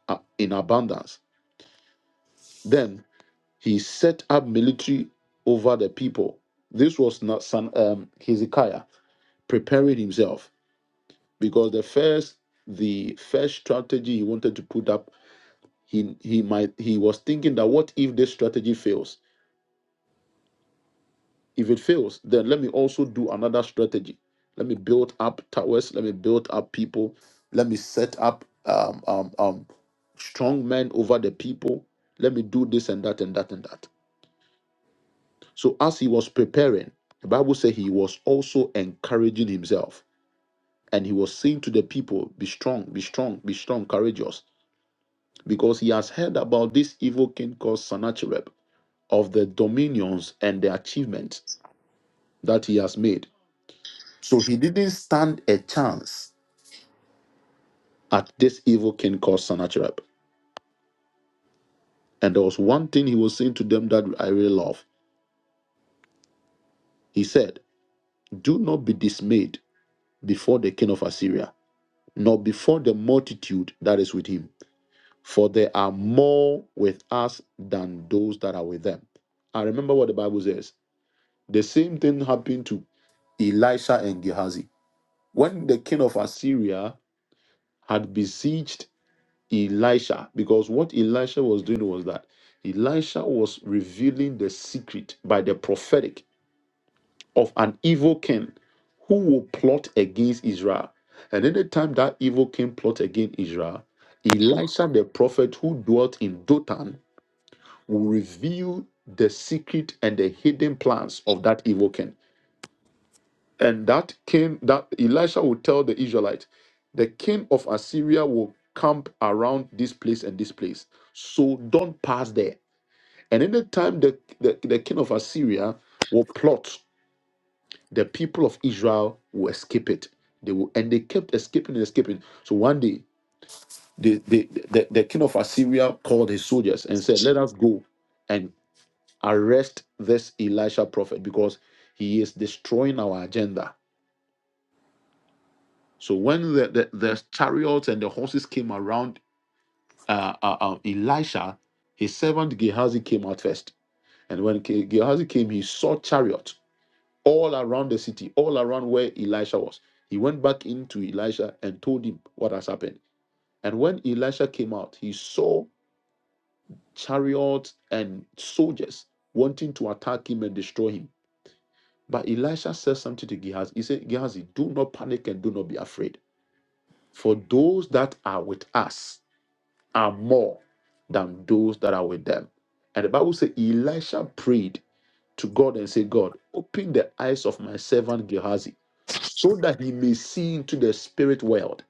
Speaker 1: uh, in abundance. Then he set up military over the people. This was not son um, Hezekiah preparing himself because the first the first strategy he wanted to put up he he might he was thinking that what if this strategy fails if it fails then let me also do another strategy let me build up towers let me build up people let me set up um, um, um, strong men over the people let me do this and that and that and that so as he was preparing the bible said he was also encouraging himself and he was saying to the people be strong be strong be strong courageous because he has heard about this evil king called sennacherib of the dominions and the achievements that he has made. So he didn't stand a chance at this evil king called Sennacherib. And there was one thing he was saying to them that I really love. He said, Do not be dismayed before the king of Assyria, nor before the multitude that is with him, for there are more with us than those that are with them. I remember what the Bible says. The same thing happened to Elisha and Gehazi. When the king of Assyria had besieged Elisha because what Elisha was doing was that Elisha was revealing the secret by the prophetic of an evil king who will plot against Israel. And anytime that evil king plot against Israel, Elisha the prophet who dwelt in Dothan will reveal the secret and the hidden plans of that evil king. and that king that elisha will tell the israelite the king of assyria will camp around this place and this place so don't pass there and anytime the, the, the king of assyria will plot the people of israel will escape it they will and they kept escaping and escaping so one day the, the, the, the king of assyria called his soldiers and said let us go and arrest this elisha prophet because he is destroying our agenda So when the, the, the chariots and the horses came around uh, uh, uh, Elisha, his servant Gehazi came out first. And when Ke- Gehazi came, he saw chariots all around the city, all around where Elisha was. He went back into Elisha and told him what has happened. And when Elisha came out, he saw chariots and soldiers wanting to attack him and destroy him. But Elisha said something to Gehazi. He said, Gehazi, do not panic and do not be afraid. For those that are with us are more than those that are with them. And the Bible says Elisha prayed to God and said, God, open the eyes of my servant Gehazi so that he may see into the spirit world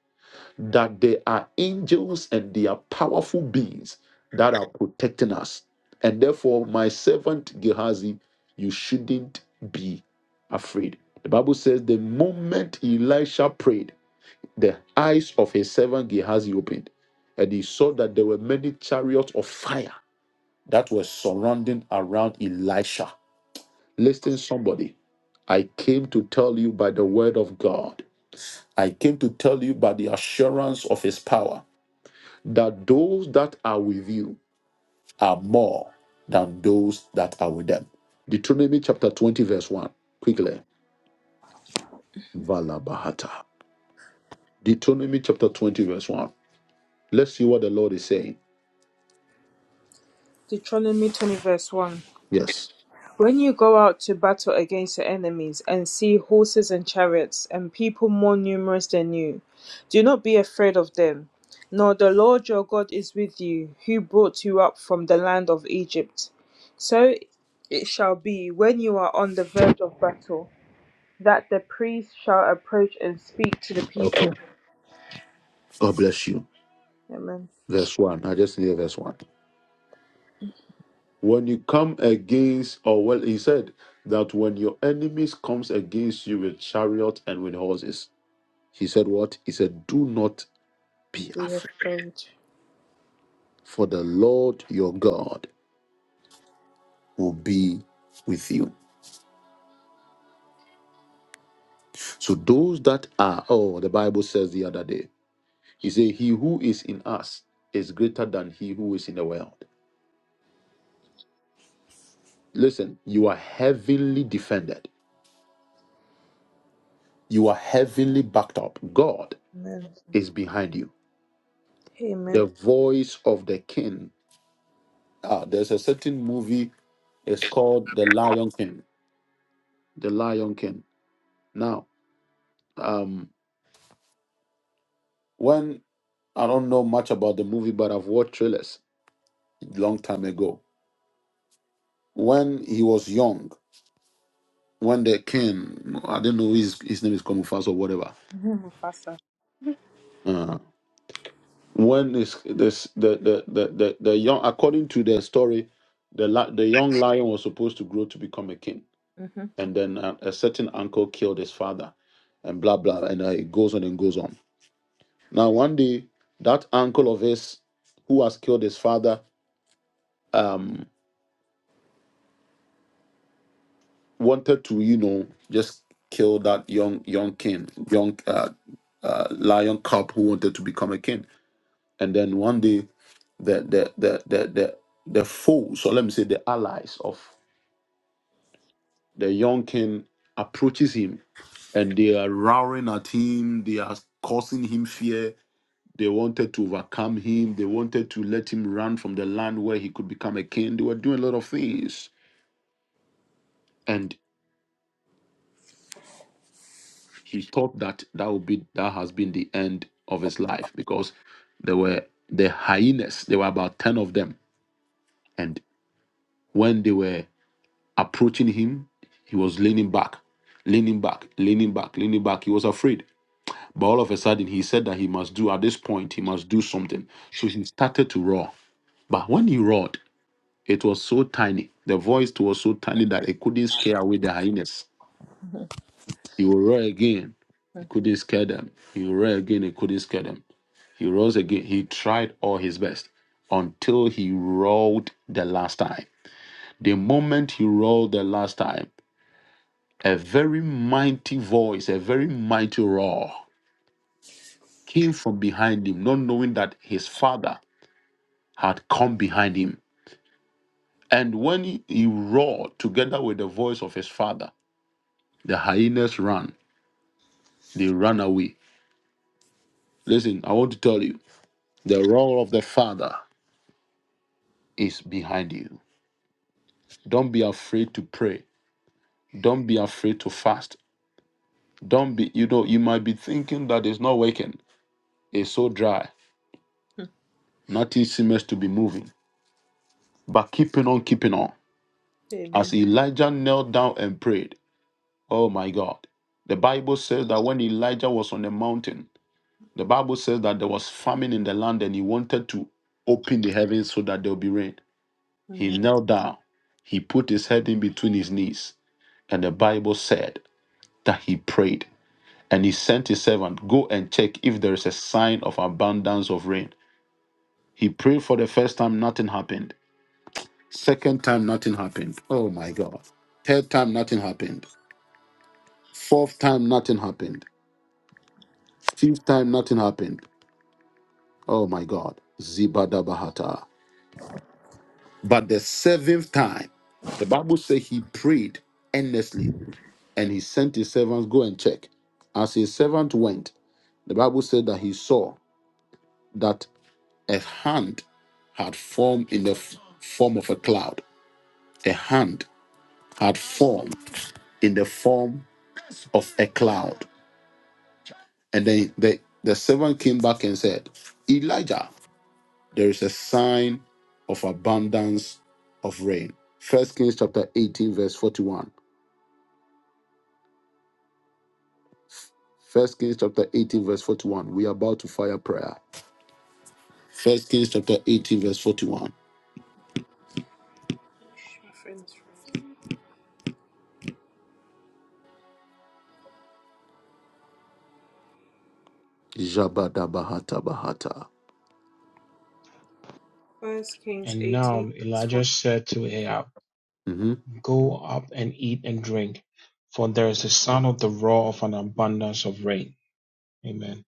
Speaker 1: that there are angels and they are powerful beings that are protecting us. And therefore, my servant Gehazi, you shouldn't be afraid. The Bible says the moment Elisha prayed, the eyes of his servant Gehazi opened, and he saw that there were many chariots of fire that were surrounding around Elisha. Listen, somebody, I came to tell you by the word of God, I came to tell you by the assurance of his power that those that are with you are more than those that are with them. Deuteronomy chapter 20, verse 1. Quickly. Valabahata. Deuteronomy chapter 20, verse 1. Let's see what the Lord is saying.
Speaker 2: Deuteronomy 20, verse 1.
Speaker 1: Yes.
Speaker 2: When you go out to battle against your enemies and see horses and chariots and people more numerous than you, do not be afraid of them. Nor the Lord your God is with you, who brought you up from the land of Egypt. So it shall be when you are on the verge of battle that the priest shall approach and speak to the people.
Speaker 1: Okay. God bless you.
Speaker 2: Amen.
Speaker 1: Verse 1. I just need verse 1. When you come against, or well, he said that when your enemies comes against you with chariot and with horses, he said what? He said, do not be
Speaker 2: Be
Speaker 1: afraid,
Speaker 2: afraid.
Speaker 1: for the Lord your God will be with you. So those that are, oh, the Bible says the other day, he said, he who is in us is greater than he who is in the world. Listen, you are heavenly defended. You are heavenly backed up. God
Speaker 2: Amen.
Speaker 1: is behind you.
Speaker 2: Amen.
Speaker 1: The voice of the king. Ah, there's a certain movie. It's called The Lion King. The Lion King. Now, um, when I don't know much about the movie, but I've watched trailers long time ago. When he was young, when the king, I don't know his his name is Komufas or whatever.
Speaker 2: Mhm, Mufasa.
Speaker 1: Uh, when is this the the, the the the young according to the story, the li- the young lion was supposed to grow to become a king
Speaker 2: Mhm.
Speaker 1: and then a, a certain uncle killed his father, and blah blah, and uh, it goes on and goes on. Now one day, that uncle of his who has killed his father um, wanted to, you know, just kill that young young king, young uh, uh, lion cub who wanted to become a king. And then one day, the the the the the, the foe, so let me say the allies of the young king approaches him and they are roaring at him, they are causing him fear, They wanted to overcome him. They wanted to let him run from the land where he could become a king. They were doing a lot of things, and he thought that that would be that has been the end of his life because there were the hyenas. There were about ten of them, and when they were approaching him, he was leaning back, leaning back, leaning back, leaning back. He was afraid. But all of a sudden, he said that he must do at this point. He must do something. So he started to roar. But when he roared, It was so tiny. The voice was so tiny that it couldn't scare away the hyenas. He will roar again. It couldn't scare them. He will roar again. It couldn't scare them. He rose again. He tried all his best until he roared the last time. The moment he roared the last time, a very mighty voice, a very mighty roar came from behind him, not knowing that his father had come behind him. And when he, he roared together with the voice of his father, the hyenas ran They run away. Listen, I want to tell you the role of the Father is behind you. Don't be afraid to pray. Don't be afraid to fast. Don't be, you know, you might be thinking that it's not working. It's so dry. Nothing seems to be moving. But keeping on, keeping on.
Speaker 2: Amen.
Speaker 1: As Elijah knelt down and prayed, oh my God. The Bible says that when Elijah was on the mountain, the Bible says that there was famine in the land and he wanted to open the heavens so that there will be rain. He
Speaker 2: Amen.
Speaker 1: knelt down. He put his head in between his knees. And the Bible said that he prayed. And he sent his servant, Go and check if there is a sign of abundance of rain. He prayed for the first time, nothing happened. Second time, nothing happened. Oh my God. Third time, nothing happened. Fourth time, nothing happened. Fifth time, nothing happened. Oh my God. Zibadabahata. But the seventh time, the Bible says he prayed endlessly. and he sent his servants, Go and check. As his servant went, the Bible said that he saw that a hand had formed in the f- form of a cloud. A hand had formed in the form of a cloud. And then the, the servant came back and said, Elijah, there is a sign of abundance of rain. First Kings chapter 18, verse 41. First Kings chapter 18, verse 41. We are about to fire prayer. First Kings chapter 18, verse 41.
Speaker 2: My friends. friends.
Speaker 1: Jabada Bahata Bahata.
Speaker 2: First Kings
Speaker 3: And
Speaker 2: 18,
Speaker 3: now
Speaker 2: verse 14.
Speaker 3: Elijah said to Ahab,
Speaker 1: hmm
Speaker 3: Go up and eat and drink, for there is the sound of the roar of an abundance of rain. Amen.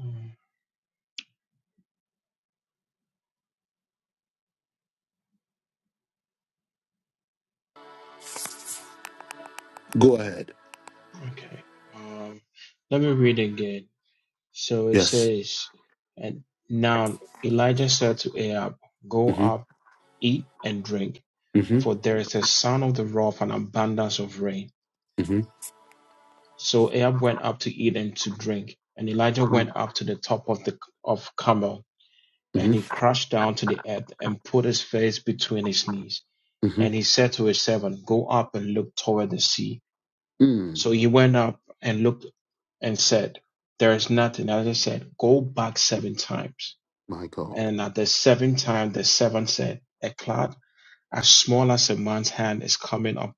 Speaker 3: Mm,
Speaker 1: Go ahead.
Speaker 3: Okay. Um, let me read again. So it
Speaker 1: Yes.
Speaker 3: says, and now Elijah said to Ahab, Go
Speaker 1: hmm
Speaker 3: up, eat and drink,
Speaker 1: hmm
Speaker 3: for
Speaker 1: hmm
Speaker 3: there is a sound of the roar of an abundance of rain. So Ahab went up to eat and to drink, and Elijah went up to the top of the of Carmel, and
Speaker 1: hmm
Speaker 3: he crashed down to the earth and put his face between his knees.
Speaker 1: hmm
Speaker 3: And he said to his servant, Go up and look toward the sea.
Speaker 1: Mm.
Speaker 3: So he went up and looked and said, There is nothing. Elijah said, Go back seven times.
Speaker 1: My God.
Speaker 3: And at the seventh time, the servant said, A cloud as small as a man's hand is coming up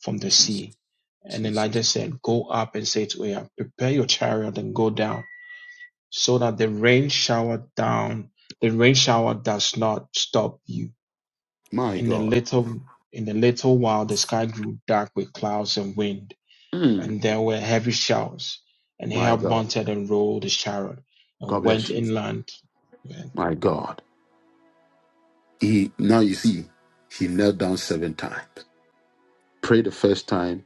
Speaker 3: from the
Speaker 1: Jesus.
Speaker 3: sea. And
Speaker 1: Jesus.
Speaker 3: Elijah said, Go up and say to Ahab, Prepare your chariot and go down, so that the rain shower down, the rain shower does not stop you.
Speaker 1: My
Speaker 3: In a
Speaker 1: God.
Speaker 3: little, in a little while, the sky grew dark with clouds and wind,
Speaker 1: Mm.
Speaker 3: and there were heavy showers. And
Speaker 1: My
Speaker 3: Ahab
Speaker 1: God.
Speaker 3: mounted and rode his chariot
Speaker 1: God
Speaker 3: and
Speaker 1: bless
Speaker 3: went
Speaker 1: you.
Speaker 3: inland. Amen.
Speaker 1: My God. He now you see, he knelt down seven times. Pray the first time.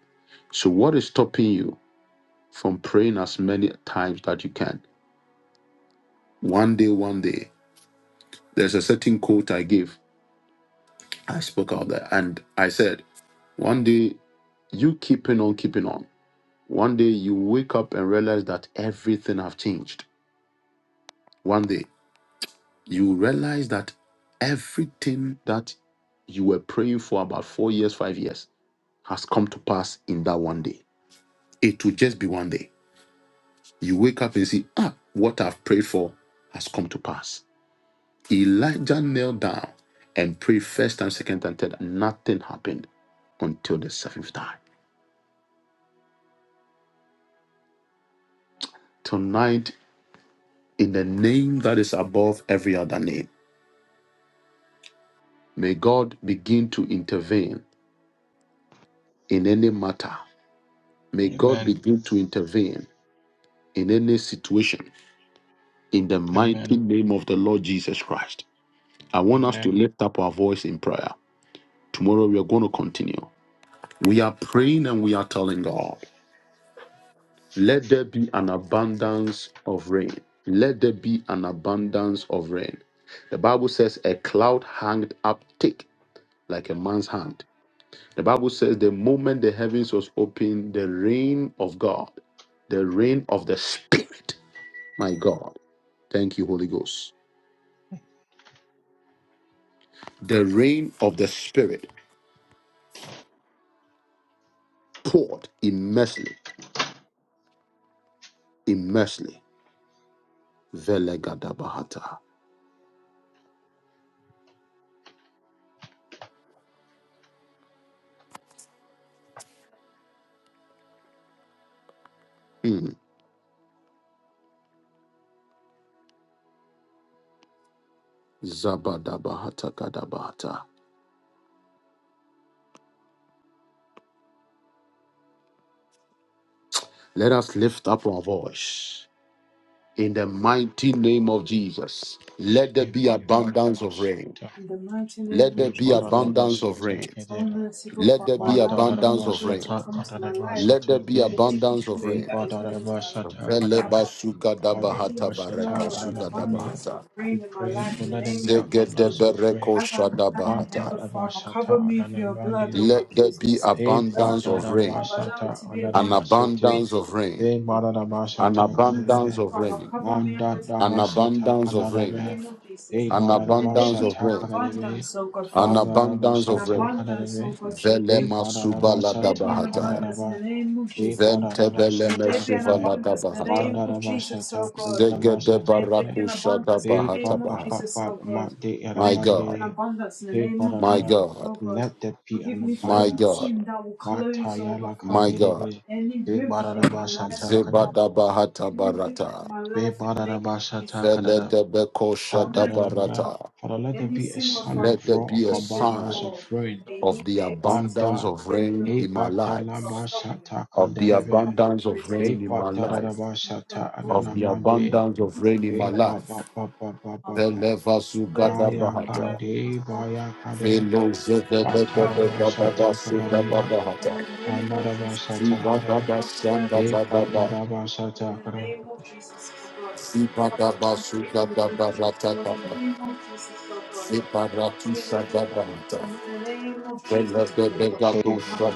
Speaker 1: So what is stopping you from praying as many times that you can? One day, one day. There's a certain quote I give. I spoke out there and I said, one day you keeping on keeping on. One day you wake up and realize that everything have changed. One day you realize that everything that you were praying for about four years, five years has come to pass in that one day. It will just be one day. You wake up and see, ah, what I've prayed for has come to pass. Elijah knelt down and prayed first time, second and third. Nothing happened until the seventh time. tonight in the name that is above every other name. May God begin to intervene in any matter. May God
Speaker 3: Amen.
Speaker 1: begin to intervene in any situation in the mighty
Speaker 3: Amen.
Speaker 1: name of the Lord Jesus Christ. I want us to
Speaker 3: Amen.
Speaker 1: lift up our voice in prayer. Tomorrow we are going to continue. We are praying and we are telling God, let there be an abundance of rain. Let there be an abundance of rain. The Bible says, a cloud hanged up thick like a man's hand The Bible says the moment the heavens was open, the rain of God, the rain of the Spirit, my God, thank you, Holy Ghost, the rain of the Spirit poured immensely, immensely. Velegadabahata. Mm. Zabadabahata kadabahata. Let us lift up our voice in the mighty name of Jesus. Let there
Speaker 3: We
Speaker 1: be abundance of rain.
Speaker 3: Vipadanabhasata,
Speaker 2: In the mighty name
Speaker 1: Let there
Speaker 2: of
Speaker 1: be
Speaker 2: Jesus,
Speaker 1: abundance of
Speaker 3: Vipadanabhasata,
Speaker 1: rain.
Speaker 2: O
Speaker 3: Kedeva,
Speaker 2: merciful
Speaker 1: Let there
Speaker 2: Father,
Speaker 1: be
Speaker 2: allow the Holy
Speaker 1: abundance of
Speaker 2: Spirit to
Speaker 1: rain.
Speaker 3: Padanabhasata,
Speaker 2: come to my life
Speaker 1: Let there
Speaker 3: Padanabhasata,
Speaker 1: be
Speaker 3: Ke,
Speaker 2: and
Speaker 1: abundance
Speaker 2: change
Speaker 1: of
Speaker 2: everything
Speaker 1: rain.
Speaker 2: that is going on in my life,
Speaker 3: Vipadanabhasata,
Speaker 2: Lord
Speaker 3: Anana,
Speaker 1: Veleba
Speaker 2: Father. May there be a
Speaker 1: sugadabahata
Speaker 3: Padanabhasata,
Speaker 1: bareka
Speaker 2: flow and
Speaker 3: Ananamani.
Speaker 2: abundance
Speaker 1: sugadabahata.
Speaker 2: of
Speaker 3: We
Speaker 2: rain in my
Speaker 3: pray
Speaker 2: life
Speaker 3: for
Speaker 2: in
Speaker 3: let
Speaker 2: the
Speaker 3: there be
Speaker 2: name of Jesus.
Speaker 3: abundance of rain.
Speaker 1: Zegedebereko
Speaker 2: As I'm standing here, God
Speaker 1: shadabahata.
Speaker 2: Father,
Speaker 3: Padanabhasata,
Speaker 2: cover me with your blood, O
Speaker 3: Ananamani,
Speaker 2: God
Speaker 1: Let there be
Speaker 2: Jesus. As I'm
Speaker 1: abundance
Speaker 2: here,
Speaker 1: of
Speaker 2: God
Speaker 1: rain,
Speaker 2: Father, allow it to
Speaker 3: Vipadanabhasata,
Speaker 2: be
Speaker 1: an
Speaker 2: abundant of
Speaker 3: Ananamasi,
Speaker 2: rain.
Speaker 1: abundance of rain, an
Speaker 3: Vipadanabhasata,
Speaker 2: Mercy,
Speaker 1: abundance
Speaker 3: Kanane.
Speaker 1: of
Speaker 2: Father,
Speaker 1: rain,
Speaker 2: cover me and
Speaker 3: Manda
Speaker 2: protect
Speaker 1: an
Speaker 2: me
Speaker 3: Dabashata
Speaker 1: abundance of
Speaker 2: in the
Speaker 1: rain,
Speaker 3: Kanadebe,
Speaker 2: name of Jesus.
Speaker 3: E
Speaker 1: an
Speaker 2: Let it
Speaker 1: abundance
Speaker 2: be
Speaker 1: of
Speaker 2: an
Speaker 3: Madadabashata
Speaker 1: rain,
Speaker 3: Kanadebe,
Speaker 2: abundance, oh God, Father.
Speaker 1: an abundance
Speaker 2: An
Speaker 1: of
Speaker 3: Madadabashata
Speaker 1: rain.
Speaker 2: abundance, oh
Speaker 3: Kanadebe,
Speaker 2: God, Jesus.
Speaker 3: E
Speaker 1: Velema
Speaker 2: May there be
Speaker 3: Madadabashata
Speaker 2: an
Speaker 1: subaladabahata.
Speaker 2: abundance in the
Speaker 3: Kanadaba,
Speaker 2: name of
Speaker 3: E
Speaker 2: Jesus. May
Speaker 1: Ventebeleme
Speaker 2: there
Speaker 3: Madadabashata
Speaker 2: be an
Speaker 3: Kane,
Speaker 2: abundance in the name
Speaker 1: suvaladabahata.
Speaker 2: of Jesus, oh
Speaker 3: Madadabashata
Speaker 2: God. May
Speaker 3: Kanadabashata
Speaker 2: there be
Speaker 3: Kane,
Speaker 1: Zegedebaraku
Speaker 2: an abundance in
Speaker 3: E
Speaker 2: the name
Speaker 1: shadabahata
Speaker 2: of
Speaker 3: Baba
Speaker 1: baha.
Speaker 2: Jesus,
Speaker 3: Baba
Speaker 2: oh God.
Speaker 3: Mandi
Speaker 1: My
Speaker 2: May there be an
Speaker 1: God,
Speaker 3: Adamandi,
Speaker 2: abundance in the
Speaker 3: E
Speaker 2: name of
Speaker 1: my
Speaker 2: Jesus,
Speaker 3: Madada,
Speaker 1: God,
Speaker 2: oh God.
Speaker 3: let there be
Speaker 2: Forgive
Speaker 3: an
Speaker 2: me for
Speaker 1: my
Speaker 2: every
Speaker 1: God,
Speaker 3: abundance.
Speaker 2: sin that will close over
Speaker 3: Matayala
Speaker 1: my
Speaker 2: from
Speaker 1: God.
Speaker 3: Kandebe,
Speaker 2: any
Speaker 3: E
Speaker 2: river in my life,
Speaker 3: Madadabashata
Speaker 2: oh God.
Speaker 3: Kane,
Speaker 1: Zebadabahata
Speaker 2: Any river in
Speaker 1: barata.
Speaker 2: my
Speaker 3: E
Speaker 2: life in the name of Jesus.
Speaker 3: Madadabashata
Speaker 1: Veledebekosha
Speaker 3: Kadadadabada.
Speaker 1: dabarata.
Speaker 3: Father, let there
Speaker 2: Any
Speaker 3: be a
Speaker 2: single
Speaker 3: sound
Speaker 2: from
Speaker 1: Let
Speaker 3: of
Speaker 1: there
Speaker 3: roar of
Speaker 1: be a
Speaker 2: great any
Speaker 3: abundance
Speaker 1: sign
Speaker 3: of
Speaker 2: door
Speaker 3: rain.
Speaker 2: they
Speaker 1: of
Speaker 2: need
Speaker 1: the
Speaker 2: to enter,
Speaker 1: abundance
Speaker 3: Banta,
Speaker 1: of
Speaker 2: then
Speaker 1: rain
Speaker 2: you
Speaker 3: he
Speaker 2: from
Speaker 1: in
Speaker 2: my
Speaker 1: my
Speaker 2: life from a
Speaker 1: life,
Speaker 2: problem.
Speaker 3: patalabasata
Speaker 1: of the
Speaker 2: That's from
Speaker 3: kandelebe,
Speaker 2: a lot
Speaker 1: abundance
Speaker 2: of
Speaker 1: of
Speaker 2: results
Speaker 3: he
Speaker 1: rain
Speaker 2: from
Speaker 1: in my
Speaker 2: the things
Speaker 1: life,
Speaker 2: I myself
Speaker 3: patalabasata
Speaker 2: do.
Speaker 1: of the
Speaker 3: ananamande,
Speaker 2: But
Speaker 1: abundance of rain
Speaker 2: sometimes
Speaker 1: in
Speaker 2: I
Speaker 1: my
Speaker 3: he
Speaker 2: feel like
Speaker 3: ba ba
Speaker 2: there's
Speaker 1: life.
Speaker 2: no
Speaker 3: ba
Speaker 2: option.
Speaker 3: ba ba
Speaker 2: Um,
Speaker 3: ba ba.
Speaker 2: mercy from my life,
Speaker 1: Velevasugadabahata.
Speaker 2: from my
Speaker 3: Ayakande,
Speaker 2: soul,
Speaker 3: bayakade,
Speaker 2: from me, I'm
Speaker 3: patalabasata
Speaker 2: deliver me, keep
Speaker 3: kandelebe,
Speaker 2: me from
Speaker 1: Velozevelekedababasudababahata.
Speaker 2: one day, Lord
Speaker 3: anadabasata kare,
Speaker 2: Father, we are blessed
Speaker 3: he
Speaker 2: in
Speaker 1: Zibadabashandabadaba.
Speaker 3: patalabasata
Speaker 2: the
Speaker 3: kare,
Speaker 2: name of Jesus, oh God. Father, I'm taking the permission in the name of Jesus, oh God. Father, we are the permission in the name of Jesus, oh God.
Speaker 3: he
Speaker 2: Father,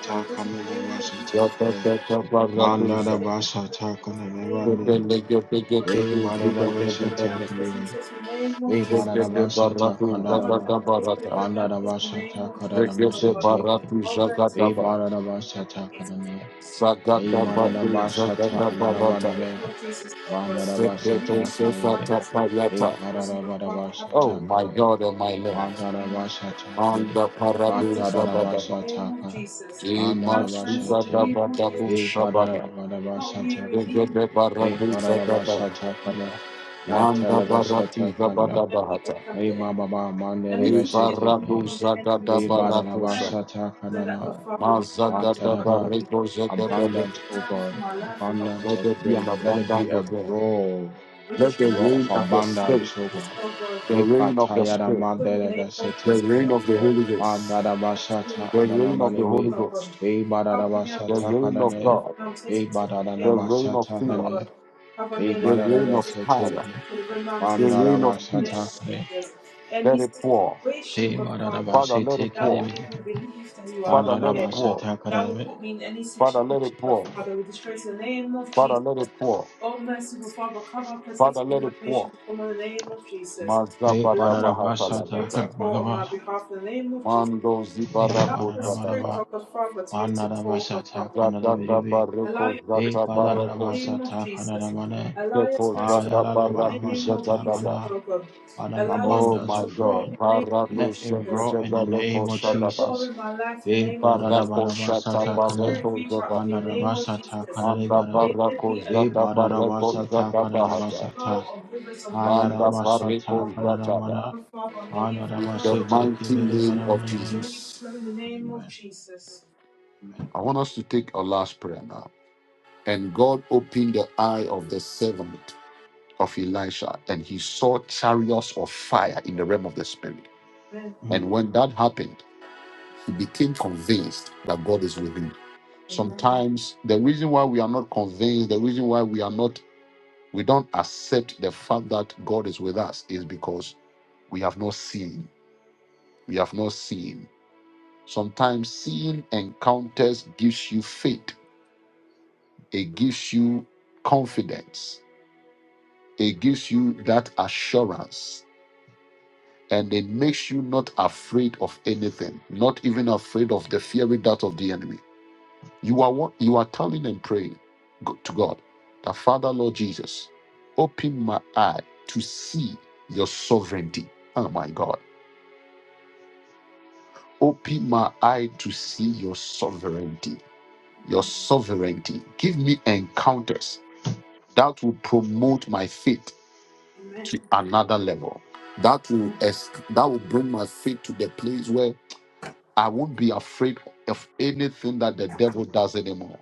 Speaker 2: we are blessed in the name of
Speaker 3: kandelabasata
Speaker 2: Jesus, oh
Speaker 3: kare,
Speaker 2: God. Father, we are taking the
Speaker 3: manadabasata
Speaker 2: in the name of
Speaker 3: kandelebe.
Speaker 2: Jesus, oh God.
Speaker 3: May
Speaker 2: Father,
Speaker 3: Badadaba
Speaker 2: we are
Speaker 3: Shata
Speaker 2: blessed
Speaker 3: Kadibi.
Speaker 2: in the name of
Speaker 3: May
Speaker 2: Jesus,
Speaker 3: Badadaba Shata
Speaker 2: Father,
Speaker 3: Kandadaba.
Speaker 2: we are blessed
Speaker 3: Bandadaba
Speaker 2: in the name
Speaker 3: Shata
Speaker 2: of Jesus,
Speaker 3: Kadadaba
Speaker 2: oh God.
Speaker 3: Shatiki.
Speaker 2: Oh, merciful
Speaker 3: May
Speaker 2: Father,
Speaker 3: Badadaba
Speaker 2: help me out of
Speaker 3: Shata
Speaker 2: this
Speaker 3: Kadane. May
Speaker 2: if we
Speaker 3: Badadaba
Speaker 2: are in the
Speaker 3: Shata
Speaker 2: name
Speaker 3: Anadabadabe.
Speaker 2: of Jesus, help us.
Speaker 3: Bandadaba Shata
Speaker 2: Anything I've done
Speaker 3: Kadadibi.
Speaker 2: that's
Speaker 3: May
Speaker 2: not you, but
Speaker 3: Badadaba
Speaker 2: Father, have
Speaker 1: Oh
Speaker 2: mercy
Speaker 3: Shata
Speaker 2: on
Speaker 1: my
Speaker 3: Kadada.
Speaker 1: God and my
Speaker 2: me in the
Speaker 1: Lord.
Speaker 2: name of Jesus.
Speaker 1: And
Speaker 3: Madarabashatake,
Speaker 1: the
Speaker 2: Have mercy
Speaker 1: paradise
Speaker 2: on
Speaker 1: of
Speaker 2: my
Speaker 1: Baba.
Speaker 2: in the name of
Speaker 3: Badarabashataka,
Speaker 2: Jesus. Have mercy in the
Speaker 3: Andarabashate,
Speaker 2: name of Jesus.
Speaker 3: Be
Speaker 1: Imasubadabadabushabada.
Speaker 2: Help me
Speaker 3: Badarabashatake,
Speaker 2: redeem me from
Speaker 3: Be
Speaker 2: the
Speaker 1: Degedebaraduzadaba.
Speaker 2: enemy.
Speaker 3: Badarabashatakana,
Speaker 2: Help me
Speaker 1: Manda
Speaker 2: redeem
Speaker 1: barati
Speaker 2: me from
Speaker 3: Matalabashatakana,
Speaker 1: zabada
Speaker 2: every evil
Speaker 1: bahata.
Speaker 2: from
Speaker 3: May
Speaker 2: the enemy.
Speaker 3: Baba
Speaker 2: Anything that is
Speaker 3: Mandelebashatake,
Speaker 2: coming
Speaker 1: Ibaradu
Speaker 2: from the enemy
Speaker 1: zagada
Speaker 3: Hey
Speaker 2: towards my
Speaker 1: barakusha.
Speaker 2: life, so that, good
Speaker 3: Badarabashatakana,
Speaker 2: Father, you cannot be
Speaker 1: Mazagada
Speaker 3: Badaraba.
Speaker 2: me,
Speaker 1: bareko
Speaker 2: so that your
Speaker 1: zagada
Speaker 3: Abundance, O
Speaker 2: plan
Speaker 3: God,
Speaker 2: for my life will not come to
Speaker 3: abundance
Speaker 1: Let
Speaker 3: of
Speaker 1: there be
Speaker 2: pass.
Speaker 1: an
Speaker 3: rain. Let it be
Speaker 1: abundance
Speaker 3: a
Speaker 1: of rain.
Speaker 3: roar,
Speaker 2: We
Speaker 1: Let
Speaker 3: a
Speaker 1: the
Speaker 2: destroy
Speaker 3: roar of
Speaker 1: rain of the
Speaker 2: the name of
Speaker 3: abundance,
Speaker 1: Spirit,
Speaker 3: O
Speaker 2: Jesus,
Speaker 3: God.
Speaker 2: oh God.
Speaker 1: the
Speaker 3: Big
Speaker 1: rain of the
Speaker 2: We
Speaker 3: Patayada
Speaker 1: Spirit,
Speaker 2: destroy the name of
Speaker 1: the
Speaker 2: Jesus,
Speaker 3: Madelebashatake,
Speaker 1: rain
Speaker 2: oh
Speaker 1: of the
Speaker 2: God.
Speaker 1: Holy Ghost,
Speaker 2: Praise In the
Speaker 3: Anadabashata
Speaker 1: the
Speaker 2: name
Speaker 1: rain
Speaker 2: of
Speaker 1: of
Speaker 2: Jesus,
Speaker 1: the Holy
Speaker 3: ananamaneme.
Speaker 2: oh
Speaker 1: Ghost,
Speaker 2: God.
Speaker 3: Be
Speaker 2: Cover me and
Speaker 1: the
Speaker 2: protect
Speaker 3: badadabashata
Speaker 2: me,
Speaker 1: rain
Speaker 2: test
Speaker 1: of
Speaker 2: me,
Speaker 3: kanane.
Speaker 1: God,
Speaker 2: deliver me, I'm
Speaker 3: Be
Speaker 2: tasting, test me, in the
Speaker 1: the
Speaker 2: name of
Speaker 1: rain of
Speaker 2: Jesus,
Speaker 3: badadanabashata
Speaker 2: oh
Speaker 1: favor,
Speaker 3: nane.
Speaker 2: God. Cover me
Speaker 3: Be
Speaker 2: and
Speaker 1: the
Speaker 2: deliver me, I'm
Speaker 1: rain of
Speaker 2: me,
Speaker 1: power,
Speaker 2: test
Speaker 3: madadabasheteke.
Speaker 2: me, deliver me, I'm
Speaker 1: the
Speaker 2: tasting,
Speaker 1: rain of
Speaker 2: in the name
Speaker 3: Mandadabashata
Speaker 1: peace,
Speaker 2: of
Speaker 3: kane.
Speaker 2: Jesus. Any
Speaker 1: Let it pour.
Speaker 2: situation,
Speaker 3: Be
Speaker 2: God Father,
Speaker 1: Father, let it
Speaker 3: madadabasheteke
Speaker 2: that
Speaker 1: pour.
Speaker 2: will
Speaker 3: debine.
Speaker 2: make me believe that you are
Speaker 1: Father,
Speaker 2: not
Speaker 1: let it
Speaker 2: there.
Speaker 1: pour.
Speaker 3: Mandadabashata
Speaker 2: That will
Speaker 3: kaneme.
Speaker 2: put me in any
Speaker 1: Father, let
Speaker 2: situation,
Speaker 1: it
Speaker 2: God
Speaker 1: pour.
Speaker 2: Father. We destroy it in the name of
Speaker 1: Father,
Speaker 2: Jesus.
Speaker 1: let it pour.
Speaker 2: O merciful Father, cover, protect, and
Speaker 1: Father, let
Speaker 2: deliver
Speaker 1: it
Speaker 2: me
Speaker 1: pour.
Speaker 2: from in the name of Jesus.
Speaker 3: Be
Speaker 2: Allow
Speaker 1: Mazabada
Speaker 2: me
Speaker 1: bahata
Speaker 2: to be able
Speaker 3: badadabashata
Speaker 2: to
Speaker 1: labata.
Speaker 2: pour on my
Speaker 3: karmanaba.
Speaker 2: behalf in the name of Jesus.
Speaker 1: Mando
Speaker 3: Be
Speaker 2: Allow
Speaker 1: zibarako
Speaker 2: the Spirit
Speaker 1: tabata.
Speaker 3: badadabadaba.
Speaker 2: of God Father to be able to pour, God
Speaker 3: Mandadabashata
Speaker 2: Father.
Speaker 1: Zadada
Speaker 3: kanadabiribe.
Speaker 2: Allow
Speaker 1: bareko
Speaker 2: your Spirit
Speaker 3: Be
Speaker 1: zata
Speaker 2: to pour in the
Speaker 1: bareko se.
Speaker 2: name of
Speaker 3: badadabashata
Speaker 2: Jesus.
Speaker 3: kanadamane.
Speaker 2: Allow your
Speaker 1: Zeko
Speaker 2: Spirit to
Speaker 1: zata
Speaker 2: pour in the
Speaker 1: baraki
Speaker 2: name of
Speaker 1: zata
Speaker 3: Ayadadabashata
Speaker 2: Jesus,
Speaker 1: daba.
Speaker 3: kana.
Speaker 2: O God.
Speaker 3: out of
Speaker 2: Allow your
Speaker 1: Oh
Speaker 2: Spirit
Speaker 3: abundance
Speaker 1: my
Speaker 3: of
Speaker 2: to pour
Speaker 3: rain.
Speaker 2: in
Speaker 1: God.
Speaker 2: the name of
Speaker 1: Parato
Speaker 3: Let it
Speaker 2: Jesus.
Speaker 3: roar
Speaker 1: sengeje
Speaker 3: in the
Speaker 2: May your
Speaker 1: bareko
Speaker 3: name of
Speaker 2: Spirit
Speaker 1: shadaba.
Speaker 2: pour
Speaker 3: Jesus.
Speaker 2: in my life in the
Speaker 3: We
Speaker 2: name of Jesus.
Speaker 1: Bareko shata
Speaker 2: May
Speaker 3: badadabadabasata
Speaker 2: your
Speaker 3: kana,
Speaker 2: Spirit
Speaker 1: bareko
Speaker 2: reach out
Speaker 1: zata.
Speaker 2: to me in the name of
Speaker 3: andadabasata
Speaker 2: Jesus.
Speaker 1: Manda
Speaker 3: kanadabada.
Speaker 2: May it
Speaker 1: barako
Speaker 2: be
Speaker 3: We
Speaker 1: zata
Speaker 2: a
Speaker 1: bareko
Speaker 3: badadabasata
Speaker 1: zada
Speaker 2: a
Speaker 1: bahata.
Speaker 2: flow
Speaker 3: kanadabasata,
Speaker 2: of rivers of living
Speaker 1: Banda
Speaker 2: waters,
Speaker 3: ayadabasata
Speaker 2: Father.
Speaker 1: Pareko Zatada.
Speaker 3: kanadabada,
Speaker 2: Oh, Father, may you
Speaker 1: In the
Speaker 2: flow, Lord
Speaker 3: andadabasete
Speaker 1: mighty
Speaker 2: Jesus.
Speaker 3: kibiribada
Speaker 1: name
Speaker 3: in
Speaker 1: of
Speaker 3: the
Speaker 2: May
Speaker 3: name.
Speaker 2: you
Speaker 1: Jesus.
Speaker 2: flow in the name of
Speaker 3: Amen.
Speaker 2: Jesus.
Speaker 3: Amen.
Speaker 1: I want us to take our last prayer now. And God opened the eye of the servant of Elisha, and he saw chariots of fire in the realm of the spirit.
Speaker 2: Amen.
Speaker 1: And
Speaker 3: Mm.
Speaker 1: when that happened, he became convinced that God is with him.
Speaker 2: Amen.
Speaker 1: Sometimes the reason why we are not convinced, the reason why we are not, we don't accept the fact that God is with us is because we have not seen. We have not seen. Sometimes seeing encounters gives you faith, it gives you confidence, it gives you that assurance, and it makes you not afraid of anything, not even afraid of the fiery dart of the enemy. You are what you are telling and praying to God, the Father Lord Jesus, open my eye to see your sovereignty. Oh my God. Open my eye to see your sovereignty your sovereignty. Give me encounters that will promote my faith to
Speaker 2: Amen.
Speaker 1: another level. That will
Speaker 2: Amen.
Speaker 1: es- that will bring my faith to the place where I won't be afraid of anything that the devil does anymore.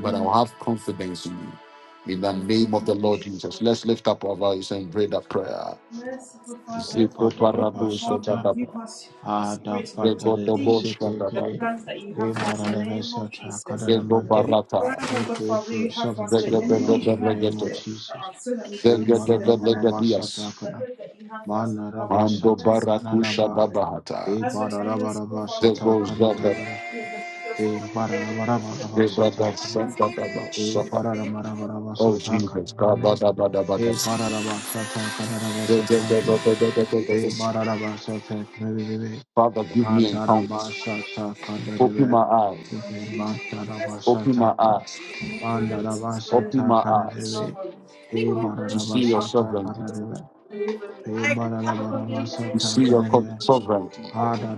Speaker 1: But I'll have confidence in you. In the
Speaker 2: In the name
Speaker 1: name of the
Speaker 2: of
Speaker 1: Lord
Speaker 2: Jesus.
Speaker 1: Jesus, let's lift up our voice and pray that prayer.
Speaker 2: Merciful
Speaker 3: We
Speaker 2: Father,
Speaker 1: Ziko
Speaker 2: oh
Speaker 1: barado
Speaker 3: badadabasata,
Speaker 2: Father, give
Speaker 1: shakadaba,
Speaker 2: us the spirit to be able to
Speaker 1: zego dobo
Speaker 2: see
Speaker 3: adapatarebesete
Speaker 2: the
Speaker 1: shandaba,
Speaker 3: kiri.
Speaker 2: plans that you
Speaker 3: We
Speaker 2: have for us in the name of
Speaker 3: badadabasata
Speaker 2: Jesus.
Speaker 1: zego
Speaker 3: kanadabate.
Speaker 2: Every plan,
Speaker 1: barata,
Speaker 2: oh
Speaker 3: Make
Speaker 2: God,
Speaker 3: way
Speaker 2: Father,
Speaker 3: for
Speaker 2: you have for us, so the
Speaker 3: sovereignty,
Speaker 1: zego
Speaker 3: O Lord,
Speaker 2: enemy is
Speaker 3: in
Speaker 1: dobo
Speaker 3: the
Speaker 2: trying his
Speaker 3: name of
Speaker 2: best to
Speaker 1: regete,
Speaker 2: shut
Speaker 3: Jesus.
Speaker 2: us so that we
Speaker 3: E
Speaker 2: cannot
Speaker 1: zego
Speaker 2: see the
Speaker 1: dobo
Speaker 2: plan.
Speaker 1: legedias.
Speaker 2: the
Speaker 3: mararabalabashatakana,
Speaker 2: hope that you have for us, but Father, have
Speaker 1: Mando
Speaker 2: mercy Jesus.
Speaker 1: barakusha
Speaker 3: manarabashatakanadaba,
Speaker 1: dabahata.
Speaker 3: e
Speaker 2: As we have mercy, Father,
Speaker 1: Zego
Speaker 2: cover cover us
Speaker 1: zaba
Speaker 3: bararabarabashatakanadabara,
Speaker 2: with the blood of
Speaker 3: e
Speaker 2: name of Jesus.
Speaker 1: zebra da
Speaker 3: bararabarabarabashatakana,
Speaker 2: Cover us
Speaker 1: santa
Speaker 2: with the
Speaker 1: daba
Speaker 3: e
Speaker 1: saba. Oh Jesus, kaba
Speaker 3: bararabarabarabasatakana,
Speaker 1: daba daba daba.
Speaker 3: e
Speaker 1: Ze- ze- ze- ze-
Speaker 3: bararabasatakanadabashatakana,
Speaker 1: ze- ze- ze- ze-
Speaker 3: e
Speaker 1: ze-
Speaker 3: bararabashatakana,
Speaker 1: Father, give me encounters. Open
Speaker 3: handarabashatakandadebe,
Speaker 1: my eyes.
Speaker 3: e
Speaker 2: name of Jesus.
Speaker 1: Open my
Speaker 3: bandarabashatapa,
Speaker 1: eyes.
Speaker 2: The name of Jesus, the name
Speaker 1: Open
Speaker 2: of
Speaker 1: my
Speaker 2: Jesus, for
Speaker 1: eyes
Speaker 3: bandarabashatakanabe,
Speaker 2: the
Speaker 3: Hey
Speaker 1: to
Speaker 2: mercy,
Speaker 1: see your
Speaker 2: Father,
Speaker 3: bararabashata
Speaker 1: sovereignty,
Speaker 2: cover
Speaker 3: kanadeva.
Speaker 2: and deliver me.
Speaker 3: Hey
Speaker 2: Help me and
Speaker 1: to
Speaker 2: protect my
Speaker 3: bararabarabashata
Speaker 1: see
Speaker 2: baby
Speaker 1: your co-
Speaker 3: kanadeva.
Speaker 2: from Jesus.
Speaker 1: sovereignty,
Speaker 3: Ha
Speaker 2: Help me.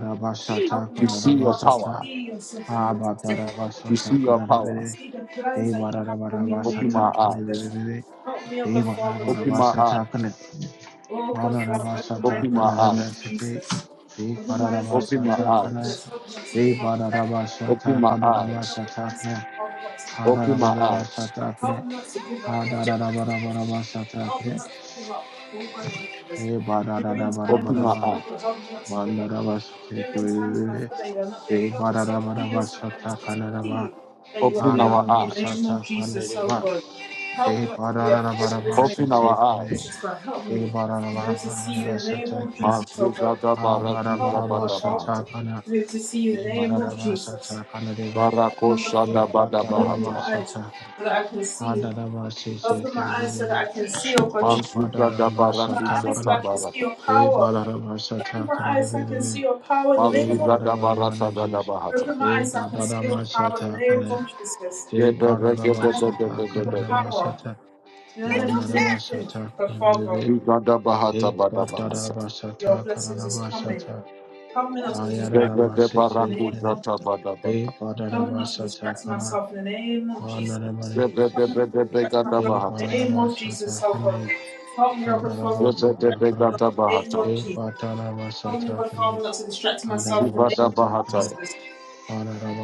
Speaker 2: Help me,
Speaker 1: to
Speaker 2: O
Speaker 1: see
Speaker 2: God,
Speaker 1: your
Speaker 2: Father, to
Speaker 1: power,
Speaker 3: kanadabashata.
Speaker 2: see your
Speaker 3: Ha
Speaker 2: sovereignty, oh Father.
Speaker 1: to see
Speaker 3: batarabashata
Speaker 1: your
Speaker 2: Help me
Speaker 1: power.
Speaker 2: to
Speaker 3: kanadeva.
Speaker 2: see the
Speaker 3: Hey
Speaker 2: plans that you have for me in the
Speaker 1: Open
Speaker 2: name
Speaker 1: my
Speaker 2: of
Speaker 3: bararabarabashata
Speaker 1: eyes.
Speaker 2: Jesus.
Speaker 3: kanadeva.
Speaker 2: Help me, O
Speaker 3: Hey
Speaker 2: God, Father, to be able
Speaker 1: Open
Speaker 2: to
Speaker 1: my
Speaker 2: see.
Speaker 3: bararabarabashata
Speaker 1: eyes.
Speaker 3: kanadeva.
Speaker 2: Oh God, Father, open my eyes
Speaker 3: Bararabashata
Speaker 1: Open
Speaker 2: in
Speaker 1: my
Speaker 2: the name
Speaker 1: eyes.
Speaker 2: of
Speaker 3: kanadeva.
Speaker 2: Jesus.
Speaker 3: Hey
Speaker 2: Open my eyes in
Speaker 1: Open
Speaker 2: the
Speaker 1: my
Speaker 2: name
Speaker 3: bararabashata
Speaker 2: of
Speaker 3: kanadeva.
Speaker 1: eyes.
Speaker 2: Jesus. Help me not to
Speaker 3: Hey
Speaker 2: give up.
Speaker 1: Open
Speaker 3: bararabashata
Speaker 1: my
Speaker 2: Help me
Speaker 1: eyes.
Speaker 2: not to
Speaker 3: kanadabashata
Speaker 2: offense,
Speaker 3: kanadeva.
Speaker 2: Father, not to
Speaker 3: Ha
Speaker 2: give up
Speaker 1: Open my
Speaker 2: walking.
Speaker 1: eyes.
Speaker 3: darabashata
Speaker 2: Help
Speaker 3: kanadeva.
Speaker 2: me not to give up
Speaker 3: Ha
Speaker 2: all Jesus.
Speaker 3: darabashata
Speaker 2: Help me
Speaker 3: kanadeva.
Speaker 2: not to give up all Jesus.
Speaker 3: Hey
Speaker 2: During
Speaker 3: bararabashata
Speaker 2: times
Speaker 1: Open
Speaker 2: of
Speaker 1: my
Speaker 3: kanadeva.
Speaker 1: eyes.
Speaker 2: struggle, help me not to give up. During times when I
Speaker 3: Mandarabasatakanireva,
Speaker 2: feel that you are not there, help me to see your serenity, to
Speaker 3: Bebarabarabasatakanadaraba,
Speaker 2: see that you are
Speaker 1: Open
Speaker 2: there
Speaker 1: our
Speaker 2: in the name
Speaker 1: eyes.
Speaker 2: of Jesus, oh
Speaker 3: Adarabasatakanireva,
Speaker 2: God. Help me
Speaker 3: Hey
Speaker 2: not to be afraid of this name,
Speaker 1: Open
Speaker 2: in the name
Speaker 1: our
Speaker 2: of
Speaker 3: Barabarabasatakane,
Speaker 1: eyes.
Speaker 2: Jesus, God. Help
Speaker 3: Hey
Speaker 2: me to be able to see you in the name of
Speaker 3: Barabarabasatakane,
Speaker 2: Jesus, oh God.
Speaker 1: Mazuzada barati
Speaker 2: Help me, oh God,
Speaker 1: zabada
Speaker 2: Father,
Speaker 1: bahata.
Speaker 3: Adarabarabasatakana,
Speaker 2: to be able to see you in the name of Jesus.
Speaker 3: Bebarabasatakanireva,
Speaker 2: Look
Speaker 1: Barakosha da
Speaker 3: Hey
Speaker 1: bada
Speaker 2: in your
Speaker 1: bahata.
Speaker 2: eyes
Speaker 3: Batarabasatakana,
Speaker 2: so that I can see. Open my eyes so that
Speaker 3: Adarabasatakanireva,
Speaker 2: I can see your God.
Speaker 3: Hey
Speaker 1: Mazuzada
Speaker 2: Open
Speaker 1: barati
Speaker 2: my eyes so
Speaker 1: zata
Speaker 2: that
Speaker 3: Batarabasatakana,
Speaker 2: I can see
Speaker 1: barata.
Speaker 2: your
Speaker 3: Hey
Speaker 2: power. Open my eyes so I can
Speaker 3: Barabarabasatakana,
Speaker 2: see your power in the name
Speaker 3: Hey,
Speaker 2: of
Speaker 1: Mazuzada barata da da
Speaker 3: Madhavaramanaji.
Speaker 1: bahata.
Speaker 2: Open my
Speaker 3: Hey,
Speaker 2: eyes so I can see your power in the
Speaker 3: Madhadamasata
Speaker 2: name
Speaker 3: Kana.
Speaker 2: of Jesus.
Speaker 3: Hey,
Speaker 1: Gebere
Speaker 2: My
Speaker 1: gebe
Speaker 2: eyes so I
Speaker 1: de de
Speaker 2: can
Speaker 3: Padadabasata
Speaker 1: de
Speaker 2: see
Speaker 1: de
Speaker 2: your
Speaker 1: de de.
Speaker 2: power.
Speaker 3: Kananamasata.
Speaker 2: You don't let me do anything,
Speaker 3: Manadabasata
Speaker 2: but Father,
Speaker 3: Kimibibi.
Speaker 1: Zugada bahata
Speaker 3: Hey,
Speaker 1: bada
Speaker 2: because
Speaker 1: bahata.
Speaker 2: your
Speaker 3: Padadabasata
Speaker 2: blessings is coming.
Speaker 3: Kananabasata.
Speaker 2: Help me not to distract
Speaker 1: Gegede
Speaker 2: in
Speaker 3: Ayadadamasete
Speaker 2: the
Speaker 1: baraku
Speaker 2: name
Speaker 3: Kene.
Speaker 2: of
Speaker 1: zata
Speaker 2: Jesus.
Speaker 1: bada bahata.
Speaker 3: Hey,
Speaker 2: Help me not to
Speaker 3: Padadabasata
Speaker 2: distract
Speaker 3: Kana.
Speaker 2: myself in the name of Jesus.
Speaker 3: Manadamani
Speaker 1: Zebe de
Speaker 3: Jesus.
Speaker 2: In
Speaker 1: be de gada
Speaker 3: Hey,
Speaker 2: the
Speaker 1: bahata.
Speaker 2: name of Jesus,
Speaker 3: Padadabasata
Speaker 2: oh God.
Speaker 3: Kanis.
Speaker 2: Help me overflow
Speaker 1: Zebe de
Speaker 3: Padadabasata
Speaker 1: be
Speaker 3: Kana.
Speaker 1: gada bahata.
Speaker 3: Hey, Padadabasata Kane.
Speaker 2: not to distract myself in the
Speaker 1: Shibada
Speaker 2: name
Speaker 3: Padadabasata
Speaker 2: of
Speaker 1: Bahata,
Speaker 3: Kana.
Speaker 2: Jesus.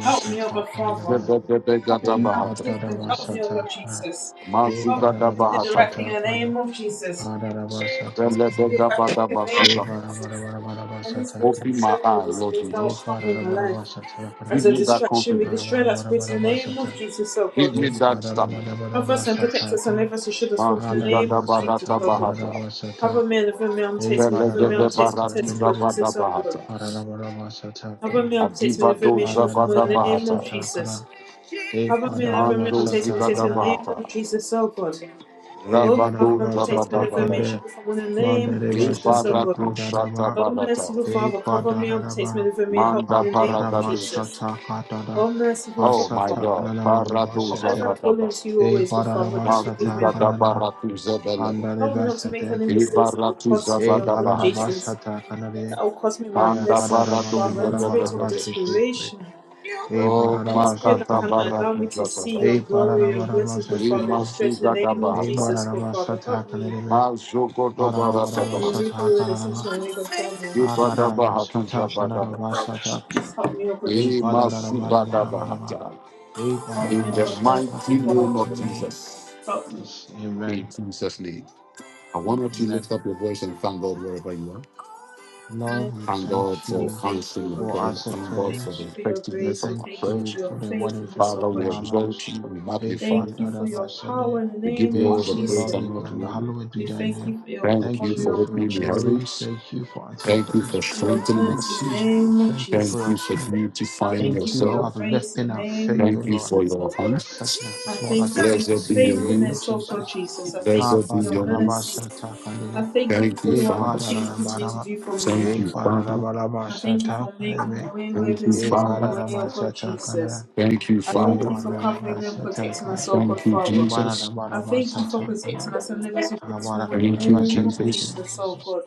Speaker 2: Help me, oh God Father,
Speaker 3: Kananamana.
Speaker 1: Zebedebe Gada
Speaker 3: Hey
Speaker 2: not to
Speaker 1: Bahata,
Speaker 2: distract myself in the name of Jesus. Help me, oh God Father. Help me, oh participant. Help me, oh God
Speaker 3: Padadabashatakana,
Speaker 2: Jesus.
Speaker 3: Hey
Speaker 2: Help me
Speaker 1: Mazugada
Speaker 2: to do the
Speaker 1: Bahata,
Speaker 2: right thing in the
Speaker 3: Padadabashatakana,
Speaker 2: name of Jesus. Do the
Speaker 3: Padadabashatakani,
Speaker 1: Beledega
Speaker 2: right thing
Speaker 1: Bada
Speaker 2: in the name of
Speaker 3: Hey
Speaker 1: Basuga Bahata.
Speaker 2: Jesus. And this spirit of
Speaker 1: Open
Speaker 3: Padadabashatakani,
Speaker 1: my
Speaker 2: shame will
Speaker 1: eye,
Speaker 2: this
Speaker 1: Lord
Speaker 2: spirit now will
Speaker 3: Hey
Speaker 1: Jesus.
Speaker 2: come in my life. As
Speaker 1: Give
Speaker 3: Padadabashatakana,
Speaker 2: a
Speaker 1: me that
Speaker 2: distraction, we
Speaker 1: confidence.
Speaker 2: destroy that spirit in the name of
Speaker 3: Hamadabashata,
Speaker 2: Jesus, oh
Speaker 1: Give
Speaker 2: God.
Speaker 1: me
Speaker 3: Hey
Speaker 1: that stamina.
Speaker 2: Cover us and protect us and
Speaker 3: Padadabashatakana,
Speaker 2: live us assured us from the name
Speaker 1: Mazugada
Speaker 2: of Jesus,
Speaker 1: Barata
Speaker 2: O God.
Speaker 1: Bahata,
Speaker 3: Hadadabashatakandadabashata,
Speaker 2: Cover me and live me, I'm
Speaker 3: Hey
Speaker 2: takes me, live me,
Speaker 1: Belegede
Speaker 2: I'm takes me,
Speaker 1: Baratu
Speaker 2: takes me, God,
Speaker 3: Padadabashatakani,
Speaker 2: Jesus,
Speaker 1: Zavada
Speaker 2: O God.
Speaker 1: Bahata,
Speaker 2: Cover
Speaker 3: Padadabashatakani,
Speaker 2: me, i takes me, live
Speaker 1: Adibado
Speaker 2: me, from
Speaker 1: Zabada
Speaker 2: the name of
Speaker 1: Bahata,
Speaker 3: Manadabashatakana,
Speaker 2: Jesus.
Speaker 3: Hey
Speaker 2: Cover me and live me, I'm
Speaker 1: Mando
Speaker 2: takes me, takes me,
Speaker 1: Zigada
Speaker 2: in the
Speaker 3: Padadabashatakana,
Speaker 2: name of
Speaker 1: Bahata,
Speaker 2: Jesus, O God.
Speaker 3: Hey
Speaker 2: Oh, cover
Speaker 1: Rabado
Speaker 2: and protect me,
Speaker 1: Zabada
Speaker 2: live me,
Speaker 3: Manadabashatakande,
Speaker 1: Bada,
Speaker 2: me from the name of
Speaker 3: Mandareba
Speaker 2: Jesus, O
Speaker 3: Shata
Speaker 2: God.
Speaker 1: Ibarato Shata
Speaker 3: Kandanaba,
Speaker 2: Oh,
Speaker 1: Barata,
Speaker 2: merciful
Speaker 3: E
Speaker 2: Father, cover me and protect me,
Speaker 3: Padanaba,
Speaker 2: live me, help
Speaker 1: Manda
Speaker 2: me in the name of
Speaker 3: Patadama
Speaker 1: Paragadosh.
Speaker 2: Jesus.
Speaker 3: Shata Katada,
Speaker 2: Oh, merciful
Speaker 1: Oh my
Speaker 2: Father,
Speaker 3: Asata
Speaker 1: God,
Speaker 3: Ananamanaba
Speaker 1: Paradoza
Speaker 2: as
Speaker 3: Shata,
Speaker 2: I call
Speaker 1: Gadaba,
Speaker 2: unto you
Speaker 3: E
Speaker 2: always, good Father,
Speaker 3: Padanaba
Speaker 2: just forgive me
Speaker 3: Shata
Speaker 1: Mazuga
Speaker 2: and help me.
Speaker 3: Kanana,
Speaker 1: Dabaratuza Belebe,
Speaker 2: Help me
Speaker 3: Andareba
Speaker 2: not to make
Speaker 3: Shata
Speaker 2: any
Speaker 3: Kimbe,
Speaker 2: mistakes that will cost
Speaker 1: Ibaratuza
Speaker 2: me
Speaker 3: E
Speaker 2: your good
Speaker 1: Gadabahata,
Speaker 3: Balanaba
Speaker 2: Jesus,
Speaker 3: Shata Kanade,
Speaker 2: that will cost me my
Speaker 3: Aya
Speaker 1: Manda
Speaker 2: blessings,
Speaker 3: Kanadaba
Speaker 2: Father. Any spirit of
Speaker 3: Nabarabaraba
Speaker 1: Paradoza
Speaker 3: Shata Kimbe,
Speaker 2: desperation,
Speaker 3: E
Speaker 1: Oh
Speaker 2: any
Speaker 3: Baranaba
Speaker 2: spirit that
Speaker 1: Makata
Speaker 3: Shata
Speaker 2: cannot
Speaker 3: Kimbe,
Speaker 2: allow me to
Speaker 1: Baratuza
Speaker 2: see
Speaker 1: Gadaba,
Speaker 2: your
Speaker 3: E
Speaker 2: glory, your
Speaker 3: Paranabaraba
Speaker 2: blessings, good
Speaker 3: Shata
Speaker 2: Father,
Speaker 1: Lima
Speaker 3: Kimbe,
Speaker 2: destroy it in
Speaker 1: Suga
Speaker 2: the name of
Speaker 3: E
Speaker 1: Dabahata,
Speaker 2: Jesus, good
Speaker 3: Baranaba
Speaker 2: Father.
Speaker 3: Shata
Speaker 2: Help me,
Speaker 3: Kanadebe,
Speaker 1: Mazugo
Speaker 2: help
Speaker 3: Aranabaraba
Speaker 2: me, and
Speaker 1: Dobarataba,
Speaker 2: make all
Speaker 3: Shata
Speaker 2: the way that seems
Speaker 3: Kananaba,
Speaker 2: no way, good Father.
Speaker 3: Adaraba
Speaker 1: Ibadabahatuza
Speaker 3: Shata
Speaker 1: Badaba,
Speaker 3: Kanadaba
Speaker 2: Just help me, oh good
Speaker 3: Hey,
Speaker 2: Jesus.
Speaker 3: ba
Speaker 1: Lima
Speaker 3: da da
Speaker 1: Suga
Speaker 3: da
Speaker 1: Dabahata.
Speaker 3: Hey, ba da
Speaker 2: Help me,
Speaker 1: In the
Speaker 2: oh good
Speaker 1: mighty
Speaker 2: merciful
Speaker 3: da
Speaker 1: name
Speaker 2: Father.
Speaker 1: of Jesus,
Speaker 2: Help me.
Speaker 1: in
Speaker 3: Amen.
Speaker 1: Jesus' name. I want you
Speaker 2: Amen.
Speaker 1: to lift
Speaker 3: Amen.
Speaker 1: up your voice and thank God wherever you are.
Speaker 3: Lord,
Speaker 2: Amen.
Speaker 3: we
Speaker 1: Thank God
Speaker 3: thank
Speaker 2: We
Speaker 1: for
Speaker 3: you
Speaker 2: thank you,
Speaker 1: answering the
Speaker 2: good
Speaker 3: for
Speaker 1: prayer.
Speaker 2: Jesus.
Speaker 3: answered
Speaker 1: Thank
Speaker 2: We
Speaker 1: God
Speaker 2: thank
Speaker 1: for
Speaker 2: you
Speaker 3: prayers.
Speaker 1: the
Speaker 2: for your
Speaker 3: We
Speaker 1: effectiveness
Speaker 2: grace. We
Speaker 1: of
Speaker 3: thank
Speaker 1: our
Speaker 2: thank you
Speaker 1: prayers.
Speaker 3: you
Speaker 2: for your
Speaker 3: for the wonderful of
Speaker 2: faithfulness, oh
Speaker 1: Father,
Speaker 3: impact in
Speaker 2: good
Speaker 1: we
Speaker 3: our
Speaker 2: Jesus.
Speaker 3: lives.
Speaker 1: exalt you, we
Speaker 3: Hey,
Speaker 1: magnify
Speaker 3: ba
Speaker 2: Thank
Speaker 1: you,
Speaker 2: you for
Speaker 3: da
Speaker 2: your power in the
Speaker 1: we give
Speaker 2: name
Speaker 1: you
Speaker 3: We
Speaker 2: of
Speaker 1: all the
Speaker 3: say, Lord,
Speaker 1: praise
Speaker 2: Jesus.
Speaker 3: we
Speaker 1: and all
Speaker 3: grant
Speaker 1: the honor.
Speaker 3: hallowed be
Speaker 2: We
Speaker 3: thy
Speaker 2: thank
Speaker 3: name.
Speaker 2: you for your
Speaker 1: Thank you
Speaker 3: Thank
Speaker 2: glory,
Speaker 3: you
Speaker 1: for
Speaker 2: O
Speaker 3: for
Speaker 2: good
Speaker 3: your
Speaker 1: opening the
Speaker 2: Jesus.
Speaker 3: glory.
Speaker 1: heavens.
Speaker 3: Thank you for answered
Speaker 2: I
Speaker 1: Thank you
Speaker 2: thank
Speaker 1: for
Speaker 3: prayers.
Speaker 2: you for your
Speaker 1: strengthening
Speaker 2: mercy
Speaker 3: Thank
Speaker 1: us.
Speaker 2: in the
Speaker 3: you.
Speaker 2: name of
Speaker 3: Thank you
Speaker 2: Jesus.
Speaker 1: Thank
Speaker 3: for your
Speaker 1: you for
Speaker 3: strength.
Speaker 2: I
Speaker 1: beautifying
Speaker 2: thank
Speaker 3: Thank
Speaker 2: you
Speaker 3: you
Speaker 2: for your
Speaker 3: for
Speaker 1: yourself.
Speaker 2: grace in
Speaker 3: uplifting
Speaker 2: the
Speaker 3: our
Speaker 2: name
Speaker 3: faith, O
Speaker 1: Thank
Speaker 2: of
Speaker 1: you
Speaker 3: God.
Speaker 1: for
Speaker 2: Jesus,
Speaker 1: your
Speaker 2: O God.
Speaker 1: hand.
Speaker 3: as such as
Speaker 2: I
Speaker 3: small
Speaker 2: thank
Speaker 3: as
Speaker 2: you
Speaker 3: a
Speaker 2: for your
Speaker 3: mustard
Speaker 1: Blessed be
Speaker 3: seed in the
Speaker 1: your
Speaker 3: name
Speaker 1: name.
Speaker 3: of
Speaker 2: faithfulness, O God
Speaker 3: Jesus.
Speaker 2: Jesus. I thank
Speaker 3: Ah,
Speaker 2: you
Speaker 1: Blessed
Speaker 2: for
Speaker 1: be
Speaker 3: ba, da,
Speaker 2: your
Speaker 1: your
Speaker 3: da,
Speaker 1: name.
Speaker 3: ba, sa,
Speaker 2: mercy.
Speaker 3: ta, ka, de,
Speaker 2: I
Speaker 3: de.
Speaker 2: thank you for
Speaker 1: Thank
Speaker 2: all
Speaker 1: you,
Speaker 2: the
Speaker 3: Eh, ba,
Speaker 1: Father.
Speaker 2: wonderful
Speaker 3: da,
Speaker 2: things you
Speaker 3: da, da, ba,
Speaker 2: continue
Speaker 3: da,
Speaker 2: to
Speaker 3: ba.
Speaker 2: do for me.
Speaker 1: Thank
Speaker 3: Eh,
Speaker 1: you,
Speaker 3: ba, da, da,
Speaker 1: Father.
Speaker 3: ba, da, ba,
Speaker 2: I
Speaker 3: sa,
Speaker 2: thank you
Speaker 3: ta,
Speaker 2: for
Speaker 3: ka, de,
Speaker 2: making
Speaker 3: de.
Speaker 2: a way where
Speaker 1: Thank
Speaker 2: there
Speaker 1: you,
Speaker 3: Eh,
Speaker 2: seems
Speaker 3: ba,
Speaker 1: Father.
Speaker 2: no
Speaker 3: da,
Speaker 2: way,
Speaker 3: da,
Speaker 2: O
Speaker 3: ba, sa,
Speaker 2: God
Speaker 3: ta, ka, de.
Speaker 2: Jesus.
Speaker 1: Thank you,
Speaker 2: I
Speaker 3: Eh,
Speaker 2: thank
Speaker 1: Father.
Speaker 2: you
Speaker 3: ba,
Speaker 2: for
Speaker 3: da, da, ba,
Speaker 2: covering and
Speaker 3: sa, ta, ka,
Speaker 2: protecting
Speaker 3: de.
Speaker 2: us, O God
Speaker 1: Thank you,
Speaker 3: Eh,
Speaker 2: Father.
Speaker 3: ba, da, da,
Speaker 1: Jesus.
Speaker 3: ba,
Speaker 2: I
Speaker 3: da, ba,
Speaker 2: thank
Speaker 3: sa,
Speaker 2: you for
Speaker 3: ta, ka, de.
Speaker 2: protecting us and never switching
Speaker 3: Ah,
Speaker 2: us
Speaker 3: ba,
Speaker 2: from
Speaker 3: da, da,
Speaker 2: one in
Speaker 3: ba,
Speaker 2: the
Speaker 3: da,
Speaker 1: Thank you,
Speaker 3: ba, sa,
Speaker 2: name
Speaker 3: ta,
Speaker 2: of
Speaker 3: ka,
Speaker 1: Jesus.
Speaker 3: de,
Speaker 2: Jesus, oh
Speaker 3: Jesus.
Speaker 2: God.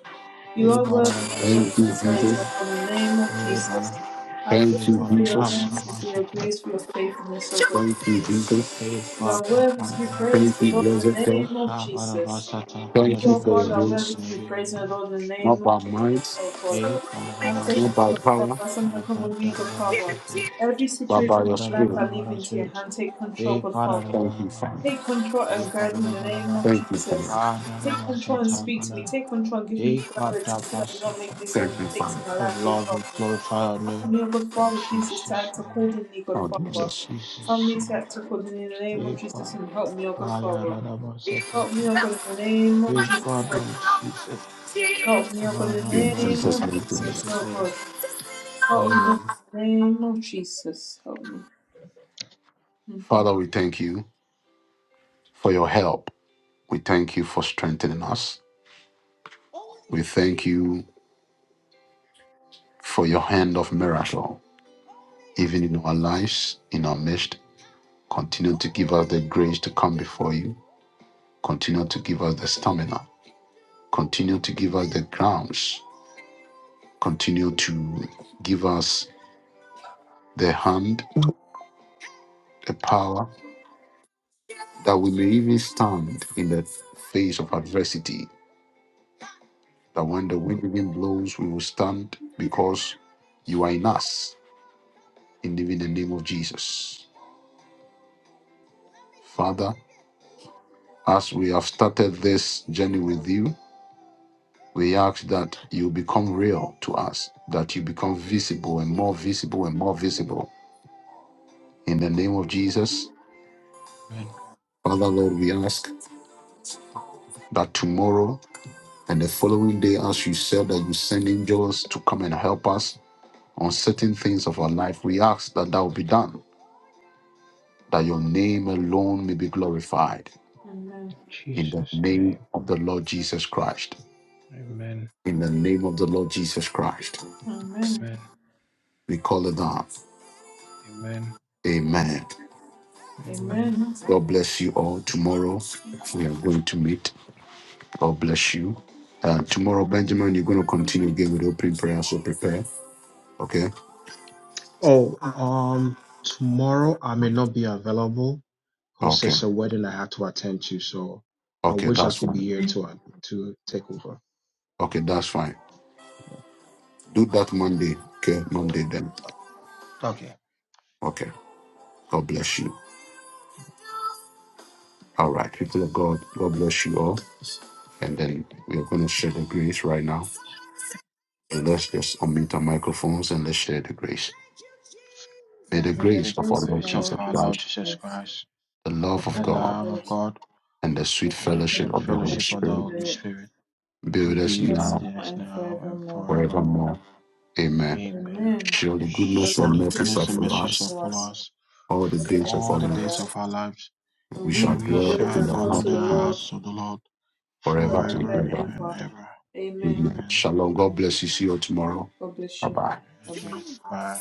Speaker 2: You
Speaker 3: Eh,
Speaker 2: are
Speaker 3: ba, da, da,
Speaker 2: worthy,
Speaker 3: ba,
Speaker 2: oh
Speaker 3: sa,
Speaker 2: God,
Speaker 1: Thank
Speaker 2: to
Speaker 1: you,
Speaker 3: ta,
Speaker 2: be
Speaker 3: ka,
Speaker 2: praised,
Speaker 1: Jesus.
Speaker 2: oh
Speaker 3: de.
Speaker 2: God, in the name of
Speaker 3: Eh, ba, da,
Speaker 2: Jesus. I thank
Speaker 1: Thank
Speaker 3: eh,
Speaker 1: you,
Speaker 2: you
Speaker 3: ba,
Speaker 2: for
Speaker 3: da, ba,
Speaker 2: your
Speaker 3: da,
Speaker 1: Jesus.
Speaker 3: ba, da,
Speaker 2: mercy,
Speaker 3: ba,
Speaker 2: for
Speaker 3: sa,
Speaker 2: your
Speaker 3: ta.
Speaker 2: grace, for your faithfulness, oh God.
Speaker 1: Thank you, Jesus.
Speaker 3: Eh,
Speaker 2: You
Speaker 3: ba,
Speaker 2: are
Speaker 3: da,
Speaker 2: worthy
Speaker 3: ba,
Speaker 2: to be praised,
Speaker 1: Thank you,
Speaker 2: Lord, in
Speaker 1: blessed
Speaker 2: the
Speaker 1: God.
Speaker 2: name of
Speaker 3: Ha
Speaker 2: Jesus.
Speaker 3: Barabasata
Speaker 2: You,
Speaker 1: Thank you
Speaker 2: oh
Speaker 1: for
Speaker 2: God,
Speaker 1: your
Speaker 2: are
Speaker 3: Kanadabasate
Speaker 2: worthy
Speaker 1: grace.
Speaker 2: to be
Speaker 3: Kanabi
Speaker 2: praised, oh Lord, in the
Speaker 1: Not
Speaker 2: name of
Speaker 1: by
Speaker 2: Jesus,
Speaker 1: might,
Speaker 2: oh God.
Speaker 3: Hey
Speaker 2: I
Speaker 1: not
Speaker 2: thank you,
Speaker 1: by
Speaker 2: God
Speaker 3: Banabasata
Speaker 2: Father.
Speaker 1: power,
Speaker 2: That's something
Speaker 3: Ha
Speaker 2: that comes with me, God Father.
Speaker 3: Badarabasate
Speaker 2: Every
Speaker 1: but
Speaker 3: Hey
Speaker 2: situation
Speaker 1: by
Speaker 2: in
Speaker 1: your
Speaker 2: my life
Speaker 1: spirit.
Speaker 2: I leave
Speaker 3: Badabarabara
Speaker 2: into your
Speaker 3: Spirit
Speaker 2: hand, take control,
Speaker 3: Hey
Speaker 2: God Father.
Speaker 1: Thank you,
Speaker 3: Badarabarabara
Speaker 1: Father.
Speaker 2: Take control
Speaker 3: Hey
Speaker 2: and guide me in the name
Speaker 3: Badarabaraba
Speaker 2: of
Speaker 1: Thank you,
Speaker 2: Jesus.
Speaker 1: Father.
Speaker 3: Ha
Speaker 2: Take control and
Speaker 3: Darabasata
Speaker 2: speak to me.
Speaker 3: Kana
Speaker 2: Take control and give me
Speaker 3: Hey
Speaker 2: clarity so that I do not make
Speaker 3: Badabasata
Speaker 2: any more
Speaker 1: Thank you,
Speaker 3: Kana
Speaker 2: mistakes in
Speaker 1: Father.
Speaker 2: my
Speaker 3: Oh
Speaker 2: life, God
Speaker 3: Lord
Speaker 2: Father.
Speaker 3: we glorify our name
Speaker 2: Help me, oh God
Speaker 3: in
Speaker 2: Father, Jesus, to
Speaker 3: Jesus
Speaker 2: act
Speaker 3: name
Speaker 2: accordingly, God
Speaker 1: Oh,
Speaker 3: in
Speaker 2: Father.
Speaker 1: Jesus.
Speaker 2: Help
Speaker 3: Jesus
Speaker 2: me to
Speaker 3: name
Speaker 2: act accordingly in the name of
Speaker 3: Hey
Speaker 2: Jesus
Speaker 3: Ba
Speaker 2: and help me, oh God Father.
Speaker 3: Ayarabasata
Speaker 2: Help me, oh God, in the name of
Speaker 3: Hey
Speaker 2: Jesus, oh
Speaker 3: Badan
Speaker 2: God.
Speaker 3: Jesus
Speaker 2: Help me, oh
Speaker 3: Ah,
Speaker 2: God, in the
Speaker 3: not
Speaker 1: In
Speaker 3: about
Speaker 2: name
Speaker 1: Jesus'
Speaker 2: of
Speaker 1: name.
Speaker 3: Satan. In
Speaker 1: amen.
Speaker 2: Jesus,
Speaker 3: Jesus'
Speaker 2: oh
Speaker 3: name.
Speaker 2: God. Help me, oh God,
Speaker 3: Amen.
Speaker 2: in the name of Jesus. Help me. Mm.
Speaker 1: Father, we thank you for your help. We thank you for strengthening us. We thank you for your hand of miracle, even in our lives, in our midst. Continue to give us the grace to come before you Continue to give us the stamina. Continue to give us the grounds. Continue to give us the hand, the power, that we may even stand in the face of adversity. That when the wind even blows, we will stand because you are in us. In even the name of Jesus. Father, as we have started this journey with you, we ask that you become real to us, that you become visible and more visible and more visible. In the name of Jesus,
Speaker 3: Amen.
Speaker 1: Father, Lord, we ask that tomorrow and the following day, as you said, that you send angels to come and help us on certain things of our life. We ask that that will be done, that your name alone may be glorified.
Speaker 2: Amen.
Speaker 3: In
Speaker 1: In the
Speaker 3: Jesus'
Speaker 1: name
Speaker 3: name.
Speaker 1: of the Lord Jesus Christ.
Speaker 3: Amen.
Speaker 1: In the name of the Lord Jesus Christ.
Speaker 2: Amen.
Speaker 3: Amen.
Speaker 1: We call it down.
Speaker 3: Amen.
Speaker 1: Amen.
Speaker 3: Amen.
Speaker 2: Amen.
Speaker 1: God bless you all. Tomorrow we are going to meet. God bless you. Uh, tomorrow, Benjamin, you're going to continue again with opening prayer, so prepare. Okay?
Speaker 3: Oh, um, tomorrow I may not be available because
Speaker 1: Okay.
Speaker 3: there's a wedding I have to attend to. So I
Speaker 1: Okay,
Speaker 3: wish I
Speaker 1: that's
Speaker 3: could be
Speaker 1: fine.
Speaker 3: here to uh, to take over.
Speaker 1: Okay, that's fine. Do that Monday. Okay, Monday then.
Speaker 3: Okay.
Speaker 1: Okay. God bless you. All right, people of God, God bless you all. And then we are going to share the grace right now. And let's just unmute our microphones and let's share the grace. May
Speaker 2: May
Speaker 1: the
Speaker 3: May
Speaker 2: the
Speaker 3: the
Speaker 1: grace of our
Speaker 2: grace of
Speaker 1: Lord
Speaker 2: our
Speaker 3: grace of
Speaker 1: Jesus
Speaker 2: Lord
Speaker 3: our
Speaker 2: Jesus
Speaker 3: Lord
Speaker 1: Christ,
Speaker 3: Jesus
Speaker 2: Christ,
Speaker 3: Christ,
Speaker 1: the
Speaker 2: the
Speaker 1: love of
Speaker 3: the
Speaker 2: love of
Speaker 1: God,
Speaker 3: love
Speaker 2: God,
Speaker 3: of God,
Speaker 1: and the
Speaker 2: and the
Speaker 1: sweet
Speaker 3: and the
Speaker 2: free
Speaker 1: fellowship
Speaker 2: fellowship
Speaker 1: of the
Speaker 2: of the
Speaker 1: Holy
Speaker 3: fellowship
Speaker 2: Holy
Speaker 3: of the
Speaker 1: Spirit
Speaker 3: Holy
Speaker 2: Spirit
Speaker 3: Spirit.
Speaker 1: be
Speaker 2: be
Speaker 1: with us
Speaker 2: with
Speaker 3: be
Speaker 2: us
Speaker 3: with
Speaker 1: now,
Speaker 2: now
Speaker 3: us
Speaker 2: and
Speaker 3: now and
Speaker 2: forevermore.
Speaker 3: forevermore.
Speaker 1: forevermore. Amen.
Speaker 3: Amen.
Speaker 2: Amen.
Speaker 1: Surely
Speaker 2: God,
Speaker 1: goodness
Speaker 2: the
Speaker 1: and
Speaker 3: Surely
Speaker 1: mercy
Speaker 2: Holy
Speaker 1: shall
Speaker 3: goodness and
Speaker 2: Spirit
Speaker 1: follow
Speaker 3: mercy
Speaker 2: shall
Speaker 3: shall
Speaker 1: us
Speaker 2: show
Speaker 3: follow
Speaker 2: us
Speaker 3: us
Speaker 1: all
Speaker 2: all
Speaker 1: the
Speaker 2: the
Speaker 1: days of
Speaker 2: days
Speaker 3: all
Speaker 1: our
Speaker 3: the
Speaker 2: of our
Speaker 3: days
Speaker 1: lives
Speaker 3: of our
Speaker 2: lives,
Speaker 3: lives,
Speaker 1: We
Speaker 2: and
Speaker 3: and
Speaker 1: shall
Speaker 2: we
Speaker 3: we
Speaker 2: shall
Speaker 1: dwell
Speaker 2: dwell in
Speaker 3: shall
Speaker 1: in
Speaker 2: the
Speaker 1: the
Speaker 3: dwell
Speaker 1: house
Speaker 2: house
Speaker 3: in the
Speaker 2: of
Speaker 1: of
Speaker 2: the
Speaker 1: the
Speaker 2: Lord
Speaker 1: Lord
Speaker 3: house of the Lord
Speaker 1: forever and
Speaker 2: forever
Speaker 3: forever
Speaker 2: and
Speaker 1: ever.
Speaker 3: and
Speaker 2: ever.
Speaker 3: ever.
Speaker 2: Amen.
Speaker 1: Amen.
Speaker 3: Amen.
Speaker 1: Shalom. God bless you. See you tomorrow.
Speaker 2: God bless
Speaker 1: Bye
Speaker 2: you.
Speaker 1: bye.
Speaker 2: Amen.
Speaker 3: Cheers. Bye.